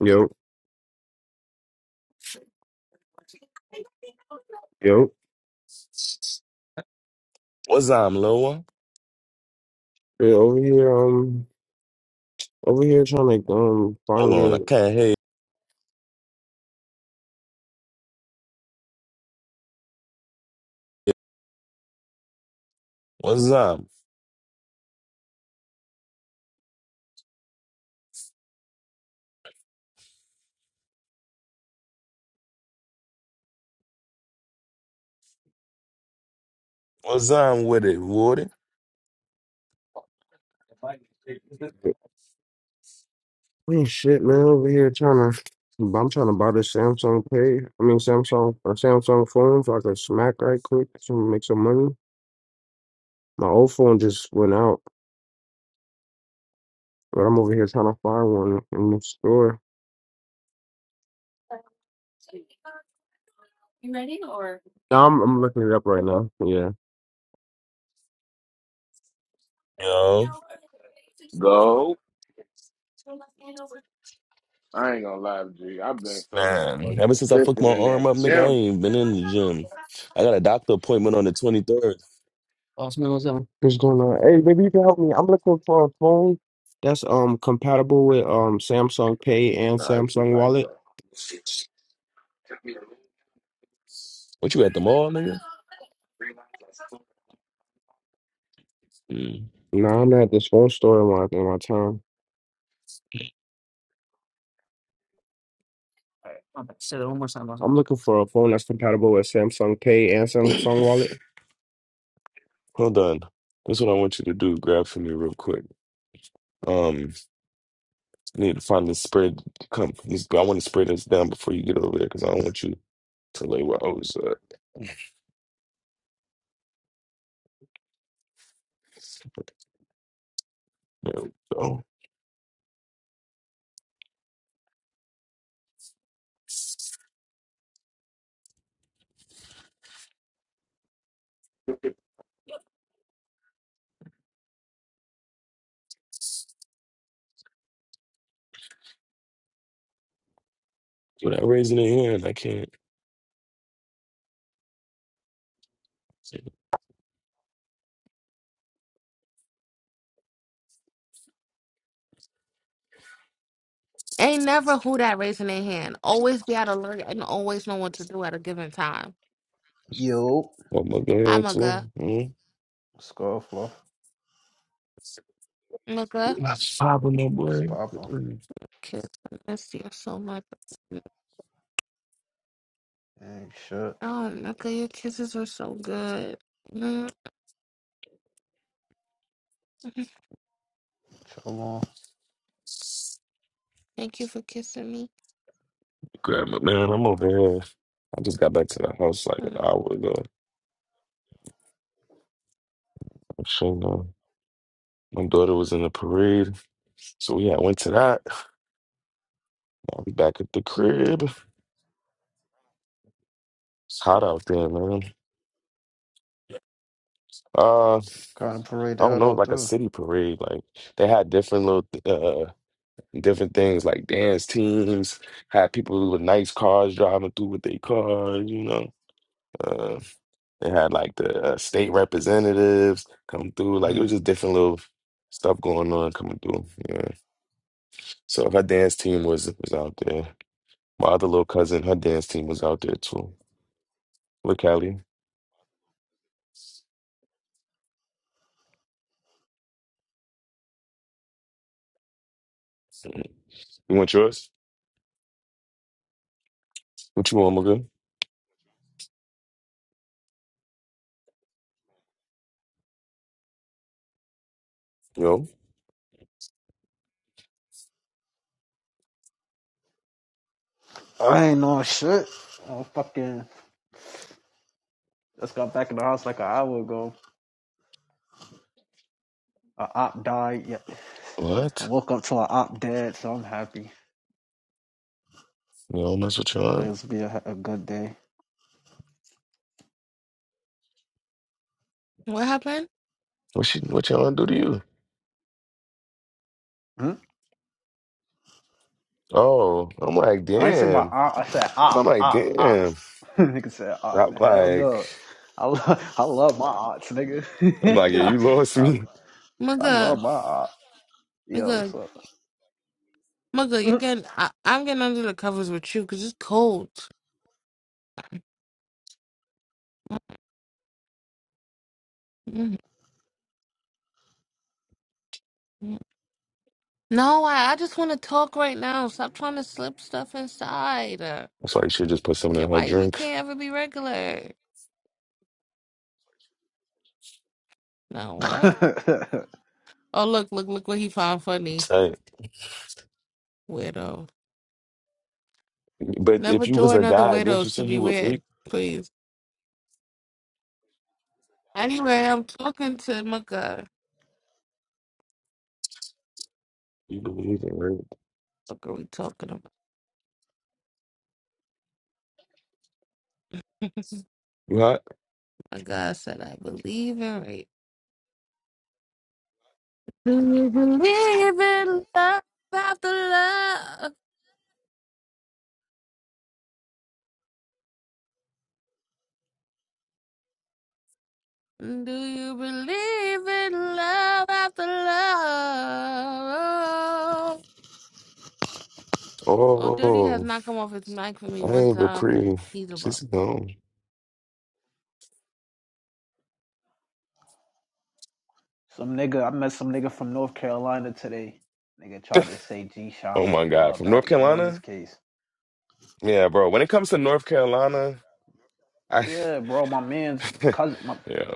Yo, yo. What's up, little one? Yeah, over here, um, over here trying to um Hold find me on, I a can't hear you. What's up? What's up with it, Woody? man, shit, man. Over here trying to, I'm trying to buy this Samsung Pay. I mean Samsung a Samsung phone so I can smack right quick to make some money. My old phone just went out, but I'm over here trying to find one in the store. Now I'm I'm looking it up right now. Yeah. Yo, Go. I ain't gonna lie to you. I've been so man. motherfucking Ever since I fucked consistent my in that arm up, nigga, I gym. ain't been in the gym. I got a doctor appointment on the 23rd. What's going on? Hey, maybe you can help me. I'm looking for a phone that's um compatible with um Samsung Pay and Nah, i be Samsung like Wallet. that. What you at the mall, nigga? Mm. No, I'm at this phone store in my in my town. I'm looking for a phone that's compatible with Samsung Pay and Samsung Wallet. Hold on. That's what I want you to do. Grab for me real quick. Um, I need to find this spread. Come, this, I want to spray this down before you get over there because I don't want you to lay where I was at. There we go. Without raising a hand, I can't. Ain't never who that raising their hand. Always be out alert and always know what to do at a given time. Yo, I'm over here I'm a girl. too. mm Scarflaw, Nigga, That's popping up, it's boy. poppin'. Mm. kiss. I miss you so much. Ain't shit. Oh, nigga, your kisses are so good. Mm, Chill on. Thank you for kissing me. Grab my man. I'm over here. I just got back to the house like Mm, an hour ago. I'm sure uh, my daughter was in the parade, so we had went to that. Now we back at the crib. It's hot out there, man. Uh, Kind of parade the I don't hell know, out like a too. city parade. Like they had different little uh different things, like dance teams. Had people with nice cars driving through with their cars, you know. Uh, They had like the uh, state representatives come through. Like it Mm. was just different little stuff going on coming through. Yeah. So her dance team was was out there. My other little cousin, her dance team was out there too. Look, Callie, you want yours? What you want, my girl? Yo, I ain't no shit. I fucking just got back in the house like an hour ago. A op died. Yeah. I what? woke up to an op dead, so I'm happy. You don't mess with your aunt? Today's be a, a good day. What happened? What she? What your aunt do to you? Hmm? Oh, I'm like, I ain't say my damn. op. I said I'm op, like, op, op. damn. nigga said op. I'm Hell like, no. I, lo- I love my ops, nigga. I'm like, yeah, Yeah. you lost I, me. I Mugga, love my op. Yo, nigga, Mugga, you what's getting, I, I'm getting under the covers with you because it's cold. Mm, mm. No, I, I just want to talk right now. Stop trying to slip stuff inside. Okay, That's why you should just put something in her why we drink. can't ever be regular? Now what? up? Oh look, look, look what he found funny. Weirdo. But Never if you was join a other guy, didn't you widows to say be you would weird, reap? please. Anyway, I'm talking to my God. You believe in rape? What are we talking about? What? my God said I believe in rape. Do you believe in love after love? Do you believe in love after love? Oh, Dirty has Oh, not come off his mic for me I one ain't but time. pretty. He's a bum. She's gone. Some nigga, I met some nigga from North Carolina today. Nigga tried to say G Sean Oh was my God, dubbed. from I had North to get on his Carolina? case. Yeah, bro. When it comes to North Carolina, I Yeah, bro, my man's cousin. My, yeah,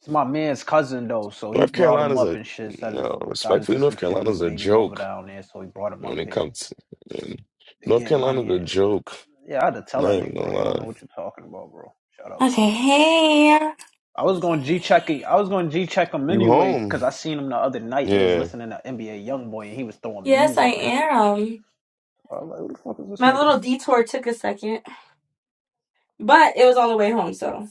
it's my man's cousin though, so he North brought him Carolina's up a and shit. you Said his know, got respectfully, into some North shit with his Carolina's a baby mother joke down there, so he brought him when up it here comes. To, yeah. to North get money. Carolina's a And, joke. yeah, I had to tell Not that even nigga, gonna bro. You don't know lie. what you're talking about, bro. Shut up. Okay, hey. I was going to G check. I was going to G check him You anyway home? because I seen him the other night. They was Yeah. listening to NBA YoungBoy and he was throwing Yes, bees I up and shit. am. I was like, who the fuck is this My nigga? little detour took a second, but it was on the way home, so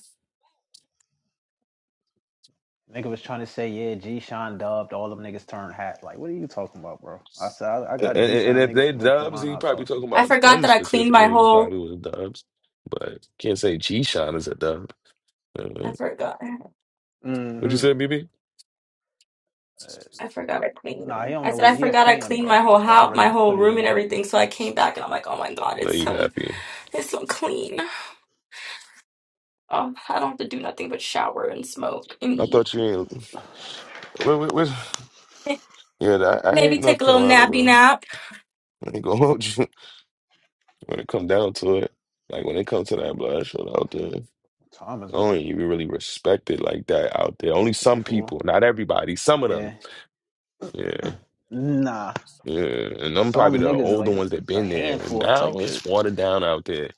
Nigga was trying to say, yeah, G Sean dubbed all them niggas turned hat. Like, what are you talking about, bro? I said, I, I And, got G and Sean if niggas they from North dubs, Carolina he I probably talk to. talking I about forgot them that I cleaned specific my niggas whole. probably was dubs. But can't say G Shine is a dub. Uh, I forgot. what you Mm-hmm. said, BB? Uh, I forgot I cleaned. nah, he don't I know. said He, I he a forgot I fan, cleaned bro. my whole I house, my already whole put it room, in and my everything. So I came back and I'm like, oh my god, No, it's you so happy. it's so clean. Oh, I don't have to do nothing but shower and smoke and I eat. thought you ain't. What, what, what? Yeah, I, I hate Maybe North take a little Carolina, nappy bro. nap. I ain't gonna hold you. When it come down to it, like when it comes to that blood out there, time is I it don't even really respect it like that out there. Only two fifty some four. people, not everybody, some of them. Yeah. Yeah, Nah. yeah. And I'm Some probably the niggas is older like ones that it's a been there. handful type Now it's shit. watered down out there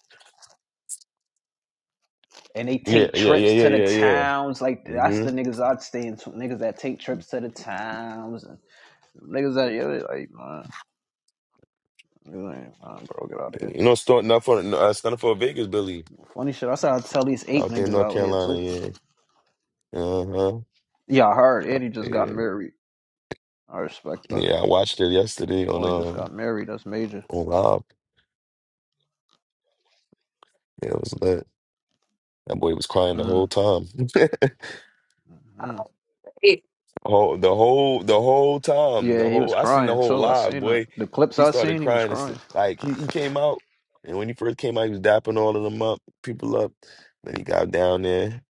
And they Yeah, take yeah, yeah, trips yeah, to the yeah, yeah. towns. Like that's the Mm-hmm. niggas I'd stay in niggas that take trips to the towns and niggas that yeah, like man, niggas ain't bro, get out of here. You know, starting up for uh, starting for Vegas, Billy, Funny shit. I said I'd tell these eight out there in niggas North out here Carolina. too. Yeah. Uh-huh. Yeah, I heard Eddie just got Yeah. married. I respect that. Yeah. I watched it yesterday on Boy he just um got married. That's major. on Rob. Yeah, it was lit. That boy was crying the whole Mm, time. mm. Oh, the whole the whole time, the Yeah, he was whole I seen the crying whole too. I live, seen that. boy. The clips He I started seen, he was crying. It's crying. like he, he came out, and when he first came out, he was dapping all of them up, people up. Then he got down there,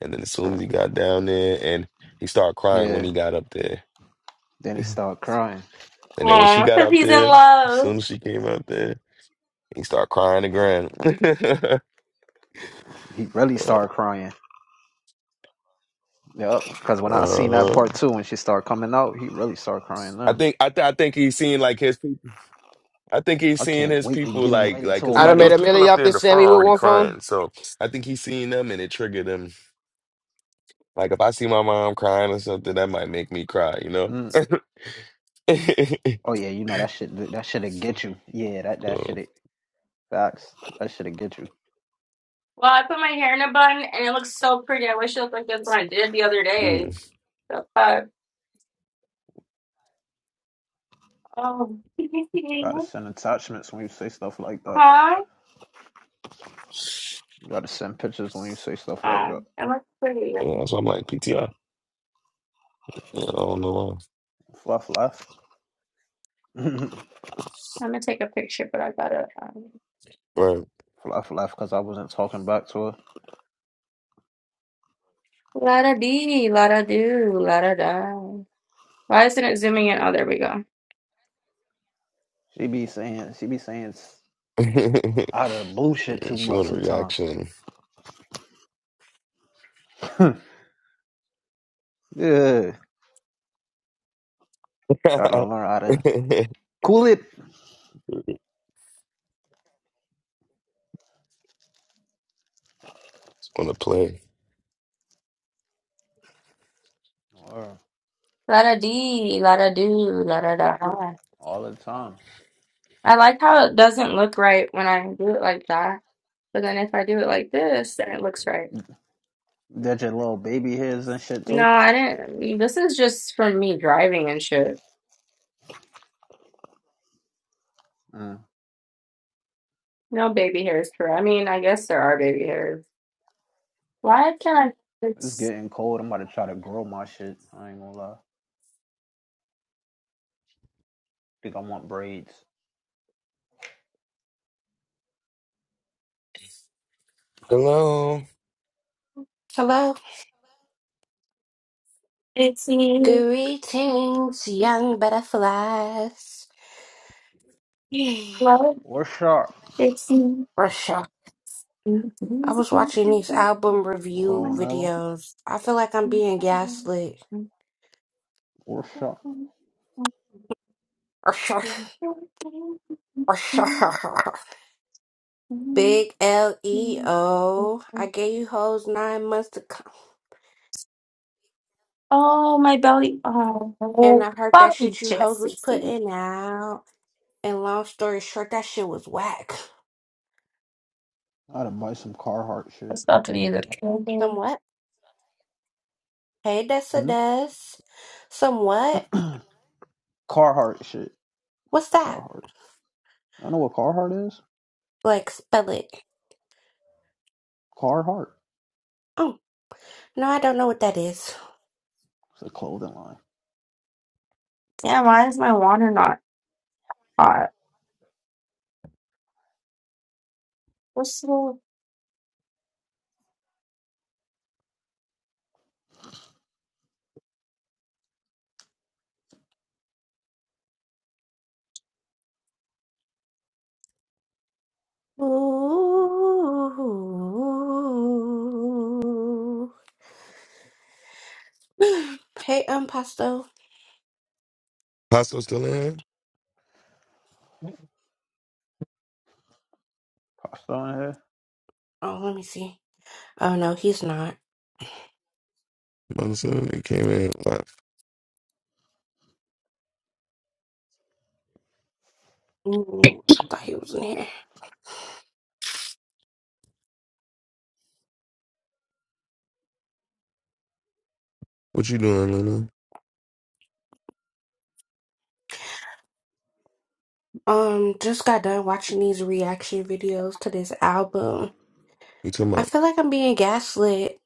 and then as soon as he got down there, and he started crying when Yeah. he got up there. Then he started crying. And then when she Yeah, got because up he's in there, as love. soon as she came up there, he started crying again. He really started crying. Yup. Cause when I seen that uh, part too, when she started coming out, he really started crying. I Now think I th I think he's seeing like his people. I think he's I seeing can't his wait to people get like invited like to because a I done it wedding. made was a people million up off there in this the front Sammy with already one phone. crying. So I think he's seeing them and it triggered him. Like if I see my mom crying or something, that might make me cry. You know. Mm. so Oh yeah, you know that shit. That shit'll get you. Yeah, that that shit'll facts. That shit'll get you. Well, I put my hair in a bun and it looks so pretty. I wish it looked like this when I did the other day. mm, Uh, Oh, gotta send attachments when you say stuff like All that. hi. gotta send pictures when you say stuff like Uh, that. I look pretty. yeah, I'm that's why I'm like PTR. Yeah, I don't know Fluff left. gonna take a picture, but I gotta. Um, why. Fluff left because I wasn't talking back to her. la da dee, la da do, la da da. Why isn't it zooming in? Oh, there we go. She be saying she be saying s- Right. out of the blue shit Mm, too she much want a sometimes. reaction. yeah. Just Gotta learn how to cool it. want to play. Or La da dee, la da do, la da da. all the time. I like how it doesn't look right when I do it like that, but then if I do it like this, then it looks right. Did your little baby hairs and shit No, too? I didn't. This is just from me driving and shit. Mm. No baby hairs, for. I mean, I guess there are baby hairs. Why can I? It's It's getting cold. I'm about to try to grow my shit. I ain't gonna lie. Think I want braids. Hello. Hello, it's greetings, young butterflies. Love Or sharp. it's For sure. I was watching these album review Oh no. videos. I feel like I'm being gaslit. Or sharp. For sure. For sure. Big L E O. I gave you hoes nine months to come, Oh, my belly. and Oh, I heard that puppy shit you hoes chest. was See, putting out. And long story short, that shit was whack. I gotta buy some Carhartt shit. that's not to either. Damn, Somewhat. Hey, Dessa Hmm? Des. Somewhat. Carhartt shit. What's that? Carhartt. Y'all know what Carhartt is? Like, spell it. Carhartt. Oh. No, I don't know what that is. It's a clothing line. why is my water not hot? What's the. Ooh. Hey, um, Pasto. Paso still in? Costa on here. Oh, let me see. Oh no, he's not. My son, he came in. What Mm, I thought he was in here. what you doing, Luna? Um, just got done watching these reaction videos to this album. You talking I about? feel like I'm being gaslit.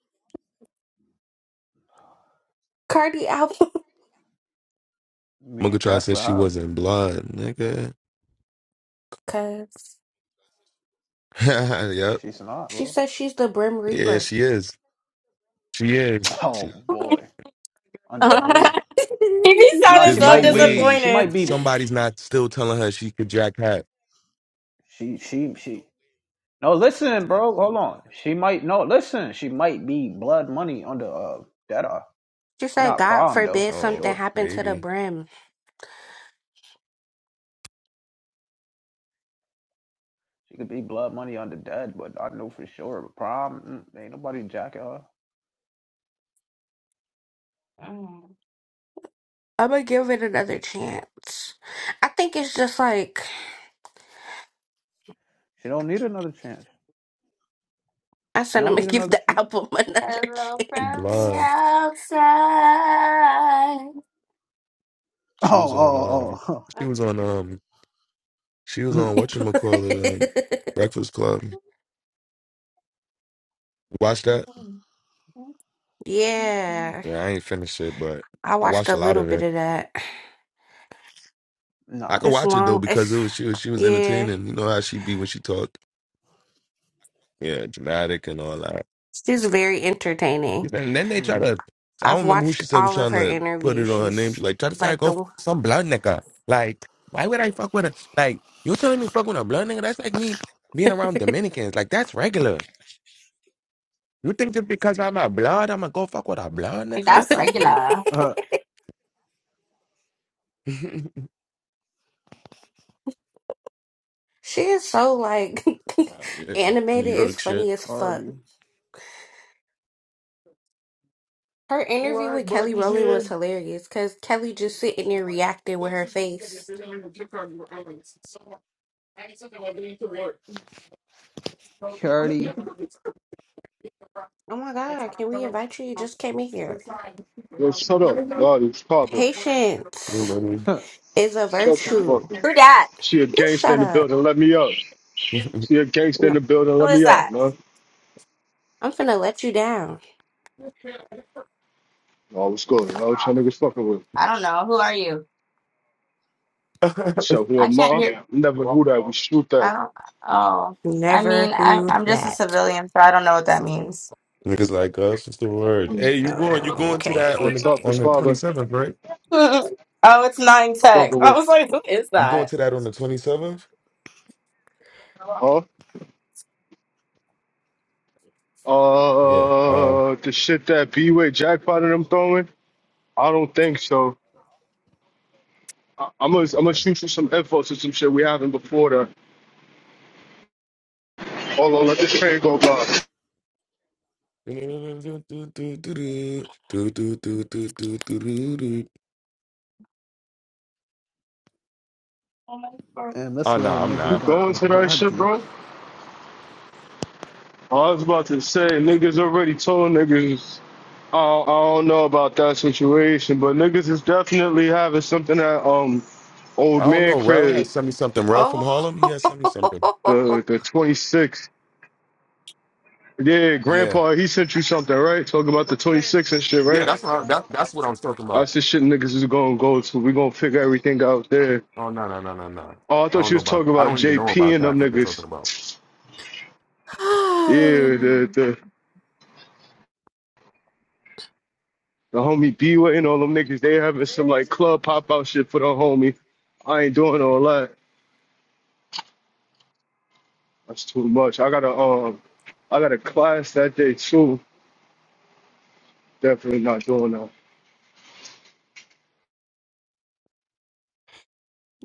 Cardi album, Me Mugga and tried said Gaslit she how? wasn't blood, nigga. cause yep. She's not, she bro. said she's the Brim Yeah, Reaper. she is. She is. Oh She, boy. Under who? he No, there's sounded she she so no might be. way She might disappointed. be. somebody's not still telling her she could jack hat. She she she. No, listen, bro. Hold on. She might. No, listen. She might be blood money under uh Dead Eye. She's said, not "God prom though, forbid for Oh, something sure. happened to the maybe. Brim." She could be blood money under Dead, but I know for sure prom mm, ain't nobody jacking her. I'm gonna give it another chance. I think it's just like She don't need another chance. I She said, I'm don't gonna need give another the chance. album another Hello She from the blind. chance. outside. She was on Oh, um oh, she was on um she was oh. on whatchamacallit um Breakfast Club. You Watch that? yeah, Yeah, I ain't finished it, but I I watched watched a a lot little of bit it. of that. I Nah. could It's watch it though long. because It's it was she was she was yeah. entertaining. You know how she be when she talked. Yeah, dramatic and all that. She's very entertaining. And then they try Mm-hmm. to, I don't I've remember who she watched said was all of trying her to put interviews. it on her name. She She's like, try to say I like go the fuck one. some blood nigga. Like, why would I fuck with a, like, you telling me fuck with a blood nigga? That's like me being around Dominicans. Like, that's regular. You think just because I'm a blood, I'm gonna go fuck with a blood Like, nigga? That's That's regular. regular. uh, she is so like wow, yeah. New animated. It's York shit. funny as fuck. Cardi. Her interview What? with Kelly Buddy's Rowland was here. hilarious because Kelly just sitting there reacting with her face. Cardi Oh my God, can we invite you? You just came in here. Yo, shut up. Lord, it's Carter. Patience Everybody. is a Shut the virtue. fuck up. Who that? She a You gangster shut in the up. building. Let me up. She a gangster in No, the building. Who Let me is up, that? man. I'm finna let you down. Oh, what's good? I was trying niggas fucking with. I don't know. Who are you? So who I am can't hear. I? Never who that. We shoot that. I don't. Oh, I mean, Never I'm who I'm just a that. civilian, so I don't know what that means. Niggas like us, it's the word. Hey, you going you going to that on What's the up Okay. with on the twenty father? seventh, right? oh, it's nine tech. Fucking I with. was like, who is You going that? to that on the twenty seventh? Huh? Yeah. Uh Uh, the shit that B-Way jackpot and I'm throwing? I don't think so. I- I'm gonna I'm gonna okay. shoot you some info to some shit we haven't before that. Hold on, let this train go by. Oh my god. And this Oh no, little I'm midget You not. got going the to that shit, Jati bro? I was about to say, niggas already told niggas. I don't, I don't know about that situation, but niggas is definitely having something at um I old don't man know. Rel crib, has sent me something. Rel from Oh. Harlem, he has sent me something. the the 26. Yeah, Yeah. grandpa, he sent you something, right? Talking about the 26 and shit, Yeah, right? that's what I, that, that's what I was talking about. That's the shit niggas is gonna go to. We gonna figure everything out there. Oh no no no no no! Oh, I I thought don't you know was about. talking I about don't even know JP about and them that. What you're talking niggas. about? Yeah, the the the homie B way and all them niggas. They having some like club pop out shit for the homie. I ain't doing all that. That's too much. I got to um, I got a class that day too. Definitely not doing that.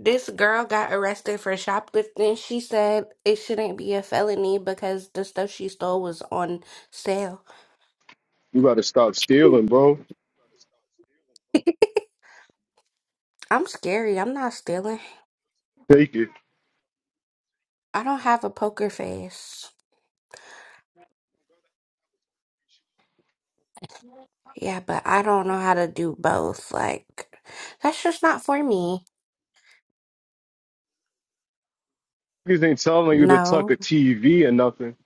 This girl got arrested for shoplifting. She said it shouldn't be a felony because the stuff she stole was on sale. You got to stop stealing, bro. I'm scary. I'm not stealing. Take it. I don't have a poker face. Yeah, but I don't know how to do both. Like, that's just not for me. Niggas ain't telling you to tuck a No, TV or nothing.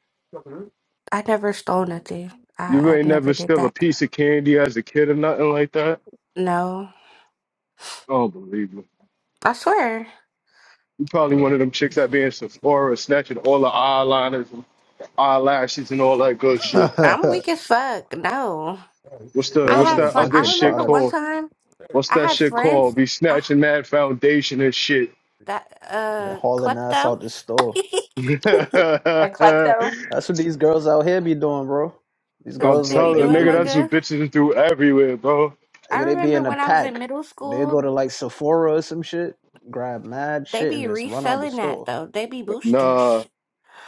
I never stole nothing. You I, ain't I never never did steal a that. piece of candy as a kid or nothing like that. No, Unbelievable. I swear. You probably one No. of them chicks that be in Sephora snatching all the eyeliners and eyelashes and all that good shit. I'm weak as fuck. No. Hey, Hey, you What's you the watch I T what's grabbing have, a that V. fr- bunch other I of shit remember one products called? time Hey, What's you I that had watch shit TV? called? TV? friends. Be I, snatching mad foundation and shit. that, and uh, hauling ass klepto. out the store. A klepto? That's what these girls out here be doing, bro. These That's I'm what girls they like be they telling doing, they, nigga, they be that's what mugga. bitches do everywhere, bro. I like, they be remember in a when I was in pack. middle They go school. to like Sephora or some shit, grab mad They shit and be just run out the reselling that store. though. They be Nah, boosters.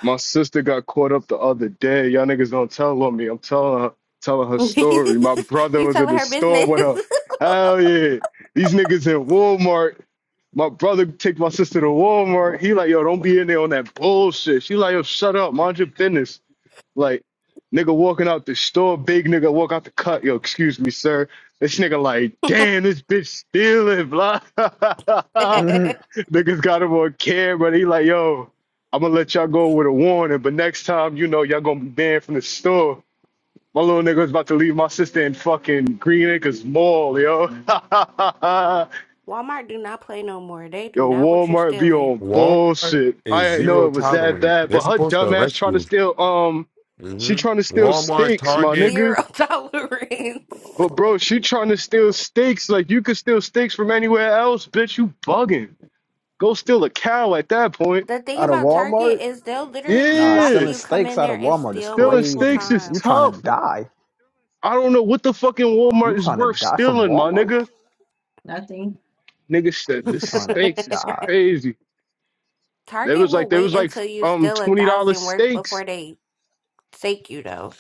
my sister got caught up the other day. Y'all niggas don't tell on me. I'm telling her, telling her story. My brother you was in telling the her store business. with her. Hell yeah, these niggas in Walmart. My brother take my sister to Walmart. He like, yo, don't be in there on that bullshit. She like, yo, shut up, mind your business. Like, nigga walking out the store, big nigga walk out the cut. Yo, excuse me, sir. This nigga like, damn, this bitch stealing, blah. Mhm. Niggas got him on camera. He like, yo, I'm gonna let y'all go with a warning, but next time, you know, y'all gonna be banned from the store. My little nigga was about to leave my sister in fucking Green Acres Mall, yo. Walmart do not play no more. They do Yo, not want you Walmart be stealing. on Walmart bullshit. I is didn't know zero it was that tolerance. bad, They're but her supposed to dumbass arrest trying to you. steal um she hmm trying to steal Walmart, steaks, my Target. nigga. Zero tolerance. But bro, she trying to steal steaks. Like you could steal steaks from anywhere else, bitch. You bugging. Go steal a cow at that point. The thing Out of about Walmart? Target is they'll literally Nah, Yeah. watch selling you come steaks in out of there and Walmart is steal Stealing multiple steaks crazy. is You times. trying to tough. die? I don't know what the fucking You Walmart is trying to worth die from stealing, my Walmart? nigga. Nothing. Nigga said You the trying to steaks is die? crazy. They Target was like will they was wait like until you um steal a twenty dollar thousand worth steaks. before they take you though.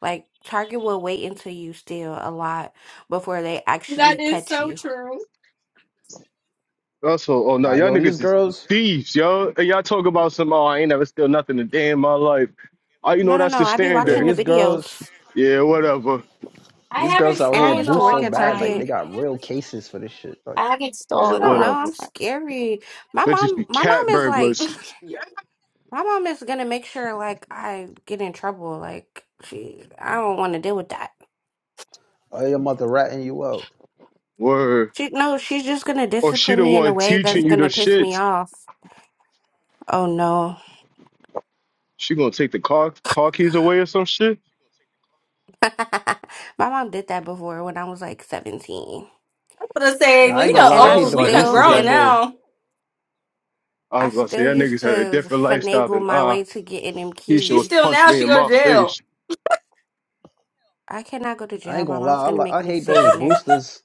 Like Target will wait until you steal a lot before they That actually is catch so you. true. Also, oh no, Nah, y'all yo, these niggas is girls, thieves, yo. And y'all talk about some oh I ain't never steal nothing a day in my life. Oh, you No, know no, that's the no. I be yo, watching standard. the these girls, videos. Yeah, whatever. I these girls haven't out And I here stolen used a boo to work so long at bad, like they Target. time. got real cases for this shit. Like, I haven't Yeah, I stolen a don't know. long whatever. I'm time. scary. My That just mom, be my mom cat is burglars. like, Yeah. my mom is gonna make sure like I get in trouble. Like she, I don't want to deal with that. oh, your mother ratting you out. Word. She, no, she's just gonna Or she discipline the me in a one way teaching that's you the gonna piss me shit. off. Oh no. She gonna take the car car keys away or some shit. My mom did that before when I was like 17. I'm gonna Now say I Niggas ain't gonna have Lena a lie, And I I hate oh different them life Lena than still, boosters grown me. that and go. now. I I was gonna say still y'all niggas used to had a different lifestyle than finagle my ah. way to getting them Keisha She's was still keys. punching now, me she in go to my jail. face. I cannot go to I jail. ain't gonna My mom's lie, I, gonna li- I make me hate sit those in there. boosters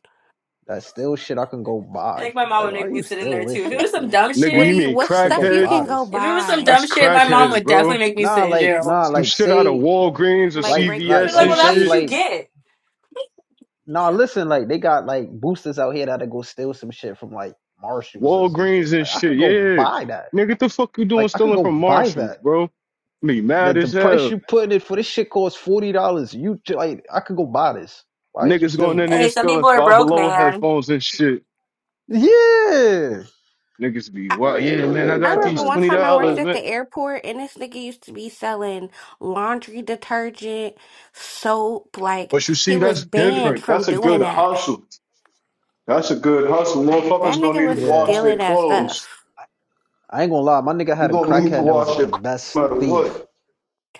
that steal shit I can go I buy. think my mom Like, would why make me you sit in steal there this too. If it shit was some for? dumb Nigga, What you do shit, you? mean What I could go stuff you crackheads? buy can go this. If it was some buy? dumb That's shit, my mom crackheads, would bro. definitely make me Nah, sit in like, jail. nah, some like, shit out of say, Walgreens or Like like, like, regular She's CVS like, like, well, and shit. that's say, what shit. you like. get. Now listen, like they got like boosters out here that'll go steal some shit from like Marshalls or some shit. Walgreens and Like I could shit, go yeah. buy that. Nigga, what the fuck you doing Like I could stealing go from buy Marshalls, that. bro? Me The mad the as price hell. you putting it for this shit costs forty dollars. You like I could go buy this. Why is you Niggas stealing going in this? there Hey, and some stealing people are five broke, below man. headphones and shit. Yeah. Niggas be I, wow, Like yeah, man. niggas I I ain't got trying these remember to one twenty what time I worked dollars, the at man. the airport, and this nigga used to be selling laundry detergent, soap. Like But you see, he was that's banned different. That's from a good doing that. hustle. That's a good hustle. That Motherfuckers nigga gonna fuck. need was to Yeah. wash their stealing that clothes. stuff. I ain't gonna lie, my nigga You had a gonna need to crackhead that was wash your the clothes best no matter thief. what.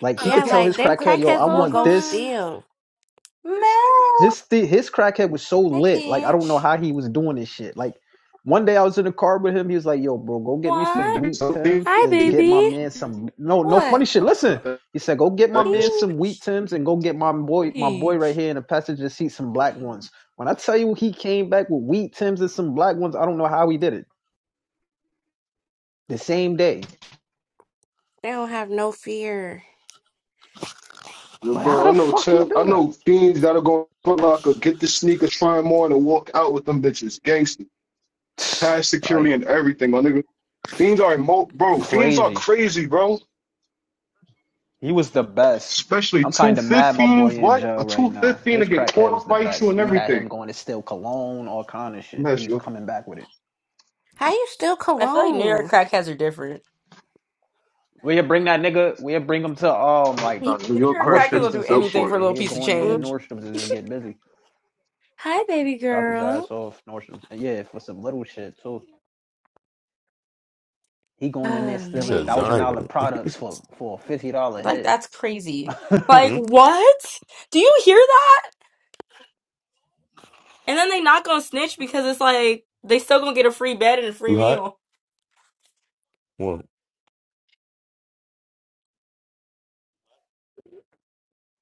Like he could Yeah, tell Okay, like his them put crackhead, these yo, I crackheads will clothes want go this. on. steal. Mel, His th- his crackhead was so hi, lit. Like I don't know Peach. how he was doing this shit. Like one day I was in the car with him. He was like, "Yo, bro, go get me some What? wheat Niggas tims Hi, and get my baby. man some no no funny What? shit. Listen." He said, "Go get my man some wheat Peach. tims and go get my boy my boy right Peach. here in the passenger seat some black ones." When I tell you he came back with wheat tims and some black ones, I don't know how he did it the same day. They don't have no fear. Yeah, Like how bro, I the know fuck he Tim. do I that? know fiends that'll go Foot Locker, get the sneakers, try them on, and walk out with them bitches. Gangster, pass security Like and everything, my nigga. Fiends are emo, bro. Fiends are crazy. crazy, bro. He was the best. Especially I'm two kind of mad my boy fifteens. in What? jail A right two now. fifteen to His get crackhead was caught, the fight you, best. and We had him everything. going to steal cologne, all kind of I'm shit. He's asking coming back with it. How you steal I feel like New you. York cologne? crackheads are different. We'll bring that nigga. We'll bring him to um like Nah, New New York York crackheads crackheads will Nordstrom's is or do some built anything for shit. it. for a And little he'll piece of go in there Mm, and change. Nordstrom's and just get busy. Hi, baby Drop his ass girl. off Nordstrom's. And yeah, for some little shit too. He going in there Oh You stealing one said man. thousand dollar Zion. products for for a fifty dollar Like, hit. that's crazy. the Like, Hmm? what? Do you hear that? And then they not gonna snitch because it's like they still gonna get a free bed and a free You hot? meal. Well,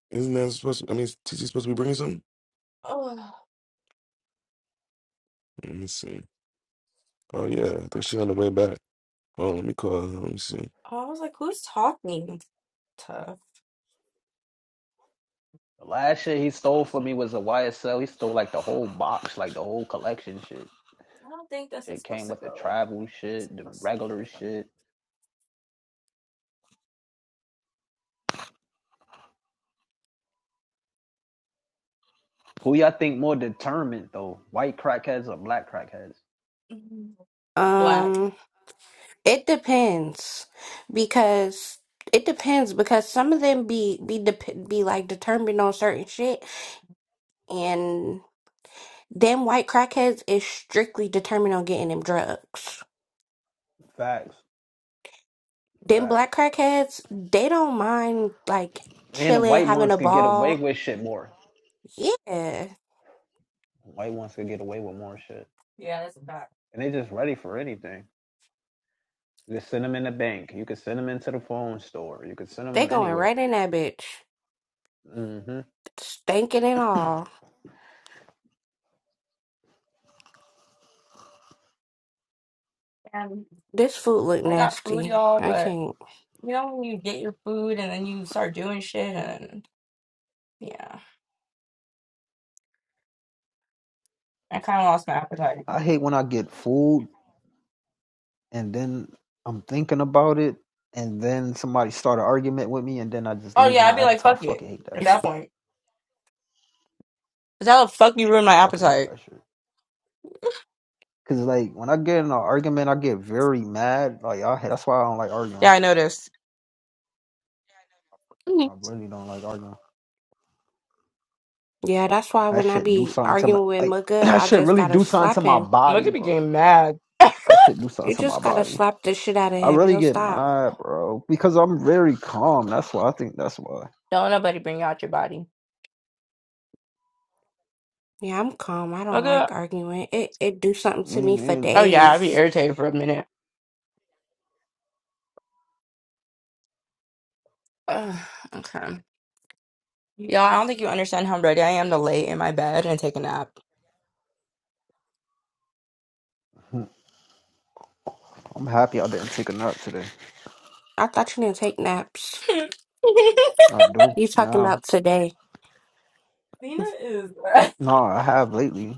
isn't that supposed? To, I mean, is TC supposed to be bringing something? Oh, Let me see. Oh yeah, I think she on the way back. Oh, let me call her. Let me see. I was like, who's talking to? last shit he stole from me was a YSL. He stole like the whole box, like the whole collection shit. I don't think this is Shit supposed came to with the go like tribal it's shit, the supposed to be regular there. shit. Who y'all think more determined though? White crackheads or black crackheads? Mhm. Black. Um. It depends because it depends because some of them be be dep be like determined on certain shit and them white crackheads is strictly determined on getting them drugs. Facts. Them Facts. black crackheads, they don't mind like And the chilling, white having ones a can get away ball. with shit more. Yeah, White ones can get away with more shit. Yeah, that's a fact. And they just ready for anything. You can send them in the bank. You can send them into the phone store. You can send they them going anywhere. right in that bitch, hmm stinking and all. And This food look I got food, nasty. y'all, I but can't. you know when you get your food and then you start doing shit and yeah. I kinda lost my appetite. I hate when I get food and then I'm thinking about it and then somebody start an argument with me and then I just Oh lose yeah, I'd my be like, appetite. I fuck it fucking hate that at that shit. point. because that'll fuck you ruin I my fucking hate appetite. that shit. Cause like when I get in an argument, I get very mad. Like I, that's why I don't like arguing. Yeah, I noticed. Mhm. I really don't like arguing. Yeah, that's why That when I shit do be something to my arguing with like. Mugga, That I shit just really gotta do something to slap my him. body, Look at me bro. getting mad. That shit do something You to my just gotta body. slap the shit out of I him. really He'll get stop. mad, bro, because I'm very calm. That's why I think that's why. Don't nobody bring out your body. Yeah, I'm calm. I don't Okay. like arguing. It it do something to Me me for neither, Oh bro. yeah, I'd be days. irritated for a minute. Ugh, okay. Y'all, I Mm. don't think you understand how ready I am to lay in my bed and take a nap. Hmm, I'm happy I didn't take a nap today. I thought you didn't take naps. Lena I do You talking now. about today? is No, I have lately,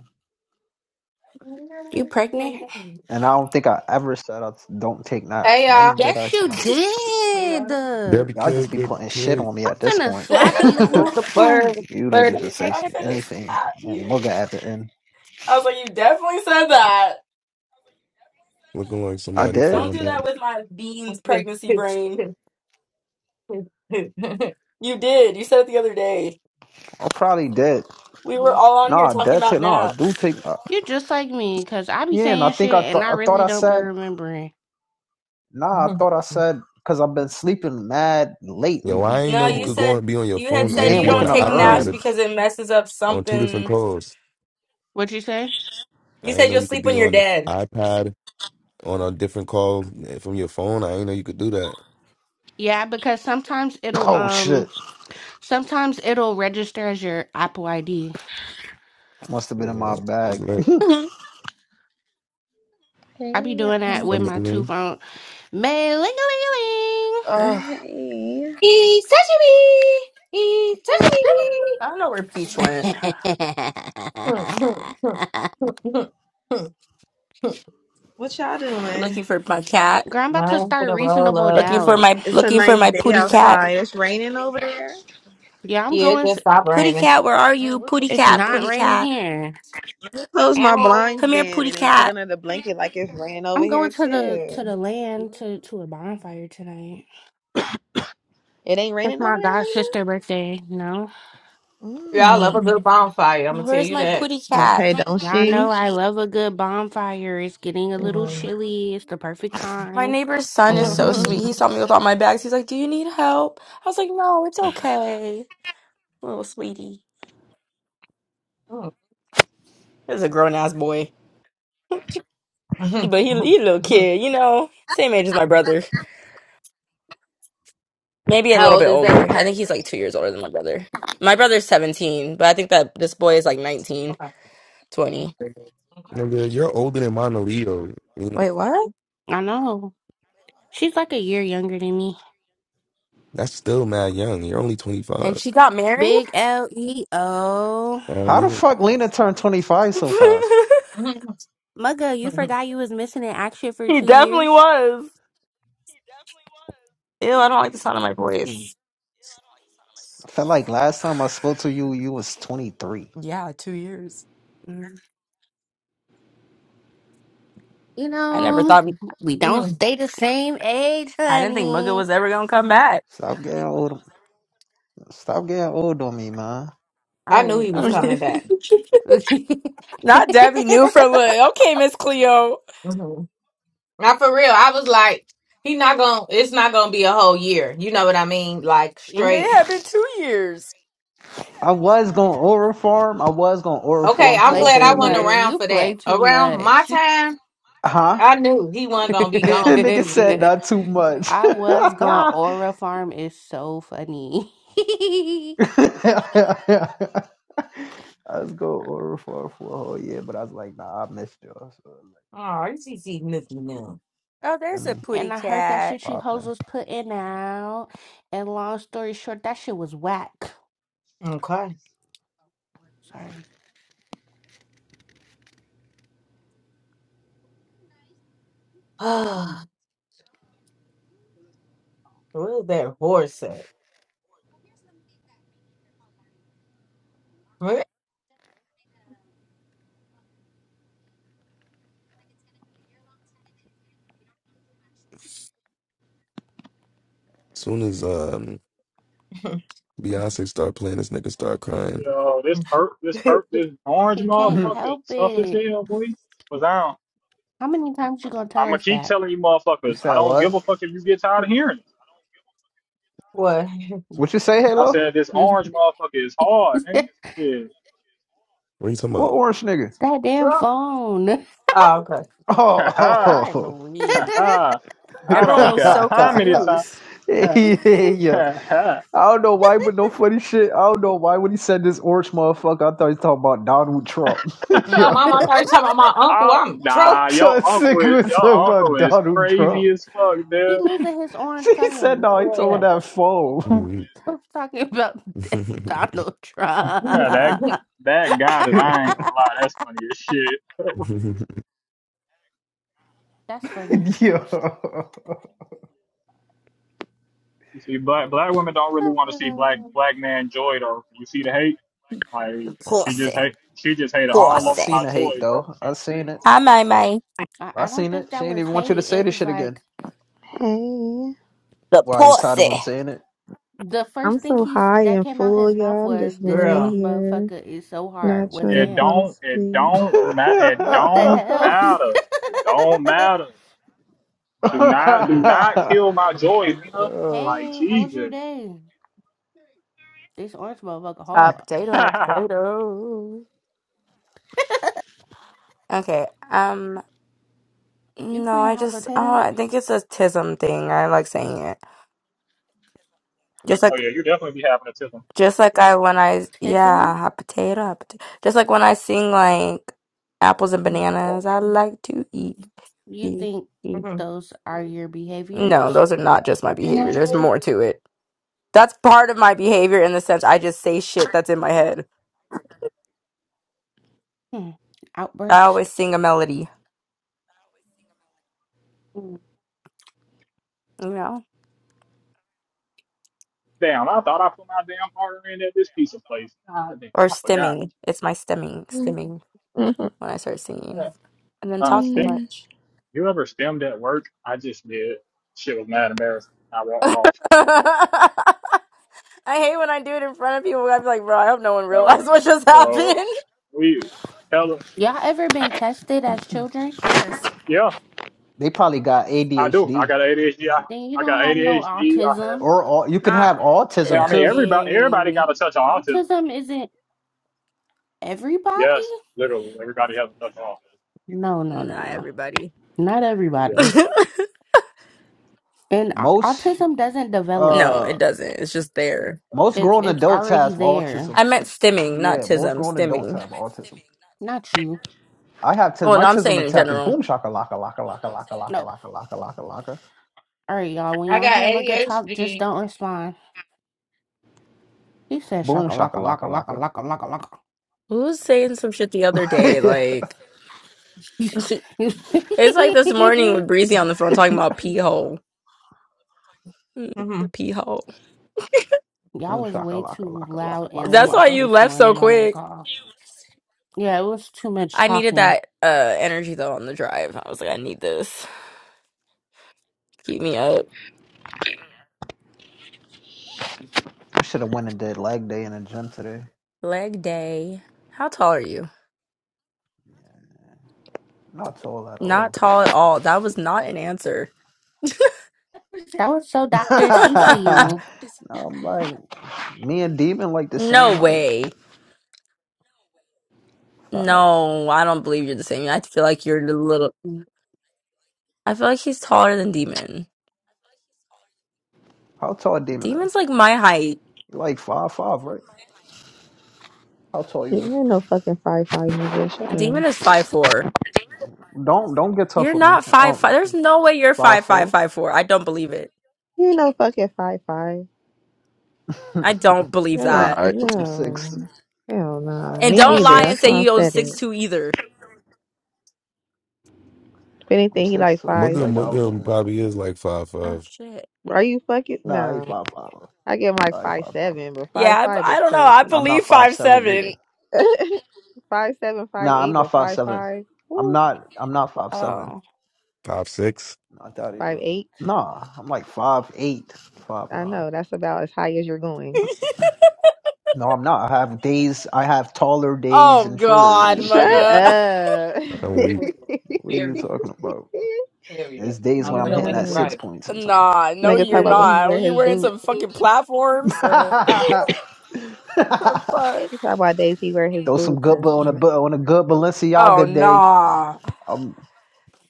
Lena, You Lena, pregnant? and I don't think I ever said I don't take Hey naps. y'all, When did Yes, I say? you that? did. Lena. Debbie I'm Y'all just Cake, be Debbie putting shit Cake, on me at this finna point. slap what's the word? you. You niggas would she said Hey, say I'm Abby. finna anything slap and you. mugger at the end. I was like, you definitely said that. looking like I somebody did. Don't do fine. that with my beans pregnancy brain. You did. You said it the other day. I probably did. We were all on here Nah, talking that's about it. Nah, I do naps. take. Uh, You're just like me, because I be yeah, and I saying think shit I and thought I I thought really I don't be said. remembering. Nah, I thought I said because I've been sleeping mad late Yo, I lately. ain't No, know you you could So go said and be on your you had phone Hey said and and you be on don't waking the up take y'all. naps early. iPad because it messes up on two different something. calls. What you say? I You said ain't know you'll you could sleep be when you're on the f- dead. iPad on a different call eh, from your phone. I ain't know you could do that. Yeah, because sometimes it'll Oh shit, um sometimes it'll register as your Apple ID. must have been in my Yeah, bag. that's lit. Mhm. Hey I be doing that y'all. with I my two mean? phone. May ling a ling a ling. Ugh, Hey. Eat sashimi! Eat I don't know where Peach went. sashimi! Looking for my cat. Girl, I'm about to Mine's start gonna roll reasonable up. Looking for doubt. my It's a looking for nice my day pooty cat. outside. It's raining over there. Yeah, I'm Yeah, it going just to. stopped Pooty raining. cat, where are Oh, you? what's Pooty It's cat, not pooty raining cat. here. the- Close my And blinds Come here, then pooty and then get cat. under the blanket like it's raining over I'm going here to the to too. the land to to a bonfire tonight. It ain't It's raining my over god there, sister birthday. No, Lena? y'all love a Mm. good bonfire, I'm gonna tell Where's you my that. pooty cat? Okay, don't y'all she? know I love a good bonfire. It's getting a little Mm. chilly. It's the perfect My time. neighbor's son is so Mm. sweet. He saw me with all my bags. He's like, "Do you need help?" I was like, "No, it's okay, little sweetie." This is a grown ass boy. Hmm, But he hmm, he a little hmm. kid, you know, same age as my brother. Maybe a How little old bit is that? older. I think he's like two years older than my brother. My brother's 17, but I think that this boy is like nineteen, Okay, twenty. okay. Nigga, you're older than Mona Leo. You know, Wait, what? I know. She's like a year younger than me. that's still mad young. You're only And she 25. got married? Big L E O. Hell How the yeah. fuck Lena turned twenty five he so fast? Hmm, hmm, Mugga, you hmm, forgot you was missing in action for two definitely years. was. Ew, I don't like the sound of my voice. I felt like last time I spoke to you, you was twenty three. Yeah, two years. Mm, You I never know, thought, we hmm, don't hmm. stay the same age, I didn't think Mugga honey. was ever gonna come back. Stop getting old. Stop getting old on me, man. All I knew right, he was I'm. a- coming back. Not Debbie knew from, like, okay, Miss Cleo. Not for real. I was like, he not gonna, it's not gonna be a whole year. You know what I mean? Like, straight. It had been two years. I was gonna order farm. I was gonna order you Okay, farm I'm for play a glad too I whole wasn't much. year. around You for play that. too Around my much. time, Huh? I knew he wasn't gonna be gone for Nigga two said years. not too much. I was gone. I Aura Farm is so funny. was gonna order farm for a whole year, but I was like, nah, I missed y'all. So Oh, you see, see Nicky like, now. Oh, I there's a mean, pooty And I heard that cat. shit you hoes poppin'. was putting out. And long story short, that shit was whack. Okay. Sorry. Ah, Where's that horse at? Where- soon as um, Beyonce start playing, this nigga start crying. Yo, this perp, this perp, this orange He can't motherfucker, you is help tough as it. hell, boy. Cause I don't, How many times you gonna tell I'ma us keep that? telling you motherfuckers, I said don't what? give a fuck if you get tired of hearing it. what? What you say, I Halo? said this orange motherfucker is hard, nigga. that Yeah, What are you talking What about? orange nigga? damn Trump? phone. Oh, okay. Oh, ha oh, ha, oh, oh. I'm ha weak. ha. I Everyone don't was care so how many yeah. times. confused. Ha ha. I don't know why, but no funny shit. I don't know why when he said this orange motherfucker, I thought he was talking about Donald Trump. My ha. yeah. mom, I thought you talking about my uncle. Oh, I'm I Trump. nah, thought your uncle sick is was talking your uncle about is Donald Trump. crazy as fuck, he dude. losing his orange She said color. no, he Oh, talking yeah. about that I'm phone. weak. I'm talking about Donald Trump. that that got it. I ain't gonna lie, that's funny as shit. That's funny. yeah. You see, black black women don't really want to see black black man joy though. You see the hate? Like she just Pussy. hate she just hated yeah. all I over seen Pussy. my the joy, hate bro. though. I seen it. Hi, Mai Like, Mai. I, I I don't seen it. think She that ain't was even want you to hate. say It this was shit again. like Hey. The Why you tired of pussy. him saying it? the first I'm thing so he s- high that and came out his full, mouth y'all. I'm was, just "This laying Girl. orange here, motherfucker is so hard." not trying to it Wazam! fall don't it asleep. don't ma- it What the don't hell? matter. It don't matter. Do not do not kill my joy, Nina. oh Like hey, how was your Jesus. day? This orange motherfucker Hot hard. potato, hot oh potato. Okay. Um. You No, play a I hot just. Oh, potato? I think it's a tism thing. I like saying it. Just like. yeah, you definitely be having a tism. Just like I when I Tism? yeah, hot potato, hot potato. Just like when I sing like apples and bananas, I like to eat, You eat, think eat. Mhm. those are your No, behaviors? those are not just my behavior. There's more to it. That's part of my behavior in the sense I just say shit that's in my head. Hmm. I Outburst. always sing a melody, Hmm. you know, Damn, I thought I put my damn partner in at this piece of place. God damn, or I forgot. stimming. It's my stimming, stimming when I start singing and then Ah, talk too stem. much. You ever stemmed at work? I just did. Shit was mad embarrassing. I walked off. I hate when I do it in front of people. I'm like, bro, I hope no one realized No, what just no, happened. we tell them. Y'all ever been tested as children? Yes. yeah, They probably got I do. I ADHD got ADHD. I, Then you I don't got have no ADHD. I have, autism. or all, you can Nah, have yeah, autism I yeah, I mean, too. everybody, everybody mean, got a touch of autism. Autism isn't everybody? Yes, literally, everybody has a touch of autism. No, no, no, not no. everybody. Not Yeah, everybody. thank you. And au- Most autism doesn't develop. No, uh it doesn't. It's just there. most It's grown it's adults already have autism. there. I meant stimming, not Yeah, most tism, grown adults stimming. have autism. Not you. I have t- Oh, my no, I'm tism saying in attack is general. boom shaka laka laka laka laka laka No. laka laka laka laka All right, y'all. When I y'all got hear Mugga talk, just ADHD. don't respond. He said boom shaka laka shaka laka laka laka laka laka laka laka. Who was saying some shit the other day? yeah. Like, Y'all it's like this morning with Breezy on the phone talking about pee hole. Mm, Mm-hmm. The pee hole. boom was shaka way laka too laka laka loud and laka That's why lit laka. you this left so morning on that quick. call. Yeah, it was too much I needed talking. that uh energy though on the drive. I was like, I need this. Keep me up. I should have went and did leg day in the gym today. Leg day. How tall are you? Not tall at Not all. tall at all. That was not an answer. That was so Dr. Seuss of you. no, I'm like me and Demon like the same No height. way. Facts. No, I don't believe you're the same. I feel like you're the little. I feel like he's taller than Demon. How tall Demon is? Demon's like my height. You like five five, right? How tall You you is? ain't no fucking five five nigga. Shut up. You Demon is five four. Don't don't get tough You're with me. not five five. Um, There's no way you're five five five four. five four. I don't believe it. ain't no fucking five five. I don't You believe don't even that. right. I'm six. no. Hell I, nah. And Me I'm don't neither. lie six and That's say why two. I you own said it. six two either. If I'm anything, he six like two. It's five. Mugga like nah, I'm Mugga fucking with y'all. probably is like five Oh five, shit. Are you fucking Nah, I ain't no? five five. I give him like I ain't five five five. seven, but five Yeah, five I, I is don't know. I crazy. I'm not believe five five seven seven. either. five seven, five Nah, I'm eight, not but five five seven. five, I'm ooh, not. I'm not five seven. Oh. five six. Not that five either. eight. Nah, I'm like five eight, five I nine. know that's about as high as you're going. No, I'm not. I have days. I have taller days oh and shorter God, days Shut too. mugga. So up. yeah. I'm weak. Period. what are you Period. talking about? Period. There's days I when I'm hitting read it at six right. points sometimes. Nah, no, Nigga talk you're about Yeah. when he not. Were wear you his wearing boots. some fucking platforms? Oh, Fuck. He's talking about days he wear his Throw some boots good and on a shit. on a good Oh, Balenciaga day. nah. Um,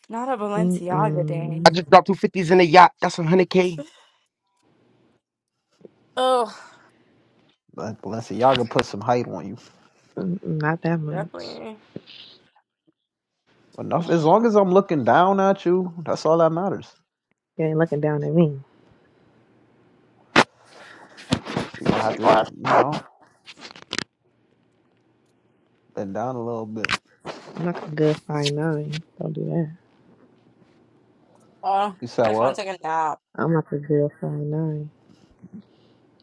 Not a Balenciaga day. I Mm-mm. just dropped two fifties in the yacht. That's a hundred K. Oh, Balenciaga put some height on you. Mm-mm, not that much. definitely. Enough. As You long as I'm looking down at you, that's all that matters. ain't looking down at me. You're gonna have to, you know, bend down a little bit. I'm not a good five nine. Don't do that. Oh, You said I just want to what? take a nap. I'm not a good five nine.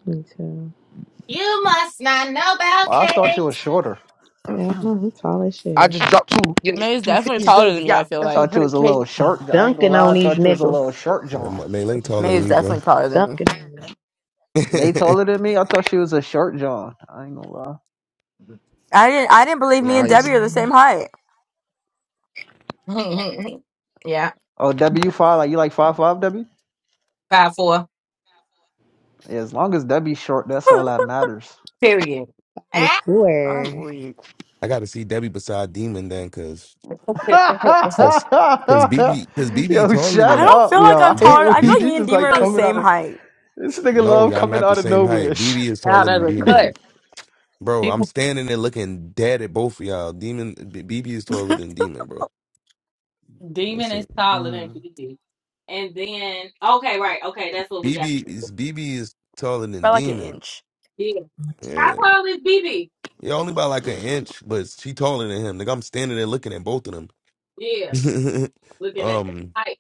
Me too. You must not know about Well, I thought you cake. was shorter. Yeah, I know he's tall as I shit. just dropped two you know, May is two definitely fifties taller in the than me, yacht. I feel I That's a like. thought you hundred was a K. little short. I ain't gonna Dunking lie. I on these thought you was a niggas. little short, Yeah, John. Ma- May Ling taller May than is you, bro. definitely taller than me. Dunking on them. May I taller than me. I thought she was a short John. I ain't gonna lie. I didn't I didn't believe me and Nice. Debbie are the Mm. same height. yeah, Oh, W five. Like you like five five W? five four. As long as that be short, that's all that matters. Period. Five Ah. four. I'm weak. got to see Debbie beside Demon then, cause, cause, cause BB, cause BB yo, taller shut I than don't up, feel like yo. I'm I hate B, taller. when I he, feel like BB. he me and just Deemer like are the coming out same of height. this nigga No, love y'all coming not the out of same nowhere. height. BB is taller Out of than the mm. Demon, cut. bro. I'm People- standing there looking dead at both of y'all. Demon, B- BB is taller By than Demon, bro. Demon That's is it. taller than BB. And then okay, right, okay, that's what we got. BB is BB is taller than like an Demon. inch. Yeah. How Yeah, tall is BB? yeah, only by like an inch, but she taller than him. Like I'm standing there looking at both of them. Yeah. looking at the um. height.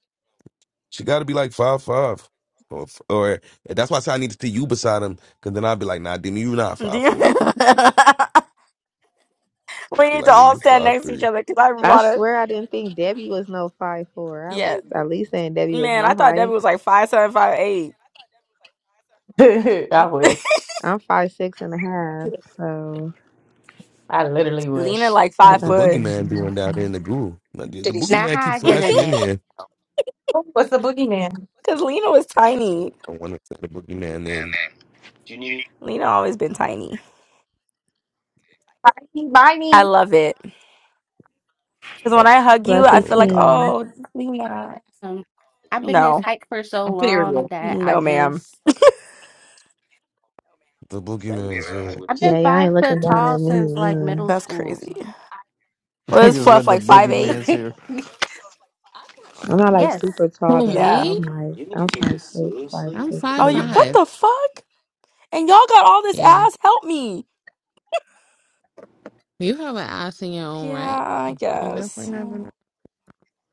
She got to be like five five, or, or that's why I say I need to see you beside him. Cause then I'd be like, nah, Demi, you not five Deemer- four. we Be need to like, nigga, all you stand five next to each three. other because I I want swear I didn't think Debbie was no five four. I was to. at least saying Debbie was Man, my I thought Debbie height. was like five seven, five eight. I wish. I'm five six and a half, so I literally Lena wish. like What like five was the I said, foot. boogeyman doing down mm-hmm. there in the groove? Like, the the Now boogeyman how keep I get flashing in Cause in it? here. Oh, What's the boogeyman? Lena was tiny. I want to say the boogeyman name. Lena always been tiny. Bye, bye I me. love it. Cause when Oh, I hug you, I fluffy feel like, oh, team. oh Lena. Um, been this No. height for so long Period. that I No, ma'am. just the boogeyman's here. Yeah, y'all five ain't foot looking down tall at me. since like Man. middle That's school. crazy. Was Niggas Fluff with the like five eight? boogeyman's yes, here. I'm not like this super tall Who, though, but Yeah. me? I'm like I'm five six, five I'm six five Oh you and what five. the fuck? And y'all got all this Yeah. ass, help me. You have an ass in your own Yeah, right. I You guess. definitely have an I'm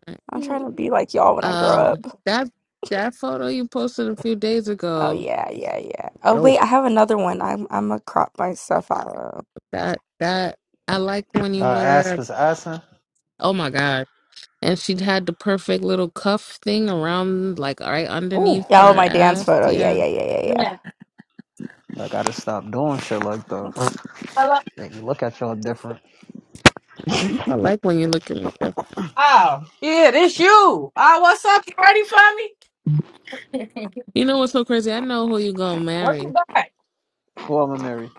eye. a trying half. to be like y'all when I grow Um up. that that photo you posted a few days Oh ago. yeah, yeah, yeah. Oh wait, Dope. I have another one. I'm I'm gonna crop my stuff out. That that I like when Uh you Asp wear is assing. oh my god. And she had the perfect little cuff thing around like right Ooh. underneath Yeah, oh, her my dance ass. photo. Yeah, Yeah. yeah, yeah, yeah, Yeah. I gotta stop doing shit like that. Hello. Make me look at y'all different. I like when you look at me. different. Oh. Yeah, this you. Oh, what's up? You ready for me? You know what's so crazy? I know who you gonna What you marry. buy? Who I'ma marry?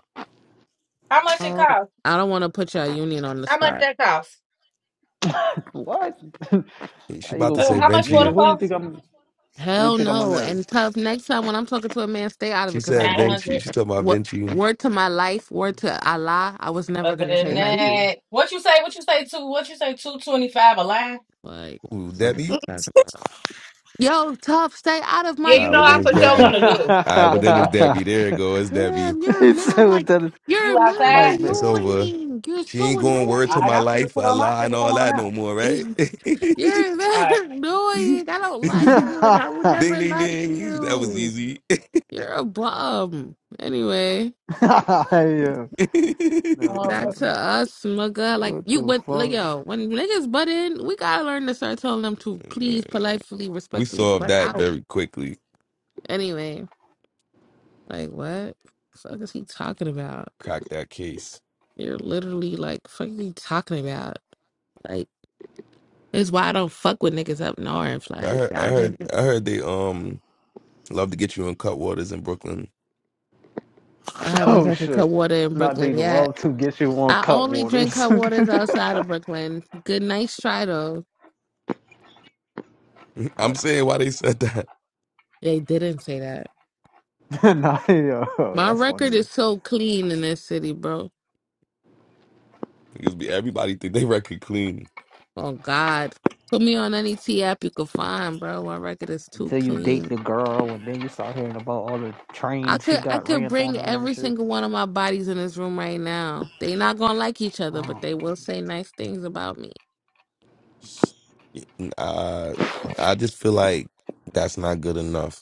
How much it Oh, cost? I don't wanna put your union on the How much spot. that cost? What? How she you about gonna to Oh, say how put much for the nigga? Vinci. Who you phone? think I'm? Who you Hell think I'm gonna no. marry? And tough next time when I'm talking to a man, stay out of She it because I said Nine own Vinci. hundred. She talking about What Vinci. word to my life, word to Allah, I was never Other gonna say than Vinci? Venti. that, what you say? What you say? Two? What you say? Two twenty five a line? Like Ooh, fuck is this Debbie. yeah. talking about? Yo, tough, stay out of Yeah, my you Ah, know but then I it's for sure Debbie. want to business. do. All right, but For then it's sure. Debbie. There it goes. It's Debbie. Damn, you're it's mad so like that you're You my outside? mad It's bad. over. annoying. You're She so ain't going word All to annoying. right, my I'm gonna life, put I on my lie and ticket. Come all on that no out. more, right? ding you're All mad right. annoying. I don't like you and I would never ding like ding. That was you. easy. You're a bum. Anyway. I am. No, Um, Back uh, so to us, mugga. Like what you the went, like fuck? yo, when niggas butt in, we gotta learn to start telling them to please, politely, we respectfully solved butt that out. very quickly. Anyway, like what the fuck is he talking about? Cracked that case. You're literally like, fuck you talking about? Like it's why I don't fuck with niggas up north. I Like heard I y'all heard niggas, I heard they um love to get you in cutwaters in Brooklyn. I haven't Oh drank a cup of shit! water in Not they Brooklyn yet. love to get you on I cut only drink waters. cup waters outside of Brooklyn. Good nice try though. I'm Putts. saying why they said that. They didn't say that. nah, yo, My that's record funny. as is shit. so clean in this city, bro. Because we- everybody think they record clean. Oh God, put me on any T app you could find, bro. My record is too Until you date clean. the girl, and then you start hearing about all the I trains she could I got could ramped on bring her and every shit. single one of my bodies in this room right now. They not gonna like each other, but they Um, will say nice things about me. Uh I just feel like that's not good enough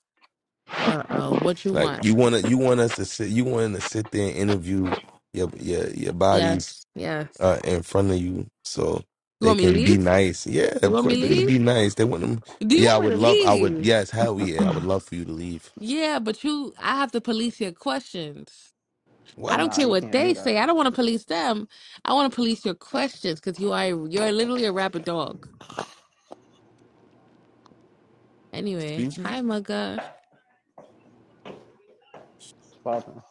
Uh oh, what you Like want? you want to, you want us to sit, you want to sit there and interview your your your bodies Yes, yes. uh, in front of you, so You they want me to can be leave? nice. Yeah, You of want me course to they're gonna leave? be nice. They want them. Do you Yeah, I want me would to love. I would. leave? Yes, hell yeah, I would love for you to leave. Yeah, but you, I have to police your questions. I What? don't nah, care you what can't do they that. say. I don't want to police them. I want to police your questions because you are you're literally a rabid dog. Anyway, Excuse me. hi Mugga. It's popping.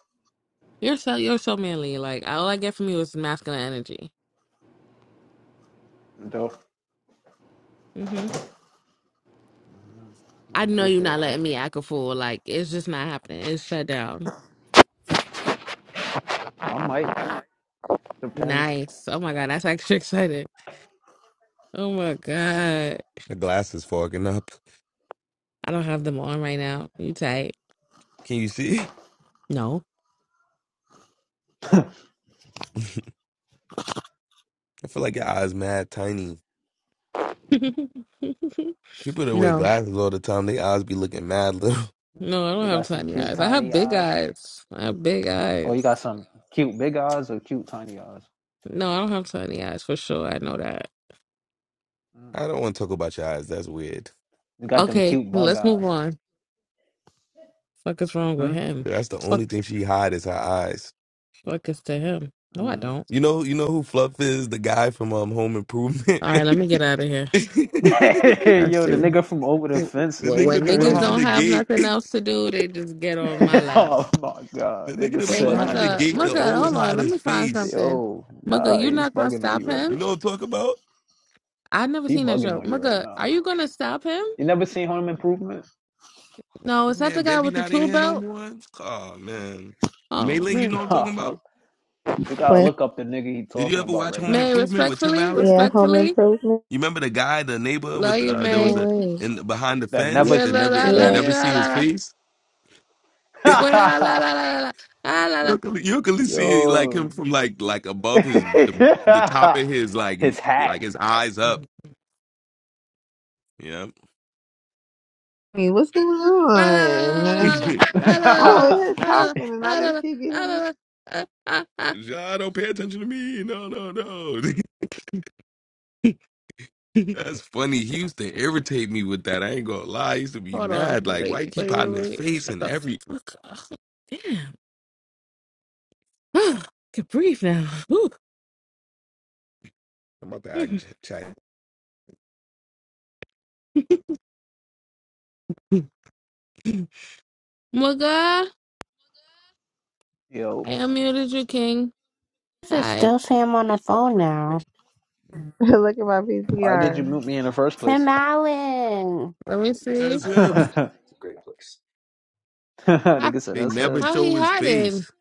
You're so you're so manly. Like all I get from you is masculine energy. Dope. hmm I I know you're appreciate not that. letting me act a fool. Like it's just not happening. It's shut down. I might. Depends. Nice. Oh my god, that's actually excited. Oh my god, The glass is fogging up. I don't have them on right now. You tight? Can you see? No. I feel like your eyes mad tiny. People that wear no. glasses all the time, their eyes be looking mad little. No, I She don't have got some tiny cute eyes. I have tiny big eyes. eyes. I have big Oh, you eyes. got some cute big eyes or cute tiny eyes? No, I don't have tiny eyes for sure. I know that. Mm. I don't want to talk about your eyes. That's weird. You got them Okay, cute bug let's move eyes. on. Fuck is wrong with Hmm? him? That's the only thing she hide is her eyes. Fuck is to him. No, I Mm. don't. You know, you know who Fluff is? The guy from um, Home Improvement. All right, the let me get out of here. I Yo, the see. nigga from over the fence, Well, nigga you to when be niggas crazy, behind don't the have son. gate. nothing else to do, they just get on my lap. oh my The god, nigga nigga to be Wait, said the behind the nigga mother, from gate that over the mother, always hold gate. on. hide Let his me find face. something. Yo, Mugga, nah, you he's not gonna bugging on stop you right him? You now. know what I'm talking about? I never He seen that bugging show. on you right Mugga, are now. you gonna stop him? You never seen Home Improvement? No, is that the Man, guy Debbie with the not in tool here no belt? more. Oh man, Oh Maylin, you man, know what I'm Nah, talking about? you gotta But look up the nigga he Did you talking ever about watch right Home now. May, Improvement with Tim respectfully, Allen? yeah, home respectfully, improvement. You remember the guy, the neighbor love with you, uh, there was May. No a way. in behind the That never fence Yeah, that should. la never la, you love Yeah. you, never la see la his la. face. Well, la la la la la la Ah, la. la. You can you can really see like him Yo, from like like above his the, the top of his like his hat. like his eyes up. Yeah. I mean, What's going on? Hold I'm over here talking and I just keep getting me. John, don't pay attention to me. No, no, no. That's funny. He used to irritate me with that. I ain't gonna lie. I used to be on. mad. Like, why Wait, you keep wait, wait, hiding his wait. face Shut and the every fuck up. Damn. I can breathe now. Whew. I'm about to act ch- chat. Mugga, Yo, I unmuted you, King. is Hi. still Sam on the phone now. Look at my why did you PCR. mute me in the first Tim place? Allen, Let me see. That's him. Nigga How, said They that's never him. how show he his hiding? face.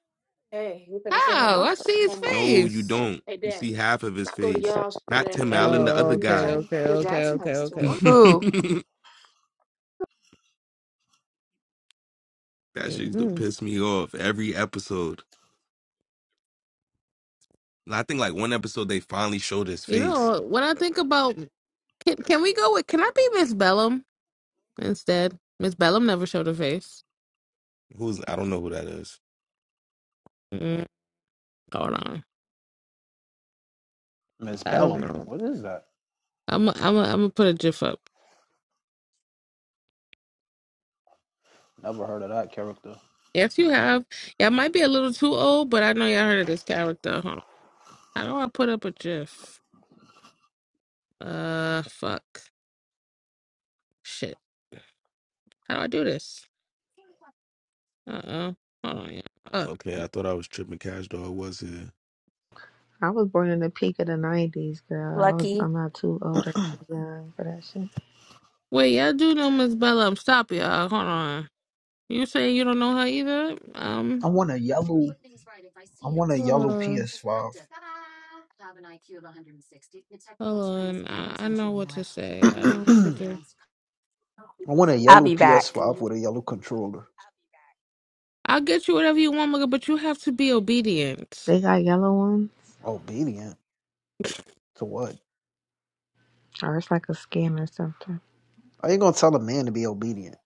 How? I see his No, you face. don't. You see half of his face. Not Tim Allen, the Oh, other okay, guy. okay, okay, okay, okay, okay. Ooh, that shit used to hmm piss me off every episode. I think like one episode they finally showed his You face. know, when I think about Can, can we go with? Can I be Miss Bellum instead? Miss Bellum never showed her face. Who's I don't know who that is. Mm, hold on, Miss I don't Bellum. know. What is that? I'm i I'm i am I'm gonna put a GIF up. Never heard of that character. Yes, you have. Y'all might be a little too old, but I know y'all heard of this character. Hold on. How do I put up a GIF? Uh, fuck, shit. How do I do this? Uh oh. Hold on. Yeah. Uh, Okay, I thought I was tripping. Cash dog was here. I was born in the peak of the nineties, girl. I was lucky. I'm not too old or too young for that shit. wait, y'all do know Miss Bellum? Stop, y'all. Hold on. You say you don't know her either? Um, I want a yellow. I want a hold yellow on. PS5. Hold on. I, I know what to say. I know what to do. I want a I'll yellow be back. PS5 with a yellow controller. I'll get you whatever you want, Mugga, but you have to be obedient. They got yellow ones. Obedient to what? Or it's like a skin or something. Are you gonna tell a man to be obedient?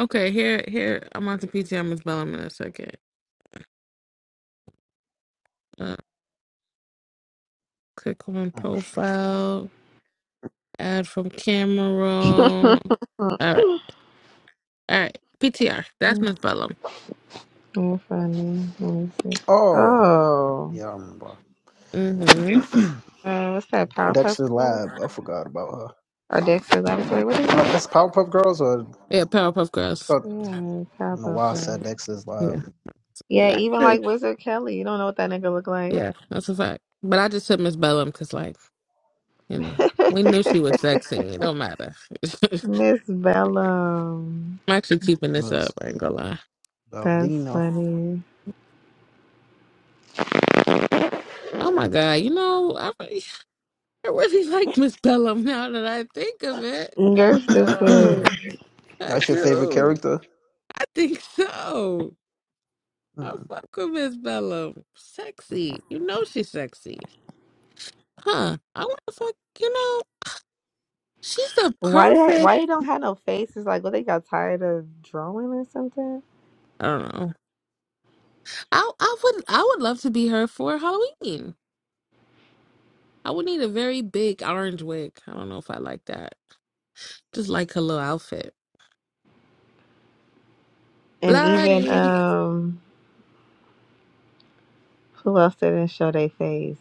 Okay, here, here, I'm on the P.T.M. Miss Bellum in a second. Uh, click on Oh shit. profile, add from camera roll. All right, all right, PTR. That's Miss Bellum. I'm funny. Let me see. Oh Oh, yeah, I remember Mm-hmm. uh, what's that? Powerpuff Dexter's Girls Lab. I forgot about her. or Dexter's Laboratory? What is No, it? that's Powerpuff Girls. Or I Yeah, Powerpuff Girls. thought, Yeah, I don't know Powerpuff why I said Girls. Dexter's Lab. Yeah, Yeah, Like, even like Wizard Kelly, you don't know what that nigga look like. yeah, that's a fact. But I just said Miss Bellum because, like, you know, we knew she was sexy. It don't matter. I'm Miss Bellum. actually keeping It this up. was I ain't gonna lie. uh, That's funny. Oh my god, you know, I, I really like Miss Bellum now that I think of it. I You're do. stupid. I That's your favorite do. character? I think so. I Hmm. fuck with Miss Bellum. Sexy. You know she's sexy. Huh. I wanna fuck you know, she's the Why did why perfect they don't have no faces? Like, what they got tired of drawing or something? I don't know. I I would I would love to be her for Halloween. I would need a very big orange wig. I don't know if I like that. Just like her little outfit. And even Bloody. um, who else didn't show their face?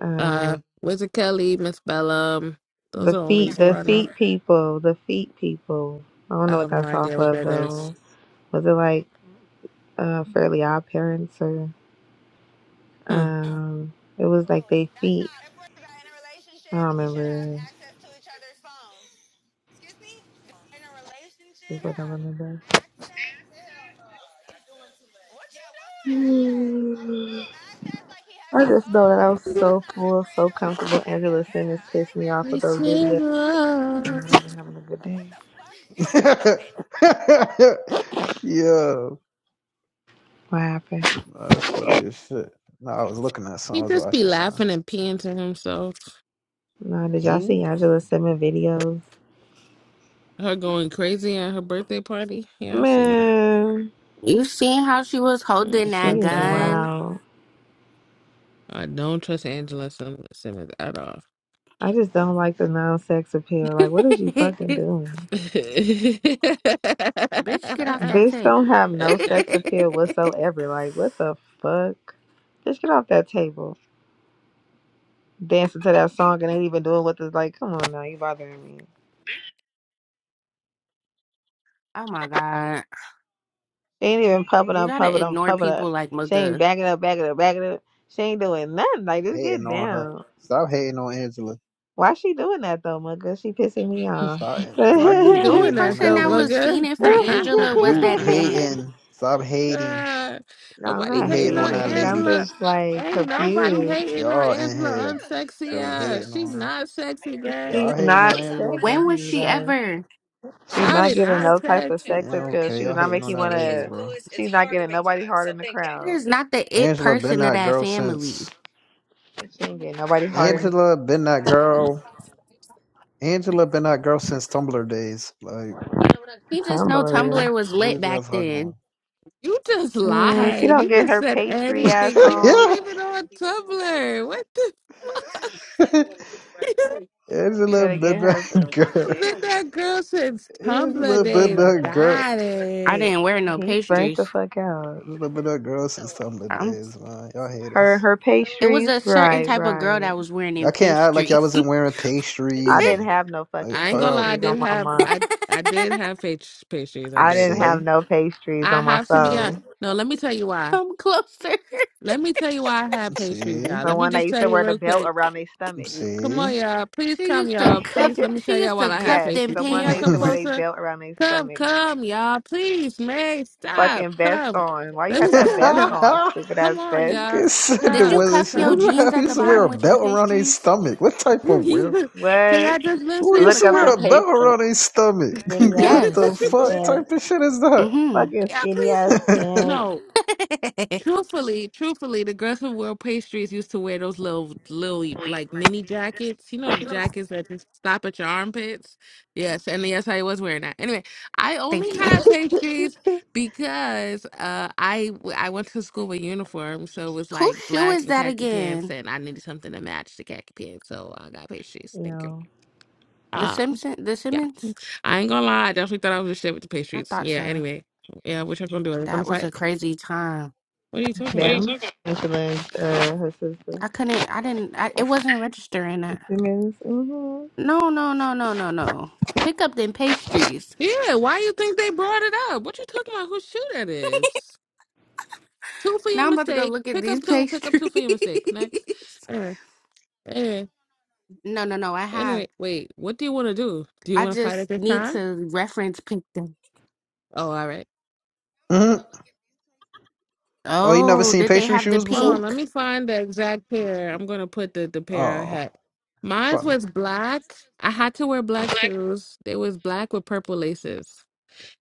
Um, Uh Wizard Kelly, Miss Bellum. Those The are the only feet, two the I know. feet people, the feet people. I don't I know what have no that's idea off what of that is. though. Was it like uh Fairly Odd Parents or Hmm. um? It was like they feet. I don't remember. This Is what I remember. Mm. I just know that I was so full, so comfortable. Angela Simmons pissed me off We with those should videos. I love. wasn't having a good day. Yo, What happened? nah, that's funny as shit. No, I was looking at something. He I was just be watching something. laughing and peeing to himself. No, did y'all see Pink? Angela Simmons videos? Her going crazy at her birthday party. Yeah, I see, man. Man, you seen how she was I holding don't that she trust is that hoe. gun? wild. I don't trust Angela Sim- Simmons at all. I just don't like the non sex appeal. Like, what is you fucking doing? Bitch, get off that Bitch don't table. have no sex appeal whatsoever. Like, what the fuck? Just get off that table. Dancing to that song and ain't even doing what the like, come on now, you bothering me. oh my God. She ain't even pumping You up, gotta pumping up, ignore pumping up. people like She ain't Mugga. backing up, backing up, backing up. She ain't doing nothing. Like, just Hating get on her. down. Stop hating on Angela. Why she doing that though, mugga? She pissing me off. Stop, Why man. you You Only doing hating on that person that though, that was lady. mugger? fiending for Angela was You that man. hating. Stop hating. God. I'm Nobody You not hating hating on on that hating. I'm lady. Angela. just like Ain't nobody confused. hating on Y'all in Angela here unsexy straight ass. hating She on her. not sexy, gang. She's Y'all hating not on Angela, bro. sexy, like Ever. she's Shout not it, giving not no type of sexy. sex Yeah, appeal. okay. She Y'all would not hating make on you that lady, wanna bro. she's not getting nobody hard in the crowd. There's not the it Angela been person of that that girl family. since She ain't getting nobody hard in the Angela been that girl. Angela been that girl since Tumblr days. Like, Just know tumbler. Tumblr was what lit is y'all back talking then. You just Mm, she lied. don't You get just her said pastry ass anything. She wasn't on. about? even on Tumblr. What the? yeah, She Angela gotta get been her that girl. I've Been that girl since Tumblr Angela been days. that girl. Got I it. didn't wear no he's burnt the pastries. fuck out. Angela been that girl since Tumblr I days, man. Y'all hate Her us. her was pastries, a certain right, type of girl right. that was wearing Y'all them can't act like y'all pastries. wasn't wearing I pastries and didn't have no like fucking I ain't call gonna y'all. lie. I pastries on did my have mom. I I did have page pastries. I I did, didn't but have See, no pastries I on my have to be see, honest. soul. No, let me tell you why. Come closer. Let me tell you why I had pastries, see, y'all. The Let me one that just used tell to you wear the real belt quick. around their stomach. Come on, see. y'all. Please She come, used to y'all. Please cuff let me she tell y'all used why to I had cuff Yes, them pastries. the Can one y'all they used come to wear pants. they closer? belt around their Come, stomach. come, y'all. Please, man, stop. Fucking vest Come. on. Why you Let me got that tell vest you. on, stupid ass Come on, I vest? y'all. guess there Did you Come, wasn't. cuff your Who come. the hell jeans at the used What to y'all? wear bottom a with your belt around their pastries? stomach? What type Can of wear? What? y'all just Who listen? used Like, Look to up wear the a come. belt pastry. around their stomach? y'all, Skinny ass what the Yes. fucking fuck pants. type of shit is that? Mm-hmm. Fucking skinny please. ass No. pants. Truthfully, truthfully, the girls who wore pastries used to wear those little, little like mini jackets. You know the jackets that just stop at your armpits. Yes, and yes, I was wearing that. Anyway, I only Thank you. had pastries you because uh, I w- I went to school with uniform, so it was Whose like shoe black is and that khaki pants, again? and I needed something to match the khaki pants, so I got pastries. Thank you. know, The Uh, Simpson the yeah, Simmons? I ain't gonna lie, I definitely thought I was a shit with the I pastries. thought Yeah. so. Anyway, yeah, what y'all gonna do? Are we That gonna was fight? a crazy time. What are you What talking are about? them. Michelin, uh, her sister. I couldn't I didn't I, it wasn't registering The that. Simmons. hmm No, no, no, no, no, no. Pick up them pastries. Yeah, why you think they brought it up? What you talking about? Whose shoe that is? Two for your Now I'm about to go mistake. look at Pick these up two. Pick up pastries. two for your mistake. Next. Uh, uh, no, no, no, I have. anyway, wait. What do you want to do? Do you I want to fight at just this need time? to reference pick them. Oh, all right. hmm Oh, you never Okay. Oh, seen did they pastry have the shoes Hold before? on. Let pink? me find the exact pair. I'm gonna put the the pair I Oh, had. Mine spot was black. I had to wear black shoes. They was black with purple laces.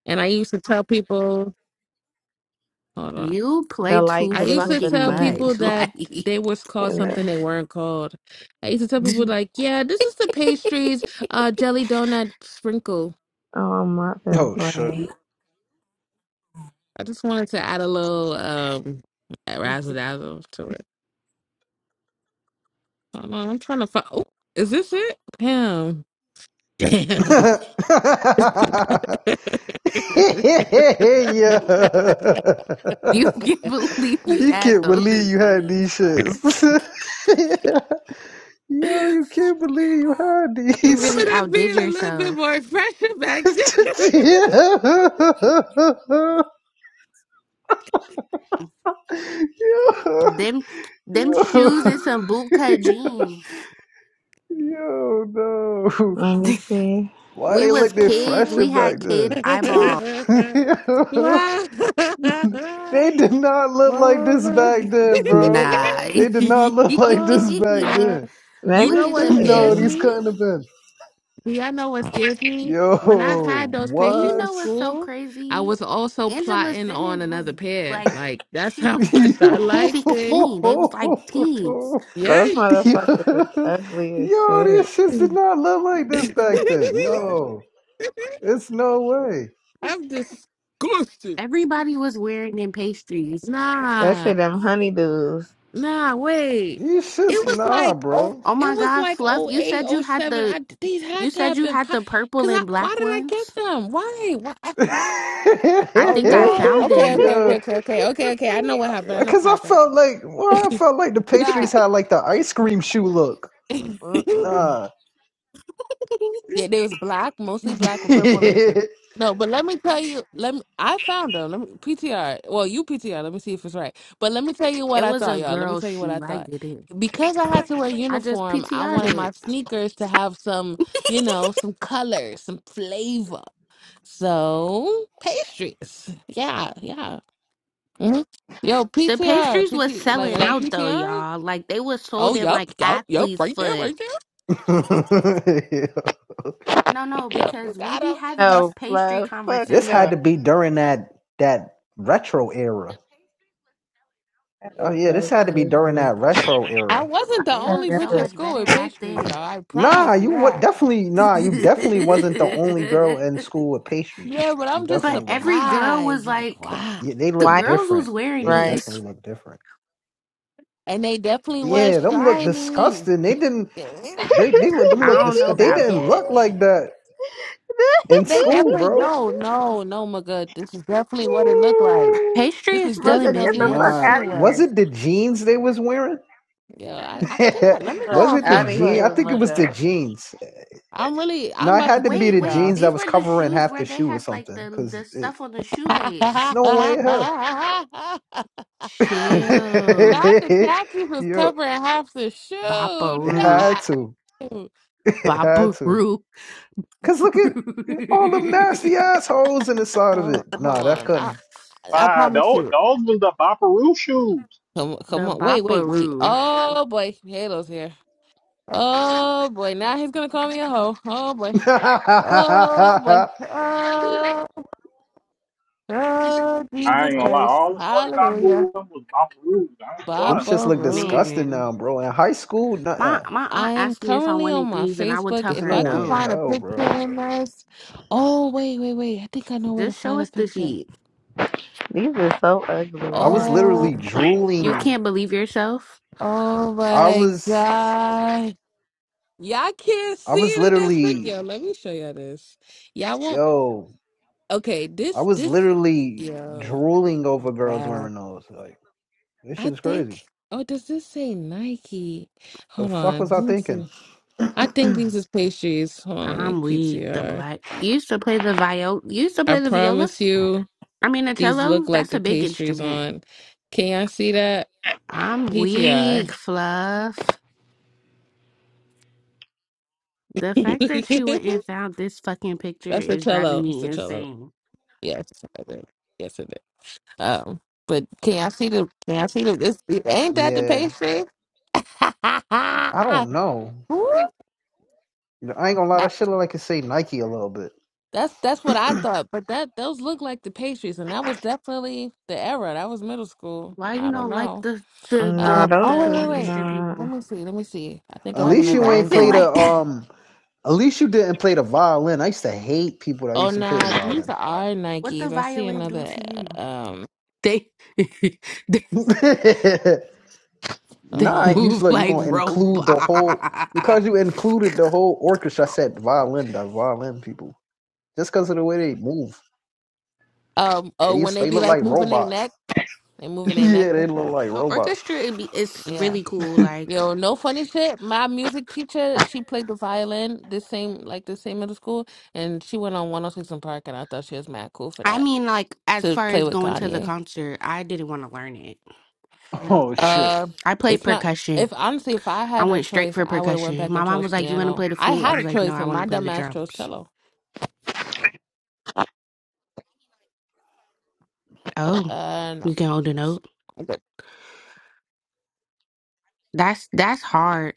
And I used to tell people. Hold on. You play The too light I used blue, to the fucking tell pink, people much. that Like they was called and something the. they weren't called. I used to tell people like, "Yeah, this is the pastries, uh, jelly donut sprinkle." Oh, I'm not gonna Oh shit. play. I just wanted to add a little um razzle dazzle to it. Hold on, I'm trying to find. Oh, is this it? Damn. Damn. yeah. You can't believe you You had can't those. believe It's you had funny as these fuck. shits. Yeah. Yo, you can't believe you had You these. Remember really that outdid being a little bit yourself. more fresher back yo, then. Them them shoes and yo, some bootcut jeans. yo, no. Let me see. Why We they look was this kids. fresher We had back kid then? eyeballs. wow. they did not look like Oh this back my. then, bro. Nah. They did not look like this oh back my. then. You Let Look me know at what the no, scares pic. see. these me? couldn't have been. Do y'all know what scares me? Yo, When I had those And pastries you for what? know what's so school, I crazy? was also Angela plotting on Simmons another was pair. like, Like that's she how was much I Yo. liked it. 16. They was like teens. Those Yikes. Yo, motherfuckers is ugly as yo, these shit. shits did not look like this back then. No, it's no way. I'm disgusted. Everybody was wearing them pastries. Nah. Especially them honeydews. Nah, wait. These shits, It was nah, like oh, bro. Oh it my was God, like Fluff, oh you eight said you oh had seven. the, I these you had to said have you been had pop. the purple Cause I and why black did I ones. get them? Why? Why? I- I oh, think you I know. found Okay, them. okay, Yeah, okay, okay, okay, okay, okay. I know what happened. I know what because I happened. felt like, well, I felt like the Nah. pastries it had like the ice cream shoe look. Mm-mm. Nah. Yeah, they was black, mostly black with purple laces. this No, but let me tell you, let me I found them. Let me PTR. Well, you PTR, let me see if it's right. But let me tell you what I was thought, a y'all. Let me girl's tell you what I shoe. I thought. get it. Because I had to wear I just uniform, I PTR'd wanted my it. sneakers to have some, you know, some color, some flavor. So pastries. Yeah, yeah. hmm Yo, The PTR, pastries was PT like selling are you out though, PTRing? y'all. Like they was Oh, sold in yup, like yup, yup, athlete's right there, foot. right there. No, no, Yep, you because we got be 'em. having this no, pastry love. Fuck had no. conversation. to be during that that retro era. That Oh is yeah, this so had to be during crazy. that retro I era. wasn't the They That only look bitch so at never. much school with better back Patriots, then. y'all. I Nah, promise you you what that. definitely nah, you definitely wasn't the only girl in school with pastries. Yeah, but You I'm just but definitely wasn't. every girl surprised. was Like, like, wow. Yeah, they the look Why? girls was different. wearing They Right. definitely these. look different. And they definitely was Yeah, them look shiny. disgusting. They didn't They they they look them I look don't know disgust they about didn't that. look like that in school, definitely bro. no, no, no, my god. This is definitely what it looked like. Pastry This is is still in Mugga, get definitely the what the fuck business. Nah, shoe out of was was. here. it the jeans they was wearing? Yeah, I, I think. Get I, the let me go fuck was on it the out of Facebook. jeans? I here, think it was the Mugga. jeans. I'm really. I'm No, it about to had to be Wait, tickle the wait, y'all. jeans that these was were the covering shoes half where the they shoe or had like something, the the because it, stuff on the it's shoelace. no way in Chill. Not the hell. khakis was Yo. covering half the shoe. It Bopperoo. had No. to. It had to. Bopperoo. Cause look at all them nasty the assholes in the side of Hold it. on, hold Nah, that on. I couldn't. I Ah, promise those, you. those was the Bopperoo shoes. Come come on. Wait, wait, wait. Bopperoo. Oh boy, Halo's here. Oh boy, now he's gonna call me a hoe. Oh boy. Oh boy. Oh, oh I Jesus ain't gonna lie. Christ. All the shorties I Hallelujah. knew with was Bopperoo. I ain't gonna them lie. shits Papa look Roo. disgusting now, Man, bro. In high school, nah, my uh, my I aunt am asked me if I currently on wanted my these, and I would Facebook. tell it's If her no I could way in no. find a hell, picture bro. in this. Oh wait, wait, wait. I think I know where to Just show find a us the picture. feet. These are so ugly. I Oh was my Oh, literally god. You drooling. can't believe yourself. oh I my was, God. Y'all can't I see was it in this picture. Yo, literally, let me show y'all this. Y'all won't. yo, Okay, I this was this. literally Yo, drooling over girls wow. wearing those. Like this I shit is crazy. think. Oh, does this say Nike? The Hold fuck on. was I Let me see. thinking? I think these is pastries. Hold on. Let me I'm weak. The PTR. black you used to play the viol. You used to play the viola. promise you, I mean the these cello. look like That's the a big pastries instrument. on. Can y'all see that I'm PTR? weak, Fluff. The fact that you went and found this fucking picture That's the is driving cello. It's me the cello. insane. Yes, I did. Yes, it is. Um, but can I see the? Can I see the? This ain't that the yeah, pastry? I don't know. Woo! I ain't gonna lie, I- that shit look like it say Nike a little bit. that's that's what I thought, but that those look like the pastries, and that was definitely the era. That was middle school. Why I you don't don't like know. the the No, Um, the those oh the wait, wait, is wait. orchestra not. Let people? me see. Let me see. I think At I Why have least you another you ain't laughing played angle. a like that? um. At least you didn't play the violin. I used to hate people that Oh used to play the nah, these violin. are What the Nikes. I see violin do another. to uh, you? Um, They, they hold They nah, on. I you move look. You see. like gonna robots. include the whole because you included the whole orchestra. I said violin, the violin people. Just because of the way they move, Um, oh, they when used they they be look like like moving their robots. neck, they moving their neck. yeah, they That's look right. like The robots. orchestra it be, it's Yeah. really cool. Like Yo, no funny shit. My music teacher, she played the violin this same like the same middle school, and she went on 106 in Park, and I thought she was mad cool for I that mean, like as to far play as with going to the Kanye. concert, I didn't want to learn it. Mm. Oh shit. Uh, I played it's not. percussion. If honestly, if I I had a went straight choice, for I would have went percussion. back and My mom chose was like, "You want to piano. play the I flute?" I had a was like, "No, choice, I and want my to play dumb the ass chose drums." cello. Oh, Uh, no. you can hold a note. But That's that's hard.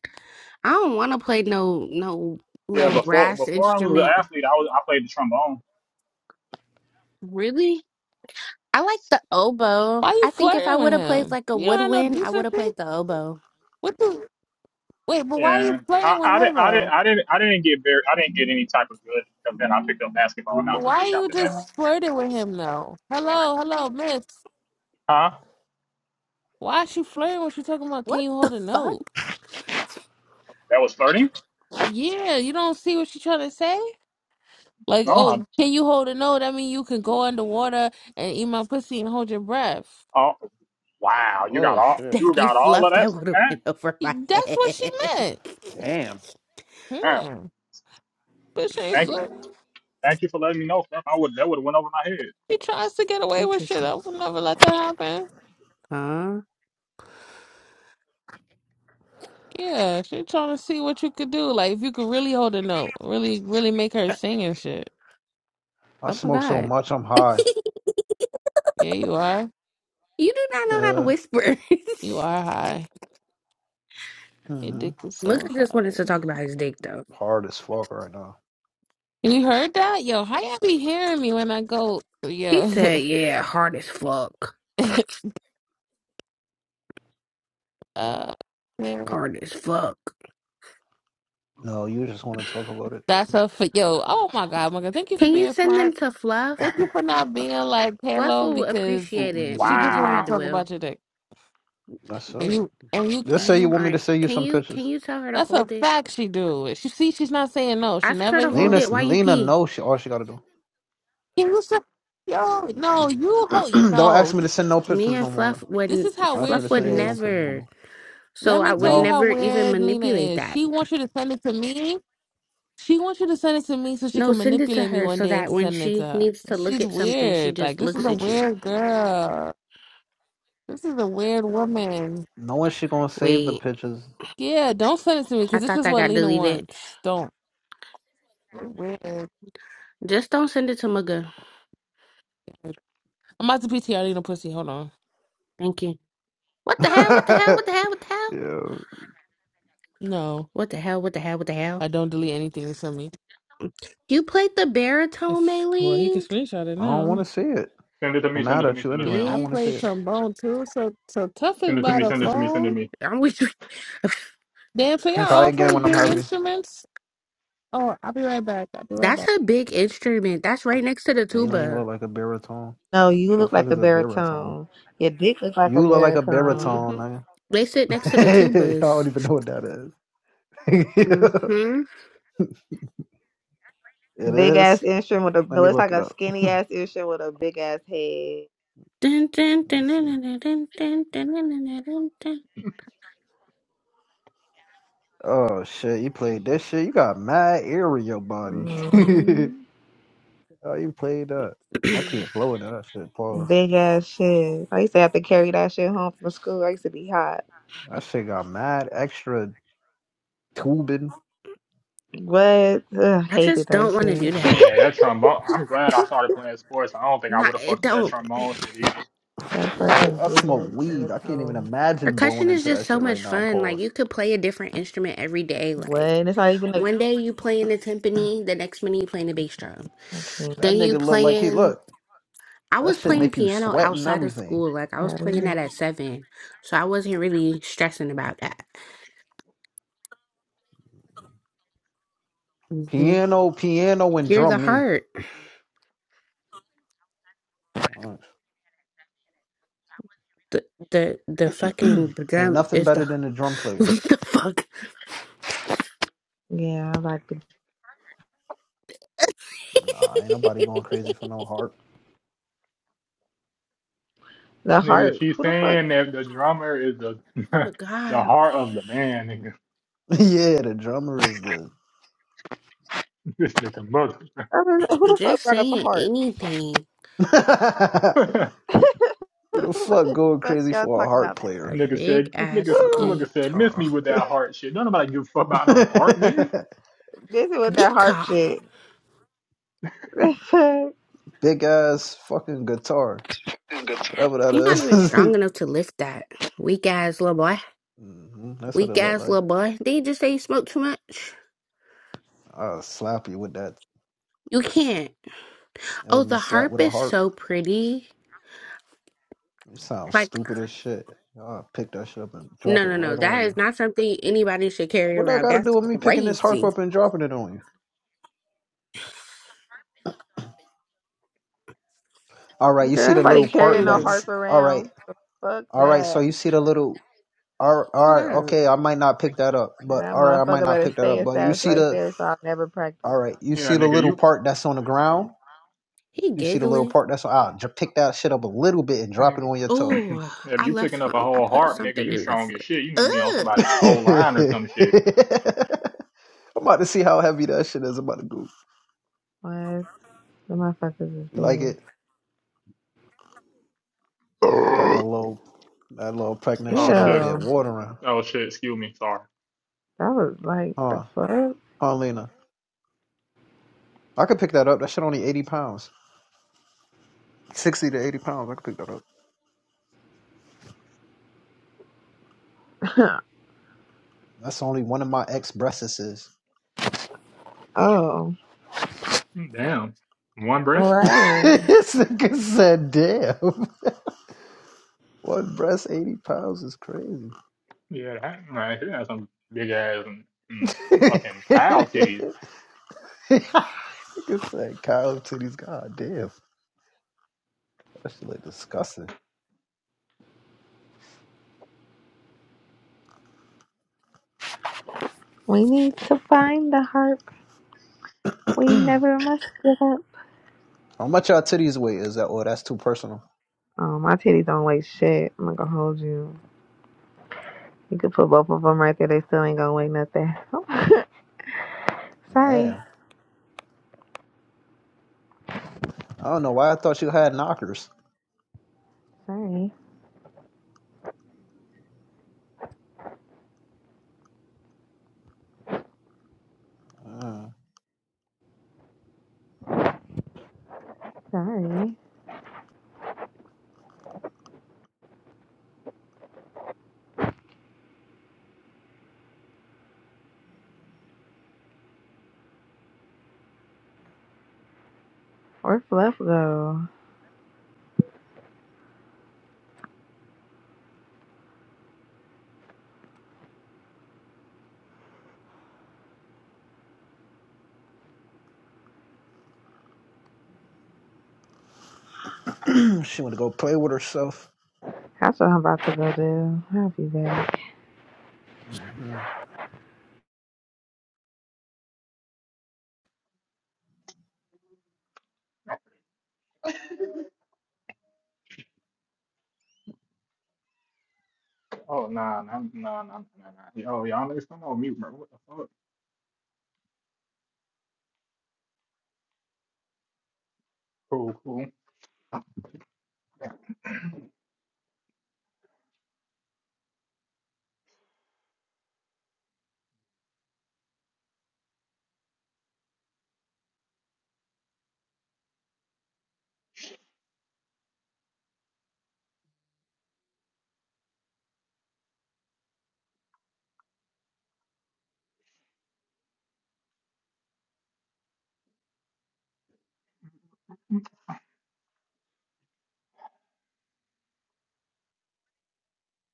I don't want to play no no Yeah, no before brass before I was an instrument. athlete, I was I played the trombone. Really? I like the oboe. Why you I think if I flirting with would have played him? like a You don't have no woodwind, I would have decency. played the oboe. What the? Wait, but why you Yeah, I, flirting with I him didn't, I didn't, though? I didn't, I didn't get very, I didn't get any type of good. Because then I picked up basketball, and I But took a why look you after that. just flirting with him though? Hello, hello, miss. Huh? Why she flirting when she talking about can What you hold the a fuck? note? That was thirty. Yeah, you don't see what she trying to say? Like, No, oh, I'm. can you hold a note? That mean you can go underwater and eat my pussy and hold your breath. Oh, wow! You got Oh all. shit. You Thank you, got all of Fluff. that That from would have went that. over my That's what she head. meant. Damn. Wow. Hmm. But she ain't Thank slick. you. Thank you for letting me know, Steph. I would. That would have went over my head. She tries to get away with shit. Interesting. I would never let that happen. Huh? Yeah, she trying to see what you could do. Like, if you could really hold a note, really, really make her sing and shit. I Oh my smoke so god. much, I'm high. Yeah, you are. You do not know how to Uh, whisper. You are high. Your mhm. dick is Look so I just high. wanted to talk about his dick though. hard as fuck right now. You heard that? Yo, how y'all be hearing me when I go? He Yo, said, yeah, hard as fuck. uh, Hard as fuck. No, you just want to talk about it. that's a for yo. Oh my god, my god! Thank you for Can you being send them smart. to Fluff? Thank you for not being like Fluff Halo will because appreciate it she more just than wanted I to do talk Wow. will. about your dick. That's And it. you and you Just Okay. say you you. All want me to right. send you Can some you can pictures. you tell her to That's a hold it? fact. She do. it. She see. She's not saying no. She Ask her never to hold even. Lena, it while you Lena pee. knows she, all she got to do. Can you stop? Yo, no, you hold. Don't ask No, me to send no Me pictures no and more. Though. Fluff this would is how Don't ask me weird to Fluff she would send you no is. pictures no never. more. Let So me I tell would you No, how never even weird Lena manipulate is. that. She wants you to send it to me She wants you to send it to me so she No, can send it to manipulate me her one so day that into when sending it to she her. needs to look She's at something, she weird. Like just this is looks a at you. weird girl. This is a weird woman. no one she gonna save the Wait, pictures. Yeah, don't send it to me because I this thought is that what got Lena deleted. wants. Don't. You're Weird. Just don't send it to Mugga. I'm about to PTR Lena pussy. Hold on. Thank you. What yeah, the hell? What the hell? What the hell? What the hell? No, What the hell? What the hell? What the hell? I don't delete anything you send me. You played the baritone, If well, he can Mailing? screenshot it I don't want now. to see it. Send it to I'm me. Send mad it to at me. you Send it to anyway. I me. I don't want Bitch. to see play it. trombone too, so so tough is Send it to by me. the Send it to me. Send it to phone. me. I'm with you. Damn, so y'all Try all again play when I'm big happy. instruments. Oh, I'll be right back. I'll be right That's back. a big instrument. That's right next to the Maylene tuba. look like a baritone. No, you The look fuck like a is a baritone? baritone. Your dick looks like a You look like a hmm baritone. baritone, They sit next to the nigga. I don't tubas. even know what that is. Mm-hmm. it Big is. ass instrument with a Let no, me it's look like it a up. skinny ass instrument with a big ass head. Dun, dun, Let me dun, dun, see. dun, dun, dun, dun, dun, dun, dun, dun, dun. Oh shit, you played that shit. You got mad air in your body. hmm oh, you played that. dun. I can't blow into that shit. Pause. Big ass shit. I used to have to carry that shit home from school. I used to be hot. That shit got mad extra tubing. What? Ugh, I hated just that don't want to do shit. that. Yeah, that trombone. I'm glad I started playing sports. I don't think I Not would have it fucked with that don't. trombone shit either. That What? fucking I big ass smoke weed. I can't even baritone. imagine blowing Percussion is into just that so shit right much now. fun. Like Pause. you could play a different instrument every day. What? Like And it's not even like one day you playing the timpani, the next minute you playing the bass drum. I can't That Then you nigga look like he playing. look. I That was shit playing make you piano sweat and outside of everything. school. Like I was have playing it. that at seven, so I wasn't really stressing about that. hmm Piano, piano, and You're the drum me. heart. Mm. the the the fucking Ain't drum nothing is better the than a drum player. what the fuck? Yeah, I like the Nah, ain't nobody going crazy for no harp. the Nigga, heart. she's Who the fuck? saying that the drummer is the Oh the God, heart of the band. Nigga, yeah, the drummer is the this nigga mother. I mean, who the fuck just brought up a saying heart? anything. Who the what fuck the going fuck crazy y'all for a talking harp about? A player? Nigga big said, nigga, ass nigga said, miss guitar. me with that heart shit. Don't nobody give a fuck about no heart, nigga. This is with that harp Guitar. shit. Girl, Big ass fucking guitar, whatever that You're is. not even strong enough to lift that. Weak ass little boy. mm-hmm, that's what it Weak looked ass like. little boy. Did you just say you smoke too much? I'll slap you with that. You can't. You ever Oh, been the slapped harp with a is harp? so pretty. You sound Like, stupid as shit. I'll pick that shit up and drop no, it no, no. right on That you. is not something anybody should carry What that around. got to That's do with me picking this harp crazy. up and dropping it on you? All right, you see the anybody little carrying part no Mm-hmm. that's harp all right. around. Fuck All right, so that. you see the little all right, all Oh my right, God. okay, I might not pick that up, And but That all right, I might motherfucker not better pick that stay up, in but you status see right the there so I'll never All practice. right. You Yeah, see the nigga, little you, part that's on the ground? He You see the little giggling. part that's on. I'll j- pick that shit up a little bit and drop it nigga, on your toe. Oh, if I you picking left up a some. I whole put heart, nigga, something you in the strong as shit. You need to fridge. be on Ugh. I'm somebody's old line or some shit. about to see how heavy that shit is. I'm about to go. What? The motherfuckers is You like big. it? Got Oh that little, that little pregnant shit over shit. there Ew. watering. Oh shit. Excuse me. Sorry. That was like the Huh? fuck? Huh, Lena? I could pick that up. That shit only 80 pounds. 60 to 80 pounds. I could pick that up. That's only one of my ex breastises. oh. Damn. One breath. Right. this nigga said, damn. One breast 80 pounds is crazy. Yeah, that right. He has some big ass and, and fucking cow titties. Nigga said cow titties. God damn. That shit like disgusting. We need to find the harp. We never must give up. How much y'all titties weigh? Is that oh that's too personal? Oh, my titties don't weigh shit. I'm not gonna hold you. You could put both of them right there. They still ain't gonna weigh nothing. sorry. Damn. I don't know why I thought you had knockers. Sorry. Mm. Sorry. Where Fluff go? she wanna go play with herself. That's what I'm about to go do. I'll be back. Mm-hmm. Oh nah, nah, nah, nah, nah. nah. Yo, y'all niggas come on mute, bro. What the fuck? Cool, cool.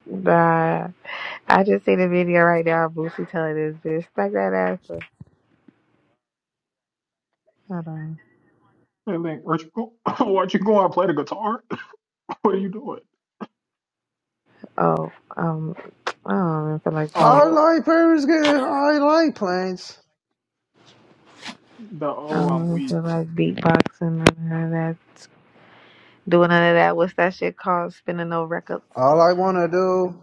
Nah, I just seen a video right now of Boosie telling this bitch, stack that ass up. Hold on. And then, aren't you go- aren't you going to play the guitar? What are you doing? Oh, um, I don't even feel like playing. I Oh, like Paris good. I like planes. the I oh, don't I'm even weak. feel like beatboxing or none of that. Doing none of that. What's that shit called? Spinning no records. All I wanna do,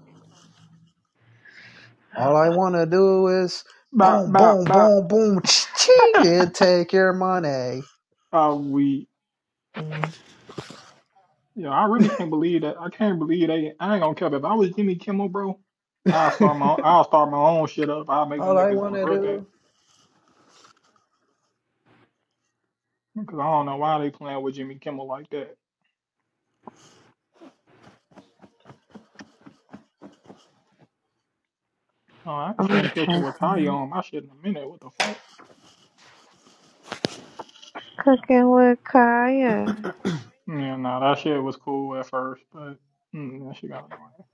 all I I feel wanna do is Bop, boom, bop, boom, bop. boom, boom, ching, and take your money. I'm weak. like mm, You know, I really can't believe that. I can't believe they. I ain't gonna care. If I was Jimmy Kimmel, bro, I'll start my. I'll start my own shit up. I'll make them all I niggas wanna regret that do. because I don't know why they playing with Jimmy Kimmel like that. Oh, I ain't I'm gonna seen cooking type with Kanye in. on my shit in a minute. What the fuck? Cooking with Kaya. Yeah, nah, that shit was cool at first, but mm, that shit got annoying.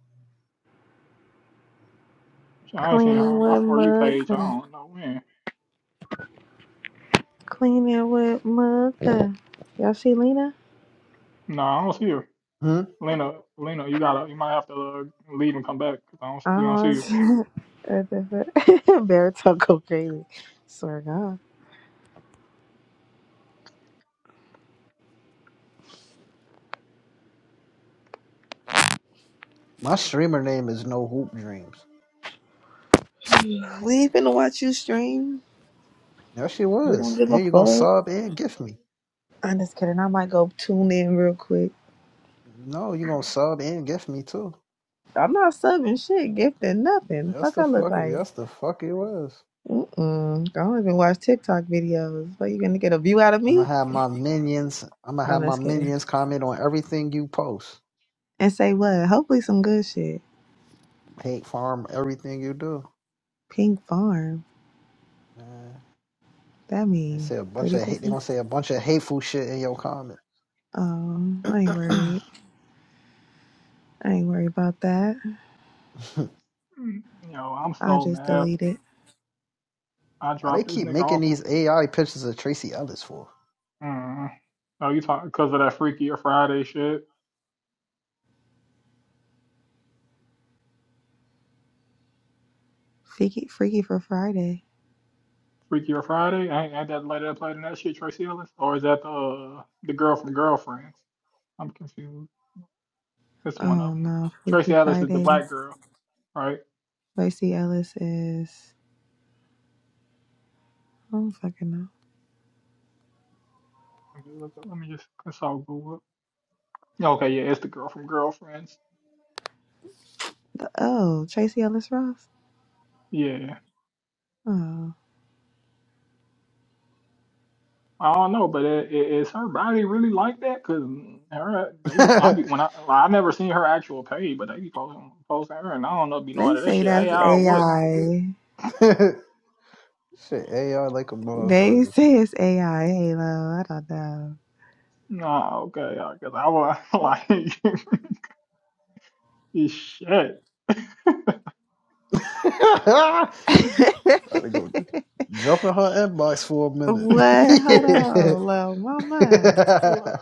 I ain't seen her Cleaning on my with for you page. I Mugga. don't know when. Cleaning with Mugga. Y'all see Lena? No, I don't see her. Hmm? Lena, Lena, you gotta, you might have to uh, leave and come back 'cause I don't see, we don't see Um, you. baritone go crazy. Swear to My streamer name is No Hoop Dreams. God. We ain't finna watch you stream. That shit We don't was. give a And you're gonna fuck. sub and gift me. I'm just kidding. I might go tune in real quick. No, you're gonna sub and gift me too. I'm not subbing shit, gifting nothing. That's Fuck, the I look fuck it like. that's the fuck it was. Mm-mm. I don't even watch TikTok videos. But you gonna get a view out of I'ma me? have my minions I'ma I'm have my just kidding. minions comment on everything you post. And say what? Hopefully some good shit. Hate farm everything you do. Pink Farm. Man. That They mean say a bunch pretty of hate they pussy. gonna say a bunch of hateful shit in your comment. Oh, I ain't worried. I ain't worried about that. Why Mm, You I'm I so just mad. deleted. I they dropped this keep nigga making off on. these AI pictures of Tracy Ellis for? Mm. Oh, you talking because of that Freaky or Friday shit? Freaky, Freaky for Friday. Freaky or Friday? Ain't, ain't that lady that played in that shit, Tracy Ellis? Or is that the uh, the girl from Girlfriends? I'm confused. It's one of Oh them. no, Freaky Tracy Ellis is the Friday. black girl, right? Tracy Ellis is. I don't fucking know. Let me look up. Let me just consult Google. Okay, yeah, it's the girl from Girlfriends. The, oh, Tracy Ellis Ross. Yeah. Oh, I don't know, but i- i- is her body really like that? Cause her, they, I shit, be when I, like, I never seen her actual page, but they be posting, posting her, and I don't know, be they knowing that say shit. Hey, that's I what? AI. AI like a They motherfucker. say it's AI. Halo. I don't know. Nah, okay, because I was like, shit, I to go jump in her inbox for a minute. what? Hold on, little mama. Yeah. like,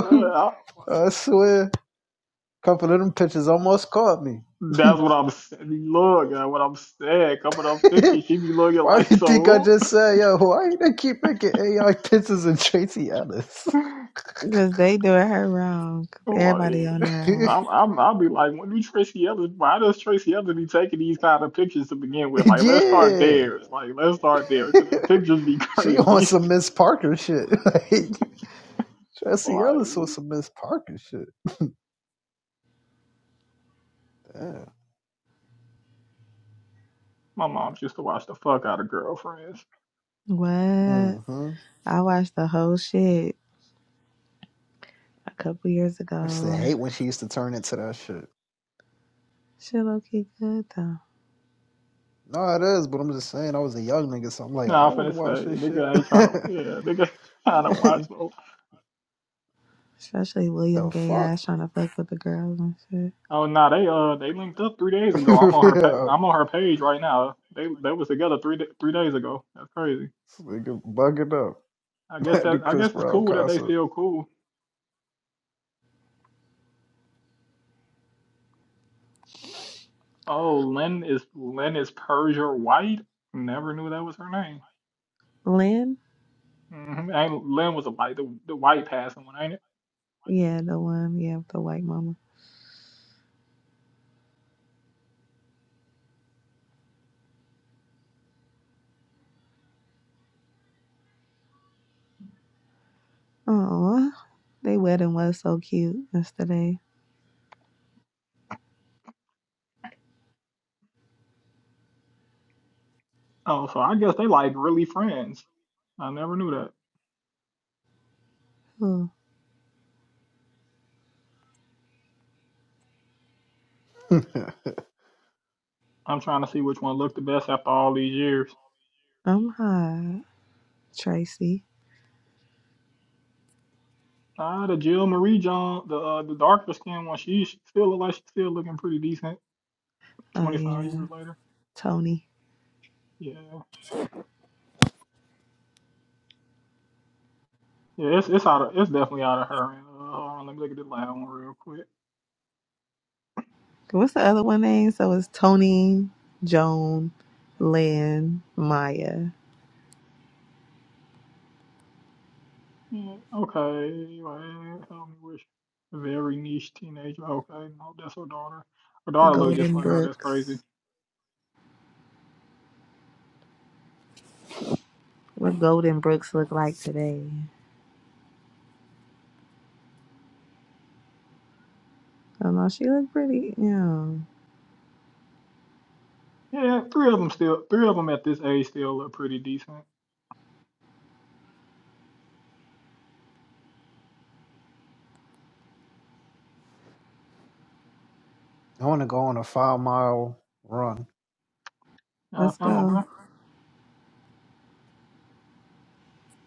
what? I, like, I swear, a couple of them pictures almost caught me. that's what I'm saying. Look at what I'm saying. Coming up pictures, she be looking why do like you think I so. just said, yo, why they keep making AI pictures of Tracy Ellis? Cause they doing her wrong. Like, Everybody on her ass. I'm, I'm, I'll be like, when do Tracy Ellis, why does Tracy Ellis be taking these kind of pictures to begin with? Like, let's start yeah. there. Like, let's start there, because the pictures be she on crazy. some Miss Parker shit. like, Tracy Like, Ellis on some Miss Parker shit. Damn. my mom used to watch the fuck out of girlfriends. What? hmm I watched the whole shit a couple years I used to ago. hate when she used to turn into that shit. Shit low key good though. No, it is, but I'm just saying I was a young nigga, so I'm like, I Nah, I'm want to finna watch say, this shit. nigga ain't trying to, yeah, nigga ain't trying to watch no. Especially the William gay fuck? ass trying to fuck with the girls and shit. Oh, nah, they, uh, they linked up three days ago. I'm on her, pa- yeah. I'm on her page right now. They, they was together three, da- three days ago. That's crazy. This nigga bugging up I guess at the that, I Chris guess it's Brown cool that they concert. still cool. Oh, Lynn is Lynn is Persia White. Never knew that was her name. Lynn? hmm And Lynn was a like the, the white passing one, ain't it? Yeah, the one, yeah, with the white mama. Oh, they wedding was so cute yesterday. Oh, so I guess they like really friends. I never knew that. Oh, I I'm trying to see which one looked the best after all these years. I'm hot. Tracy. Ah, the Jill Marie John, the uh, the darker skinned one, she she still look like she's still looking pretty decent. Oh 25 yeah. years later. Tony. Yeah, yeah, it's it's out of it's definitely out of her. And, Uh, hold on, let me look at this last one real quick. What's the other one name? So it's Tony, Joan, Lynn, Maya, Yeah, okay. Well, tell me which very niche teenager. Okay, no, that's her daughter. Her daughter look just Golden like her. That's crazy. Brooks. What Golden Brooks look like today? I don't know. She look pretty. Yeah. Yeah, three of them still, three of them at this age still look pretty decent. want to go on a five mile run. Uh, Let's if I'm a go. boy.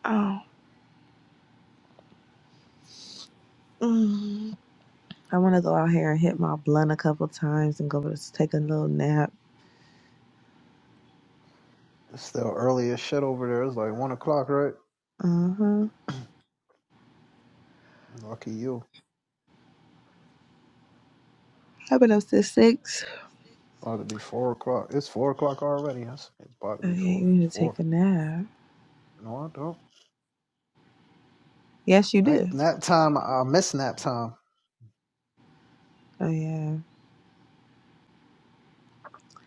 Oh. Mm. I want to go out here and hit my blunt a couple times and go to take a little nap. It's still early as shit over there. It's like one o'clock, right? Uh huh. Lucky you. I've been up since six. It's About to be four o'clock. It's four o'clock already. Yes, it's about to Oh be yeah, you four. It's need to take four. a nap. No, I don't. Yes, you do. Night nap time. I miss nap time. Oh yeah,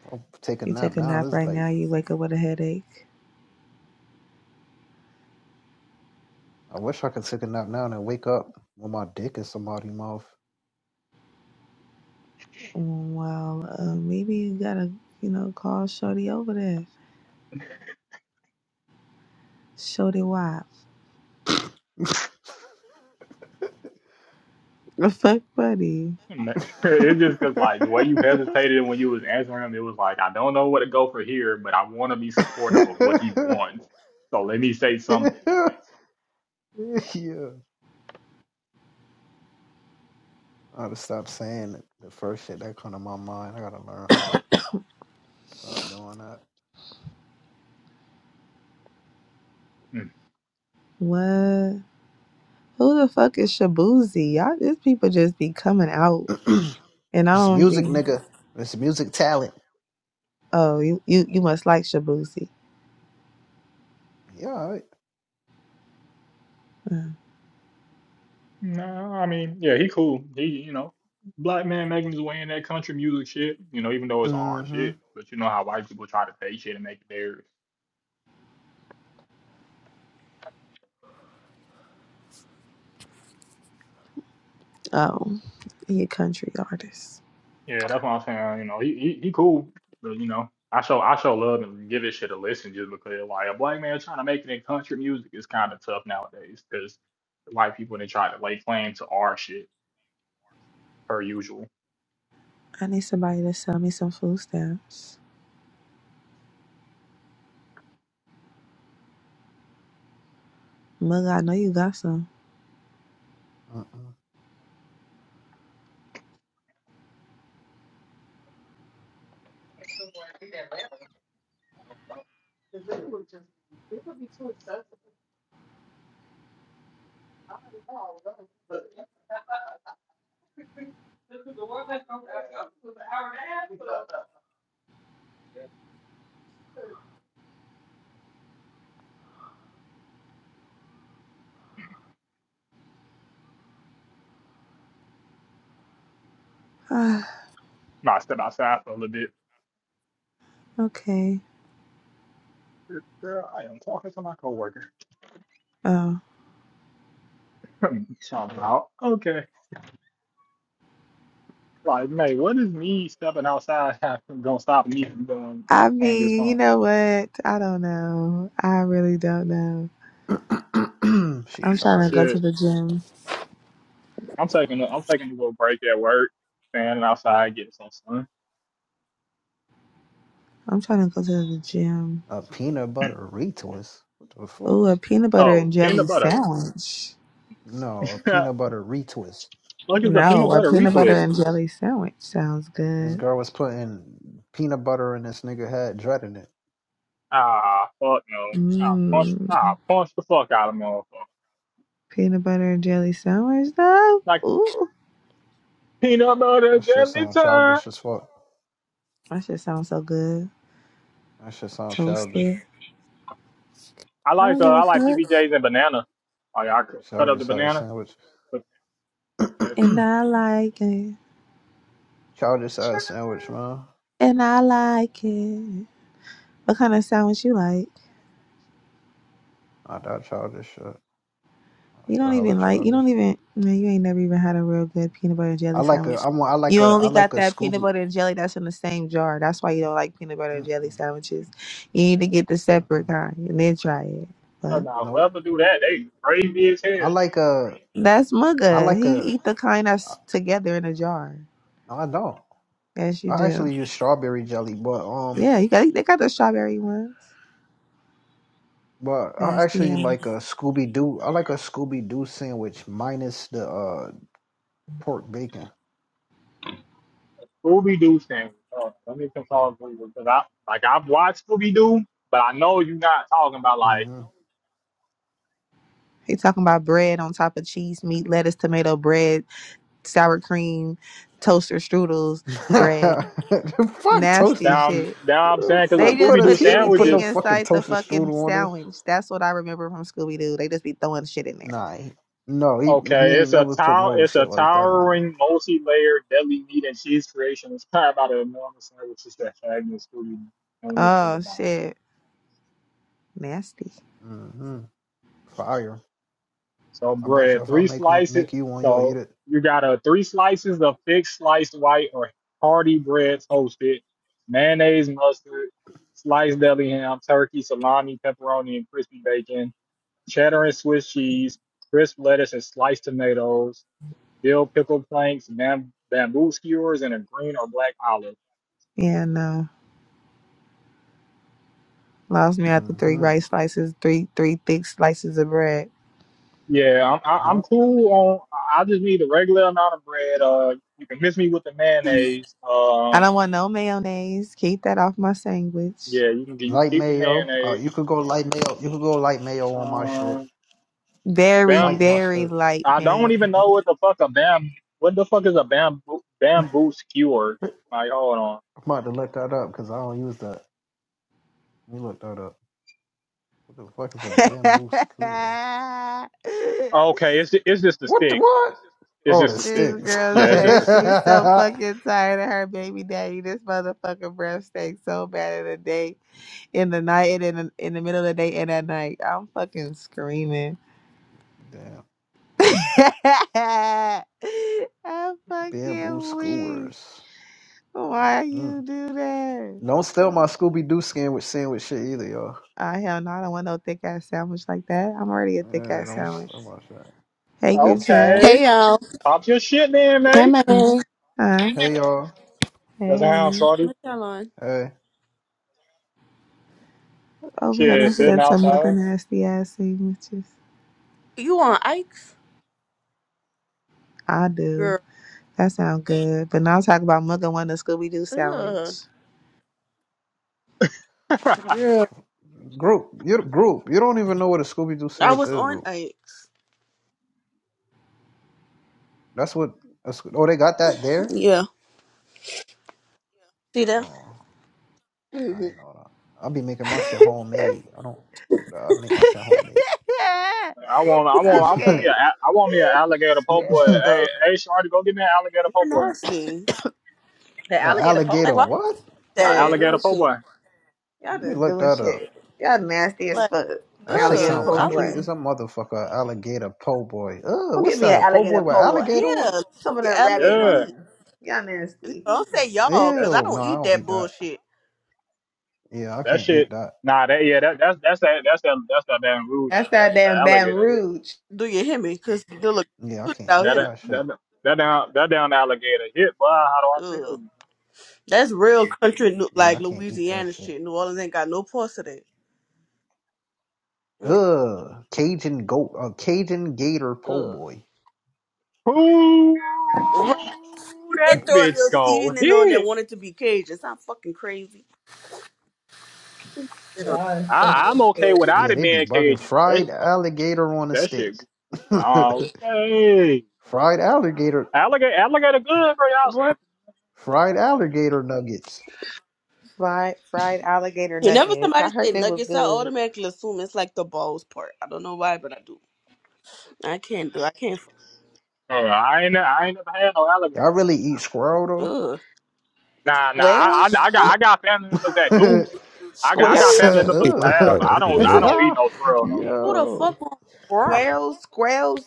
I'll take a you nap take a now. nap This is right like now. You wake up with a headache. I wish I could take a nap now and then wake up with my dick in somebody's mouth. Mm, Well, uh, maybe you gotta, you know, call Shorty over there. Shorty, why? fuck, buddy? Man, It's just because like the way you hesitated when you was answering him, it was like I don't know where to go for here, but I want to be supportive of what he wants. So let me say something. yeah. I gotta stop saying the first shit that come to my mind. I gotta learn how to stop doing What? Who the fuck is Shabuzi? Y'all, these people just be coming out, that. and I it's don't music, be. nigga. It's music talent. Oh, you you you must like Shabuzi. Yeah, alright. No, I mean, yeah, he cool. He, you know, black man making his way in that country music shit, you know, even though it's our Mm-hmm. shit. But you know how white people try to take shit and make it theirs. Oh, he a country artist. Yeah, that's what I'm saying. You know, he he, he cool. But you know, I show I show love and give his shit a listen just because like a black man trying to make it in country music is kind of tough nowadays because white people they try to lay claim to our shit per usual. I need somebody to sell me some food stamps. Mug, I know you got some. Ah, Now I step outside for a little bit. okay. Girl, I am talking to my coworker. Oh. Talking about okay. Like, mate, what is me stepping outside have- gonna stop me from going I on this mean, you hunt? know what? I don't know. I really don't know. Mm-mm. she I'm trying to tired. go to Shit, the gym. I'm taking a, I'm taking a little break at work, standing outside getting some sun. I'm trying to go to the gym. A peanut butter retwist. What the fuck? Ooh, a peanut butter Oh, and jelly peanut butter. sandwich. No, a peanut Look, butter retwist. it's a peanut No, a butter peanut So butter retwist. and jelly sandwich sounds This good. girl was putting peanut butter in this nigga head, dreading it. Ah, fuck no. I punch, Mmm. I punch the fuck out of motherfucker. Peanut butter and jelly sandwich, though? Like Ooh. peanut butter That shit jelly sound time. childish as fuck. That shit sounds so good. That shit sound childish. Toasted. I I don't like uh, give a I like fuck. PBJs and banana. Like I could cut up the Childish ass banana, sandwich. put that shit And on. I like it. childish ass sandwich, man. And I like it. What kind of sandwich you like? Not that childish shit. That You shit don't hella even like. You childish. don't even. Man, you ain't never even had a real good peanut butter and I jelly like a. sandwich. I want. I like You a. I only like got a that peanut Scooby. butter and jelly that's in the same jar. That's why you don't like peanut butter and jelly Mm-mm, sandwiches. You need to get the mm-mm. separate kind and then try it. But Now, Nope. whoever do that, they crazy as I hell. like a. that's I mugga. like He a. eat the kind that's together in a jar. no, I don't. Yes, you I do. actually use strawberry jelly, but um. Yeah, you got. They got the strawberry ones. But I Nasty actually ass. like a Scooby Doo. I like a Scooby Doo sandwich minus the uh, pork bacon. Scooby Doo thing. Oh, let me consult because I like I've watched Scooby Doo, but I know you're not talking about like hmm They talking about bread on top of cheese, meat, lettuce, tomato, bread, sour cream, toaster strudels, bread. fuck Nasty toasters. down shit. down. I'm saying because They the Fuck put just Scooby a Doo put he don't sandwich put anything no is fucking inside the toaster fucking strudel on it. sandwich. That's what I remember from Scooby Doo. They just be throwing shit in there. Nah, he, no, he he okay. ain't It's a never put tower. no It's a shit like that on it. towering, multi-layered deadly meat and cheese creation inspired by the enormous sandwiches that Shaggy and Scooby famously Oh devoured. shit. Nasty. hmm Fire. So I bet you bread, if I three make one, slices. make you one, you'll eat So it. you got a three slices of thick sliced white or hearty bread toasted, mayonnaise, mustard, sliced deli ham, turkey, salami, pepperoni, and crispy bacon, cheddar and Swiss cheese, crisp lettuce and sliced tomatoes, dill pickle planks, bam- bamboo skewers, and a green or black olive. Yeah, no. Lost me after three hmm rice slices, three three thick slices of bread. Yeah, I'm I- I'm Yep. cool on. I I just need a regular amount of bread. Uh, you can miss me with the mayonnaise. I Um, don't want no mayonnaise. Keep that off my sandwich. yeah, you can you can Light keep the mayo. Uh, mayonnaise. you could go light mayo. You could go light mayo on my shit. Um, Very, Light bam. very mustard. light I don't mayonnaise. even know what the fuck a bam. What the fuck is a bamboo bamboo skewer? Like, hold on. I'm about to look that up because I don't use that. Let me look that up. What the fuck is a bamboo skewer? Oh, Okay, it's it's just a What the stick. what? It's Oh, just the this a stick. sticks. girl Yeah, it's just a says she's stick. so fucking tired of her baby daddy. This motherfucker breath stinks so bad in the day, in the night, and in the, in the middle of the day and at night. I'm fucking screaming. Damn. I'm Bamboo fucking weak. skewers. Why Mm. you do that? Don't steal my Scooby Doo skin with sandwich shit either, y'all. Uh, hell no, I don't want no thick ass sandwich like that. I'm already a thick Yeah, ass don't sandwich. steal my shit. Hey, Don't group steal my chat. Okay, Hey shit. y'all. pop your shit then, Hi mate. man. Uh, Hey, y'all. Doesn't sound hey. shorty. What y'all on? Hey, Over here Shit, listening sitting to mother outside. nasty ass sandwiches. You on Ike, I do. girl. That sound good. But now talk about mother wanting a Scooby Doo Ugh, sandwich. I girl. group. You group. You don't even know what a Scooby Doo I sandwich was is, on group. Ike. That's what. A, oh, they got that there. Yeah. See that? Oh, Mm-hmm. I know that. I'll be making my shit homemade. I don't do that. I make my shit homemade. want, I want, I want me a, okay. I want me an alligator po' boy. An Ugh. Hey, hey, shorty, go get me an alligator You're po' boy. nasty. The alligator po' Like alligator why would boy. what? Y'all An just that? alligator doing po' shit. boy. Y'all Let me just look doing that up. shit. Y'all nasty as Like, fuck. That shit Alligator sound ugh. po' I country wouldn't boy. is a motherfucker. Alligator po' boy. Ugh, Go what's get me that? A an po' boy alligator with po' boy. alligator on it? Yeah. Some of The them rabbit alligator Yeah, meat. muffins. Y'all nasty. Don't say y'all, cause that's I it. Ew, no, don't I eat don't that eat that. bullshit. Yeah, I That can't eat shit. that. Nah, that yeah, that that's that's that that's that that's that damn rude. nigga. That's that That's the damn Baton alligator hit. Rouge. Do you hear me? Cause the look Yeah, I can't out eat That here. that that shit. that that down that down alligator hit. Boy, how do I tell Ugh. you? That's real country, Yeah, like I can't eat that Louisiana shit. shit. New Orleans ain't got no parts of that. Mm, Ugh, Cajun goat, uh, Cajun gator po' Ugh. boy. Who They that throw a bitch little go seasoning on there, hit? want it to be Cajun. It's not fucking crazy. Yeah. Y'all is funny I I'm as okay shit. without Yeah, it they be being bugging Cajun. That fried alligator on a that shit. stick. Okay. fried alligator, Alligator alligator good for y'all What? sleeping. fried alligator nuggets. Fried, fried alligator Whenever nuggets. I somebody say heard they was nuggets, I good. automatically assume it's like the balls part. I don't know why, but I do. I can't do. I can't. fu- Hey, I ain't I ain't never had no alligator Y'all really mother. eat squirrel Ugh. Nah, nah, nah I, I Squirrels? I got Fuck, I got family members that do. though? I got Nigga I got family said, Squirrels? members He who have. I I don't don't even I know. don't eat ugh. no squirrel though. who the Yo. fuck on bro? Squirrels? Squirrels?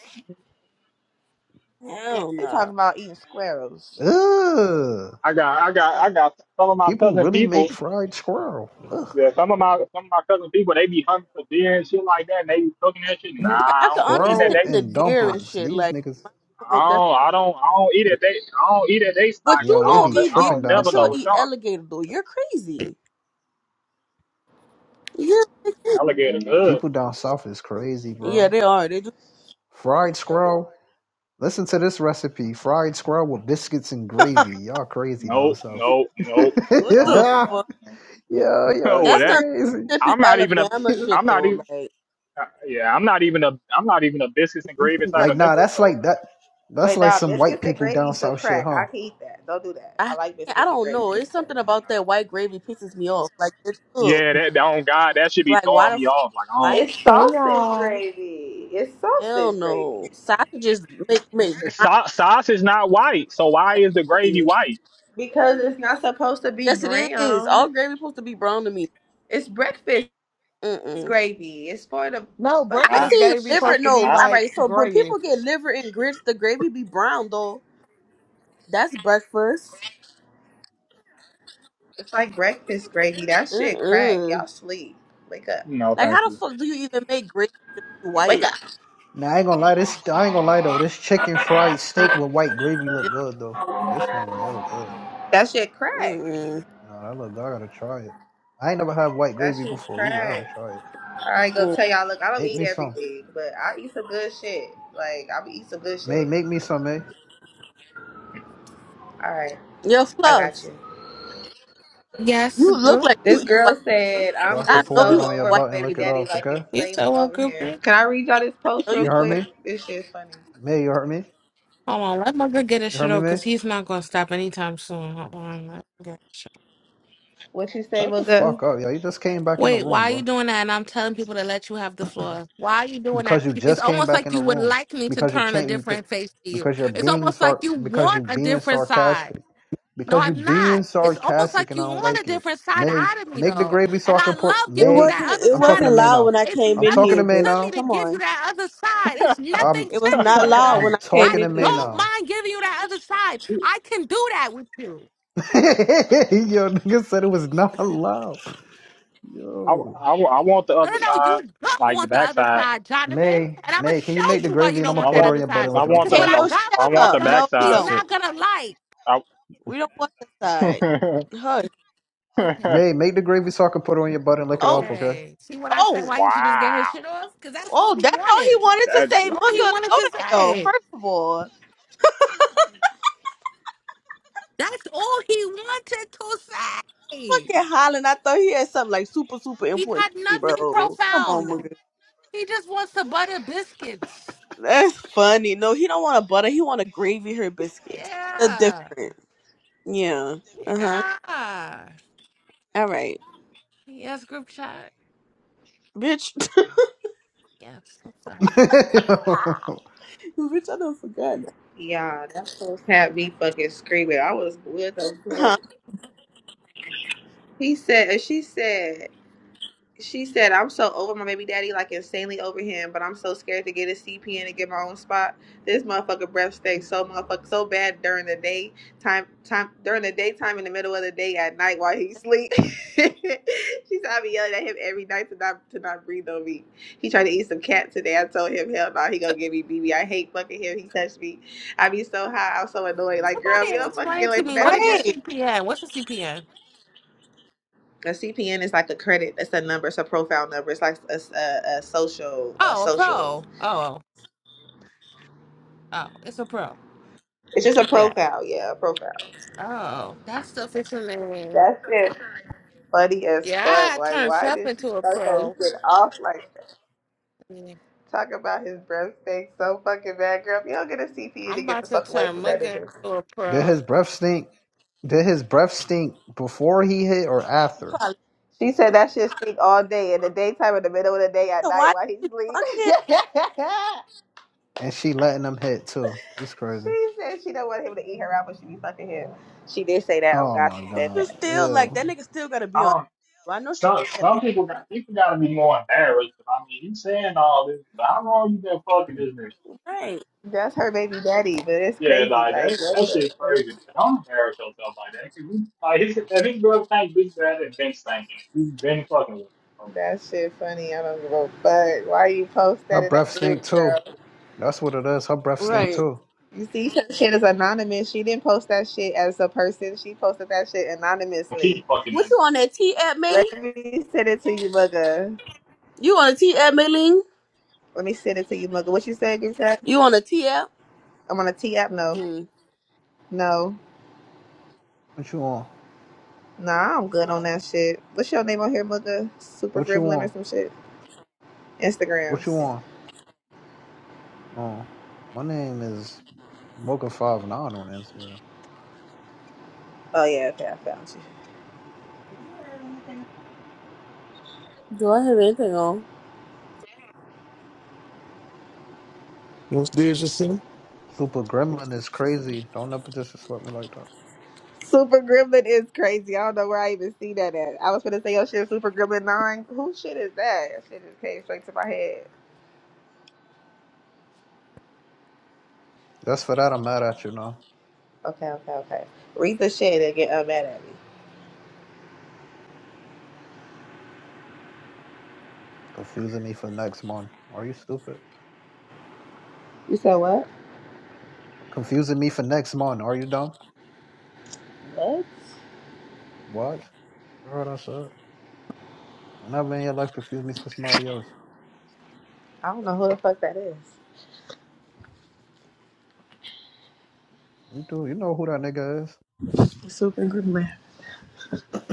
Hell They talking no. about eating squirrels. Ugh. I got I got I got some of my People cousin really people. make fried squirrel. Ugh. Yeah, some of my some of my cousin people they be hunting for deer and shit like that. And they be cooking that shit. Nah, Yeah, I I can don't be eating that. Squirrel understand They the and deer and dumplings. shit. These Like, niggas, my people I will definitely- don't I don't I don't eat at they I don't eat at they but spot 'cause you yo, I they won't be don't eat I deer, tripping don't down but never know you'll what south. eat y'all. Cooking. alligator. Though you're crazy. Yeah. Alligator good. People down south is crazy, Yeah, bro. they are. They do. Fried squirrel. Listen to this recipe fried squirrel with biscuits and what gravy. Y'all crazy down No south. no no no the yeah, no. fuck? no. Oh y'all well, That's that some crazy. Mississippi, I'm not even a Alabama I'm shit not though. even Like. uh, yeah I'm not even a I'm not even a biscuits and gravy Right. type like, of nah, nigga. that's So. like that. That's Wait, like nah, some white biscuits and people gravy down some south shit, crack. huh? I can eat that. Don't do that. I I like I biscuits and don't gravy. know. It's something about nah. that white gravy pisses me off. Like it's ugh. Yeah, that, that on God, that should be Like why throwing the me fuck off. Like, um, white? It's Hey sausage y'all. gravy. It's Hell sausage gravy. no. Sausages make make brown. so, sauce is not white, so why is the gravy nasty. white? Because it's not supposed to be Yes, it is. brown. All gravy supposed to be brown to me. It's breakfast Mm-mm. gravy. It's for the No, I I, fucking breakfast see gave me I, liver. supposed shit. to No, be I all like Damn. right. So when grayish. people get liver and grits, the gravy be brown though. That's breakfast. It's like breakfast gravy. That shit crack. Mm-mm. Y'all sleep. Wake up. no, Like thank how the you. fuck do you even make gravy to be Wake white? up. Now I ain't gonna lie, this I ain't gonna lie though. This chicken fried steak with white gravy look good though. This one right here look good. That shit crack. Mm-mm. Nah, that look good. I gotta try it. I ain't never had white That gravy shit before either. I crack. gotta try it. I ain't gonna Mm. tell y'all. Look, I don't Make eat me some. everything, but I eat some good shit. Like I be eat some good May shit. make me some, eh? All right, Your I got fluff. you. Yes, You girl. look like you This eat white. girl said, So "I'm I can I just know pour it so you eat on your over white my butt and baby lick it gravy. daddy, off, like okay? You insanely tell what over group him." Can I read y'all this I post know you You real eat heard white quick? me? This shit's funny. May, you heard me? Hold on, let my good get his You heard shit me, off May? because he's not gonna stop anytime soon. Hold on, let me get his shit What you say, Shut the Mugga? fuck up, yo. You just came back in the Wait, why room, are you bro. doing that? And I'm telling people to let you have the floor. Why are you doing that? Because you It's just came almost back like in the you would room. like me to Because you turn a can't you could different face to you. because you're It's being almost like sar you because you want a being different side. sarcastic. No, because you I'm being not. It's almost sarcastic like and you I don't want a like it. different side May out of me, make the though. gravy so And I I can pour. love It giving you May that wasn't other it I'm side talking of to wasn't May me. loud now. when I It's came I'm in talking to here, nothing May to bitch. me now. to Come give you on. that other side. It's nothing I'm It was to me, not I, loud mother. I'm when I came talking I in to May here. don't now. mind giving you that other side. I can do that with you. Yo, nigga said it was not allowed. I, Yo, I want the No, other no, no, side, you don't like the want the other backside. side, Jonathan. May And I'm going to May, can you show make the you why you gravy and don't I'm gonna I want pour that it want, on other your butt side. and I lick it off? want Because the, Okay, what I Halo, I, got shut I for want up. the mother, No, you he's backside. that's don't. it. not going to like. I, We don't want that side. Hush. Okay. May make the gravy so I can put it on your butt and lick it off. Oh. Okay. Okay. See what I said? Oh. Why didn't you just get wow, his shit off? Because that's what Oh, he that's all he wanted. wanted to that That's say. just, all he Mugga, wanted go to to hell. say. First of all. That's all he wanted to say. Fucking hollering. I thought he had something like super, super He important had to say, nothing bro. Come on, profound. Mugga. He just wants to butter biscuits. That's funny. No, he don't want a butter. He want a gravy her biscuit. The Yeah. different. Yeah. Uh-huh. Yeah. All right. Yes, group chat. Bitch, Yes. Okay. Bitch, I done forgot. Yeah, that post had me fucking screaming. I was with him. huh? So, He said, and she said. She said, I'm so over my baby daddy, like insanely over him, but I'm so scared to get a CPN and get my own spot. This motherfucker breath stinks so motherfucker so bad during the day time time during the daytime in the middle of the day at night while he sleep. she said I be yelling at him every night to not to not breathe on me. He tried to eat some cat today. I told him, hell no, he gonna give me BB. I hate fucking him. He touched me. I be so high, I'm so annoyed. Like, girl, you somebody don't fucking get explain to away from me that what is nigga. a Right. CPN? What's a CPN? A CPN is like a credit. It's a number. It's a profile number. It's like a a, a social, a Oh, a pro. social. Oh. Oh, Oh, it's a pro. It's just a Yeah. profile. Yeah, a profile. Oh, that's sufficient. That's it. Funny as Yeah, fuck. I Like, turned why Seth did she into a start that pro. shit off like that? Mm, Talk about his breath stink so fucking bad, girl. If you don't get a CPN to I'm get about the to fuck away turn from that Mugga nigga. into a Did pro. his breath stink? Did his breath stink before he hit or after? Probably. She huh? said that shit stink all day in the daytime, in the middle of the day, at So night why did while he you sleep. fuck him? and she letting them hit too. It's crazy. she said she don't want him to eat her out, but she be fucking him. She did say that. Oh Oh God, my she But said you that. god. still like Ew. that nigga still gotta I be on. don't- Well, I know she's some some heavy. people got people got to be more embarrassed. I mean, you saying all this? How long you been fucking this nigga? Right. That's her baby daddy, but it's Yeah, crazy. like Like, that, what that the shit fuck? crazy. But Don't embarrass yourself like that. 'cause you, like, his, if his girl think this bad, then Vince thinking it been stinking. He's been fucking with her. That shit funny. I don't give a fuck. Why you post Her that in breath that group, stink too. girl? That's what it is. Her breath stink Right. too. You see, her shit is anonymous. She didn't post that shit as a person. She posted that shit So anonymously. keep fucking What under. you on that T app, May? Let me send it to you, Mugga. You on a T app, Mayling? Let me send it to you, Mugga. What you said, good chat? You on a T app? I'm on a T app. No, Mm. no, What you want? nah. I'm good on that shit. What's your name on here, Mugga? Super What you Gremlin or want? some shit? What you Instagrams. want? Oh, my name is Mocha Five Nine on Instagram. Oh yeah, okay, I found you. Do I have anything on? What's there, Jasim? Super Gremlin is crazy. Don't ever disrespect me like that. Super Gremlin is crazy. I don't know where I even see that at. I was gonna say your shit, Super Gremlin Nine. Who shit is that? That Shit just came straight to my head. Just for that, I'm mad at you now. Okay, okay, okay. Read the shit and get uh, mad at me. Confusing me for next month. Are you stupid? You said what? Confusing me for next month. Are you dumb? What? What? Girl, that's it. I'm never in your life confuse me for somebody else. I don't know who the fuck that is. You do. You know who that nigga is.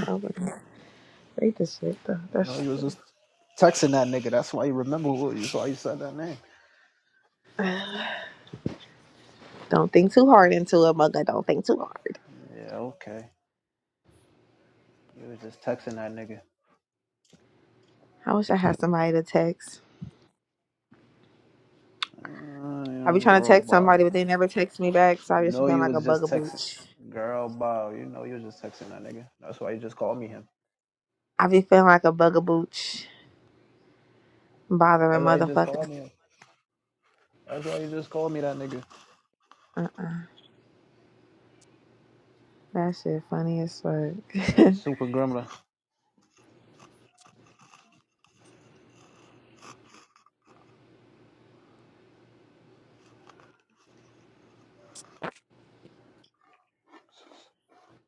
Oh my god. Read the shit though. You That's know, so you was just texting that nigga. That's why you remember who you. That's why you said that name. funny. Don't think too hard into it, mugga. Don't think too hard. Yeah, okay. You was just texting that nigga. I wish I had somebody to text. Mm, I be yeah, trying to girl, text boy. somebody, but they never text me back, so I just be No, feeling you like a was just texting. bugabooch. Girl, boy. You know you was just texting that nigga. That's why you just called me him. I be feeling like a bugabooch, bothering That's why you just motherfuckers. called me him. That's why you just called me that nigga. Uh-uh. That shit funny as fuck. Nigga super gremlin.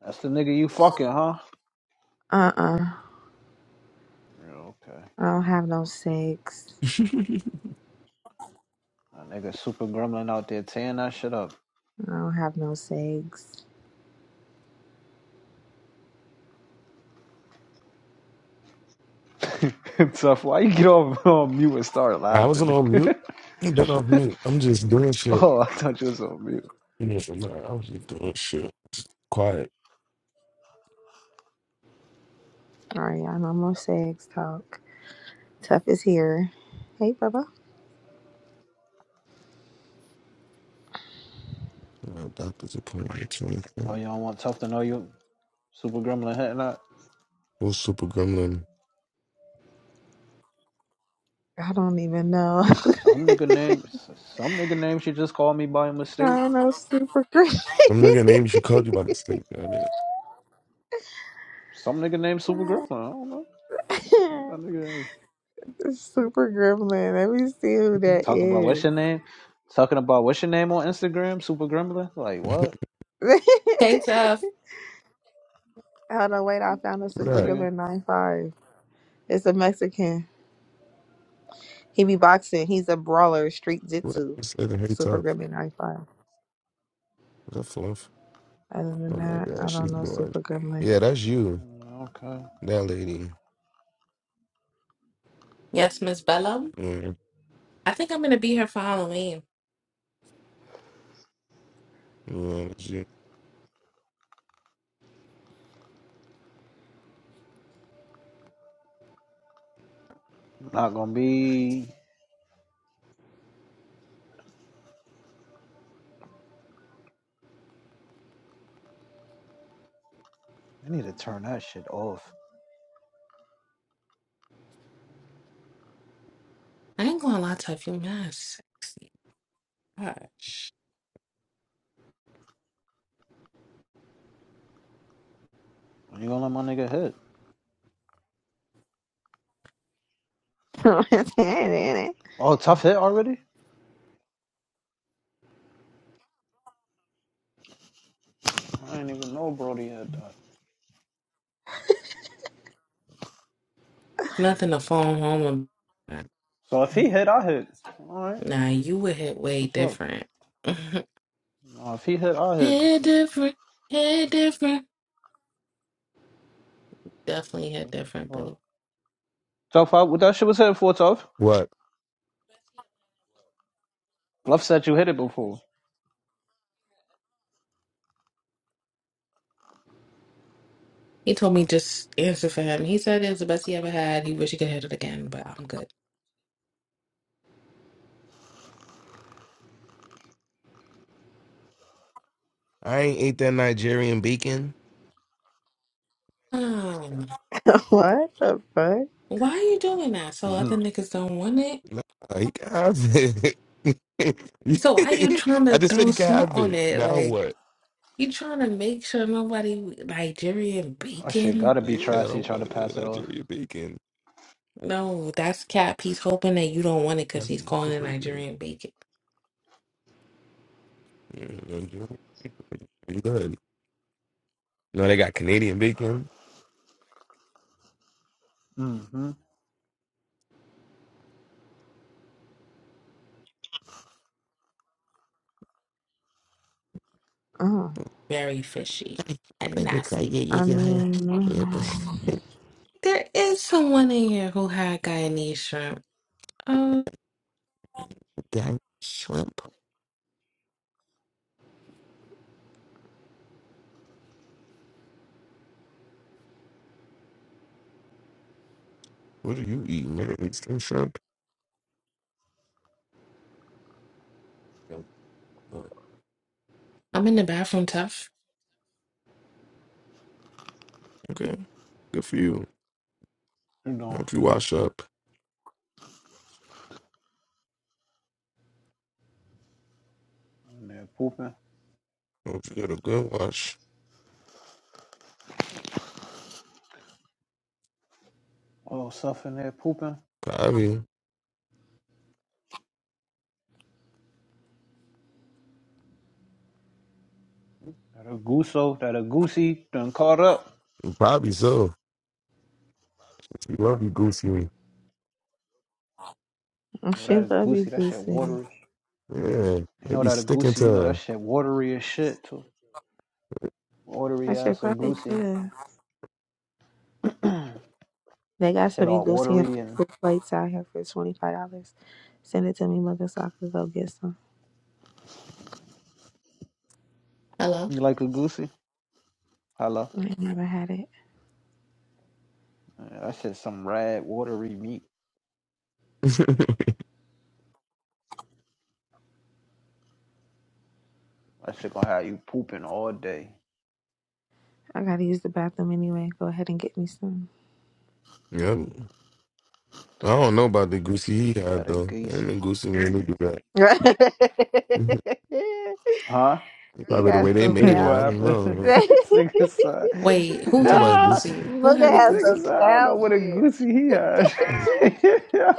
That's the nigga you fucking, huh? uh-uh. I Yeah, okay. don't have no sex. That nigga super gremlin out there tearing that shit up. I don't have no sex. Tough. Why you get off on mute and start I wasn't laughing? on mute. I've been off mute. I'm just doing shit. Oh, I thought you was on mute. You know, so, nah, I was just doing shit. Quiet. Alright, I know more sex talk. Tough is here. Hey, Bubba. Uh, doctor's appointment. so it's Oh, y'all want tough to know you, Super Gremlin Head not? What's super gremlin? I don't even know. Some nigga name, some nigga name she just called me by I mistake. don't know Super Gremlin. I'm not gonna name you. She called you by mistake. Got it. Some nigga named Super Gremlin. I don't know. What that nigga is. Super Gremlin. Let me see who that Talking about what's is. your name? Talking about what's your name on Instagram, Super Gremlin? Like what what? Hold Hey, Jeff. on, wait. I found a Some Super that? nigga. Gremlin 9-5. It's a Mexican. He be boxing. He's a brawler, street What that? jitsu. I said, in hey, Super tough. Gremlin 95. What that fluff? Other than Oh my that, god, I she's don't know bored. Super Gremlin. Yeah, that's you. Mm, Okay. That lady. Yes, Miss Bella. Yeah, I think I'm gonna be here for Halloween. yeah, shit. Not gonna be. I need to turn that shit off. I ain't gonna lie to you, man. it's Sexy. Gosh. you gonna let my nigga hit? what Oh, tough hit already? I didn't even know Brody had that. Nothing Mm, to So phone home about. so if he hit, I hit. All right. Nah, you would hit That's way what's up. different. Oh, if he hit, I hit. hit different. Hit different. Definitely hit That's different, what's boo. up. Toph, what that shit was hitting for, Toph? What? Love said you hit it before. He told me just answer for him. He said it was the best he ever had. He wish he could hit it again, but I'm I ain't ate that Nigerian bacon. good. the fuck? Why are you doing that? So hmm other niggas don't want it? Nah, he can have it. So why you trying I to just said throw he can smoke have on it. it? Now Like what? you trying to make sure nobody Nigerian That shit bacon? gotta be Yeah, I Tracy don't trying to want it. pass it off. Nigerian bacon. No, that's cap. He's hoping that you don't want it because That's he's my calling it cup right there. Nigerian bacon. Yeah, Nigerian bacon. Pretty good. No, they got Canadian bacon. Mm-hmm. Oh, Very fishy and I just like nasty. it, I you know, Yeah, mean, yeah, but mm, There is someone in here who had Guyanese shrimp. Um, damn shrimp. What are you eating? Middle Eastern shrimp? I'm in the bathroom, tough. Okay, good for you. You know, Hope you wash up. in there pooping. Hope you get a good wash. Oh, stuff in there pooping. Probably, That a gooso, that a goosey done caught up. probably so. She love you, Goosey. You know she that is love goosey, that shit BBC. watery. Yeah, You they know be that a sticking goosey, to you know that her. shit watery as shit too. I Watery should ass a probably goosey. do it. They That got shit some all Egusi and watery and fruit plates out here for $25. Send it to me, mother, so I could go get some. Hello. you like a goosey? Hello. I ain't never had it. Yeah, That shit some rad watery meat. That shit gonna have you pooping all day. I gotta use the bathroom anyway. Go ahead and get me some. Yep. I don't know about the Goosey he That had a though. And the goosey, Goosey man who do that. Mhm. Huh? He probably the has way they some made it. I what foul don't happened? shit. know. Booker this nigga said, Wait, who You talk had it about Goosey. goosey? Who had it this has nigga some goosey? said, I don't know foul what a shit. goosey he had. yeah.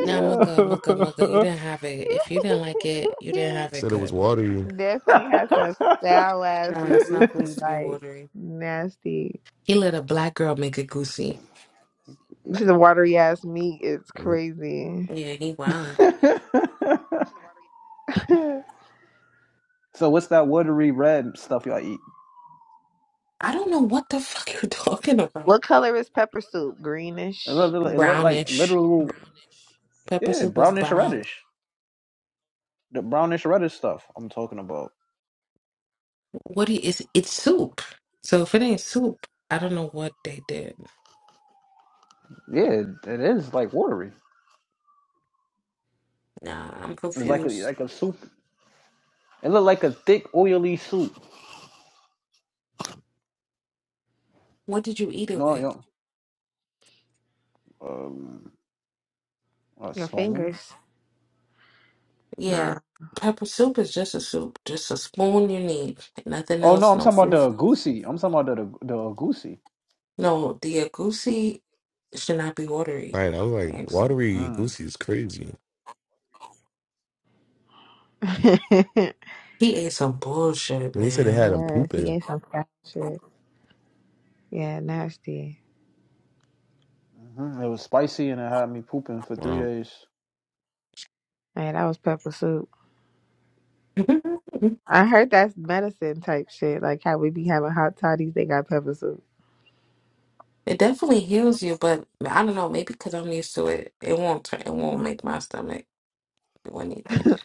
Nah, my good, my good, my good. You didn't have it. If you didn't like it, you didn't have it Said it was good. watery. Definitely has some foul No, assy it's not goofy, supposed to be like watery. nasty. He let a black girl make it goosey. The watery ass meat. is Right. crazy. Yeah, he wildin'. so what's that watery red stuff y'all eat? I don't know what the fuck you're talking about. what color is pepper soup? It look, Greenish. it look it look like Brownish. literal, Pepper yeah, soup is brownish brown. reddish. The brownish reddish stuff I'm talking about. What do you, it's it's soup. So if it ain't soup, I don't know what they did. Yeah, it it is like watery. Nah, I'm It's like a confused. like a soup. It looked like a thick, oily soup. What did you eat it No, with? yo, um, a Your Sloan. fingers. Nah. Yeah, pepper soup is just a soup, just a spoon you need, nothing Oh no, else. I'm No talking about food. the goosey. I'm talking about the the, the goosey. No, the agusi should not be watery. I was like, And so- watery Mm. Goosey is crazy. yeah, He ate some bullshit, And he said it man. had him he pooping. ate some foul shit. Yeah, nasty. hmm It was spicy and it had me pooping for three Wow. days. Man, that was pepper soup. I heard that's medicine type shit. Like how we be having hot toddies, they got pepper soup. It definitely heals you, but I don't know. Maybe because I'm used to it, it won't turn. It won't make my stomach. do anything.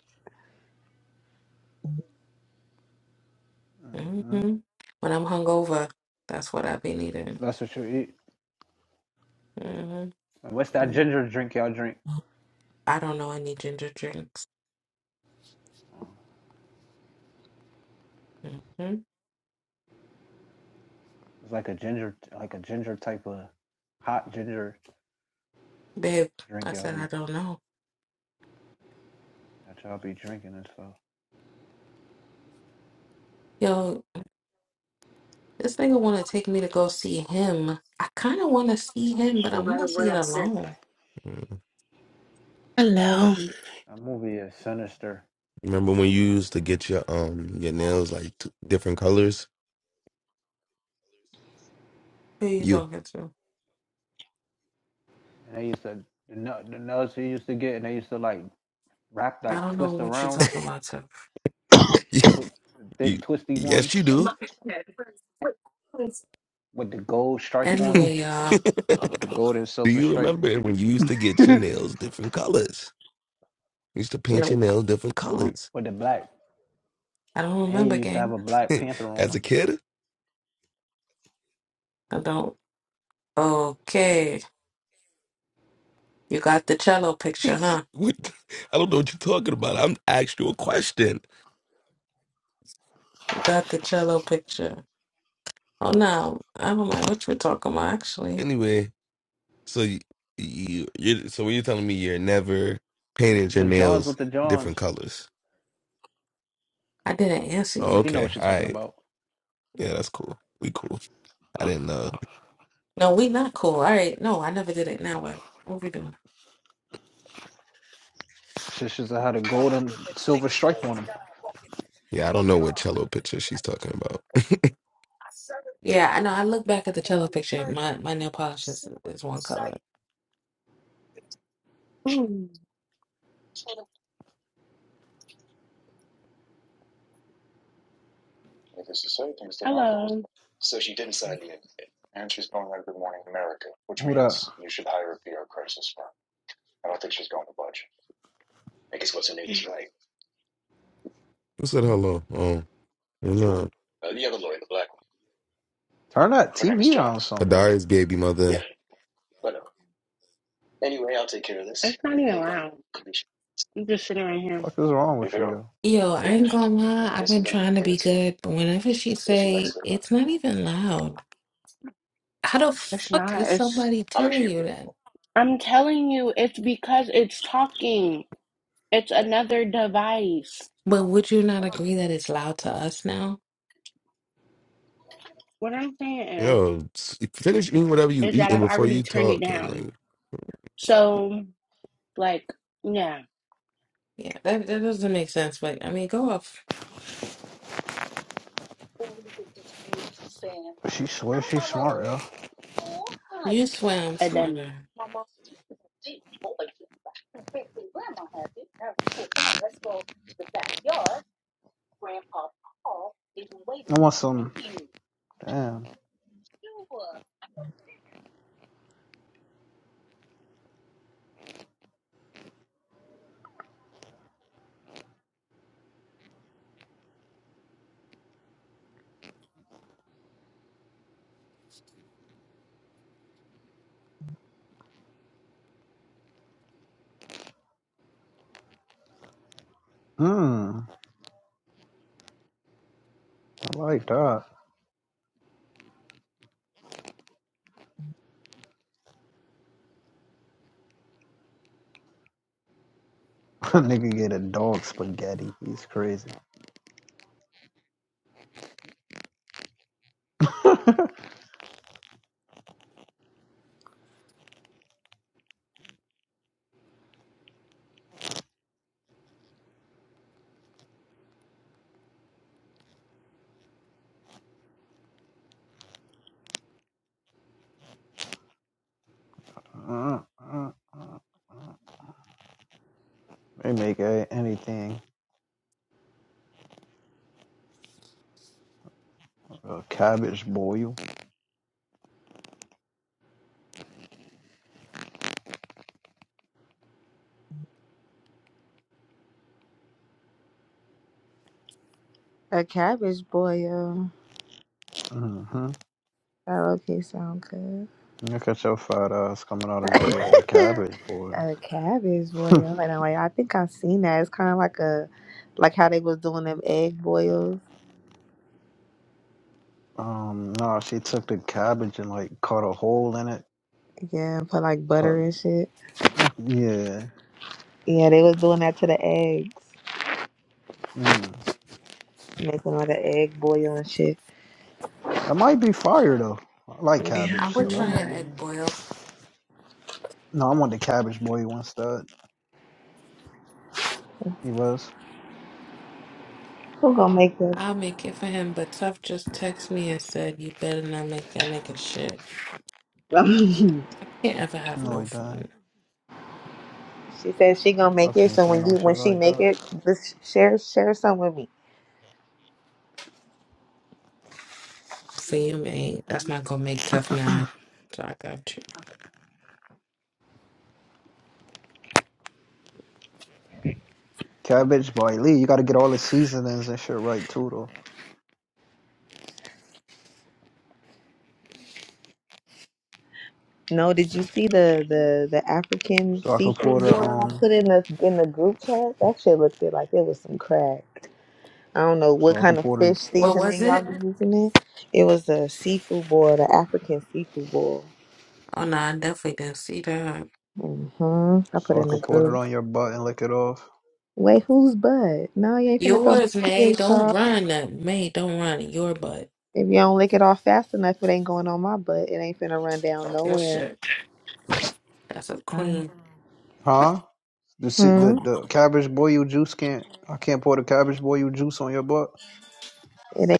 hmm hmm When I'm hungover, that's what I've been eating. That's what you eat. hmm what's that ginger drink y'all drink? I don't know any ginger drinks. Mm. hmm It's like a ginger, like a ginger type of hot ginger Babe, drink I y'all said be I don't know. that y'all be drinking and stuff. Yo, this nigga want to take me to go see him. I kind of want to see him, but I want to see it alone. Mm. Hello. That movie is sinister. Remember when you used to get your um your nails like t- different colors? Who you You, talking to? And they used to the, nu- the nuts they used to get and they used to like wrap I like don't know twist what you around talking about, too. the, tw- the you, thick twisty yes, ones. you with the gold stripe on do. them, Anyway, uh, the gold and Do silver you stripe remember when you used to get your with nails different colors? You used to paint your nope. nails different no, colors the black. I don't And you remember, used to have gang. a black panther on as a them. kid. I don't. Okay. You got the cello picture, huh? What? I don't know what you're talking about. I'm asked you a question. You got the cello picture. Oh no, I don't know what you're talking about. Actually, Anyway, so you, you you so what you're telling me you're never painted your The Johns with nails the Johns, different colors. I didn't answer Oh, you. she know okay. what she's All talking right. about. Yeah, that's cool. We cool. I didn't know. No, we not cool. All right, no, I never did it. Now what? What we doing? She should have had a gold and silver stripe on them. Yeah, I don't know what cello picture she's talking about. Yeah, I know. I look back at the cello picture. My my nail polish is, is one color. Who that? Who said hello? Oh, no. Turn that TV down, or something like. Adari's baby mother. I'm just sitting right here. Fuck is wrong with you, yo? Yo, I ain't gonna lie. I've been trying to be good, but whenever she say it's not even loud, how the It's fuck is not. It's. somebody telling you that? I'm telling you, it's because it's talking. It's another device. But would you not agree that it's loud to us now? What I'm saying is, Yo, s- finish eating whatever you is that eating I've before already you turned it talk, and like, down. So, like, yeah, Yeah, that that doesn't make sense. But I mean, go off. She swears she's smart, yo. You swear I'm a dummy. smarter. I want some. Damn. Hmm. I like that. Nigga get a dog spaghetti. He's crazy. Uh, uh, uh. They make a- anything. A cabbage boil. A cabbage boil. hmm That okay sound good. Look at your fat ass coming out of nowhere, a cabbage boy. a cabbage boil. And I'm like, I think I've seen that. It's kinda like a like how they was doing them egg boils. um, no, she took the cabbage and like cut a hole in it. Yeah, put like Put, butter and shit. yeah, Yeah, they was doing that to the eggs. mm. Making like an egg boil and shit. that might be fire though. I like Yeah, I I cabbage, ain't would so that try might an gonna be. egg boil. No, I want the cabbage boy once that lie. he was. Who gonna make I'll make it for him, but Tough just texted me and said, You better not make that nigga shit. that? Can't ever have No, no he died. fun. She says she gonna make Tough it. ain't So say when no you shit when she like make that. it, just share share some with me. For you, mate. That's not gonna make Tough mad. So I got you. Cabbage boy Lee, you gotta get all the seasonings and shit right too though. No, did you see the the the African So I can pour seafood the boil I um, put in the in the group chat? That shit looked good. Like it was some crab. I don't know what so I can kind of pour the, fish What was seasoning y'all it? be using it. It was a seafood boil, the African seafood boil. Oh, no, I definitely didn't see that. hmm I put so I in can the pour it on group. your butt and lick it off. Wait, who's butt? No, you ain't finna throw my Yours, May. P.A. Don't off. run. that. May, don't run. Your butt. If you don't lick it off fast enough, it ain't going on my butt. It ain't finna run down Fuck your nowhere. shit. That's a All right. queen. Huh? The si- the Hmm? the cabbage boil juice can't. I can't pour the cabbage boil juice on your butt. It ain't,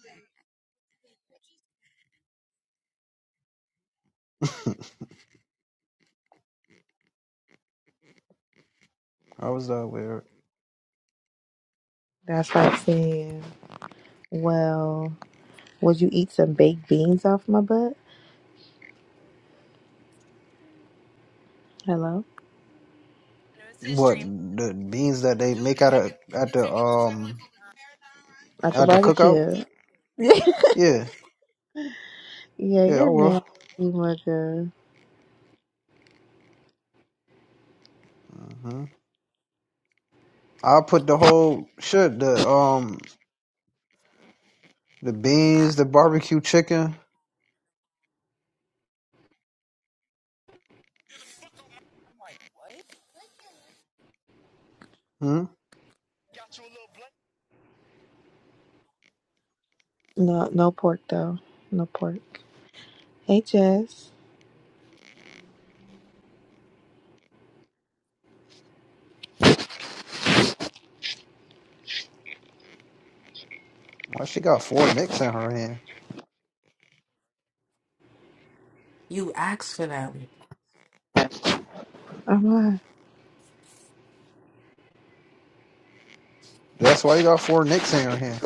How was that weird? that's like saying, well, would you eat some baked beans off my butt? Hello? What the beans that they make out of at the um At the at the cookout? barbecue. yeah, Yeah, yeah, I you're will. nasty, mugger. hmm I'll put the whole shit the um the beans, the barbecue chicken. Hmm. No, no pork, though. No pork. Hey, Jess. Why she got four nicks in her hand? You asked for that. I'm on. That's why you got four nicks in her hand.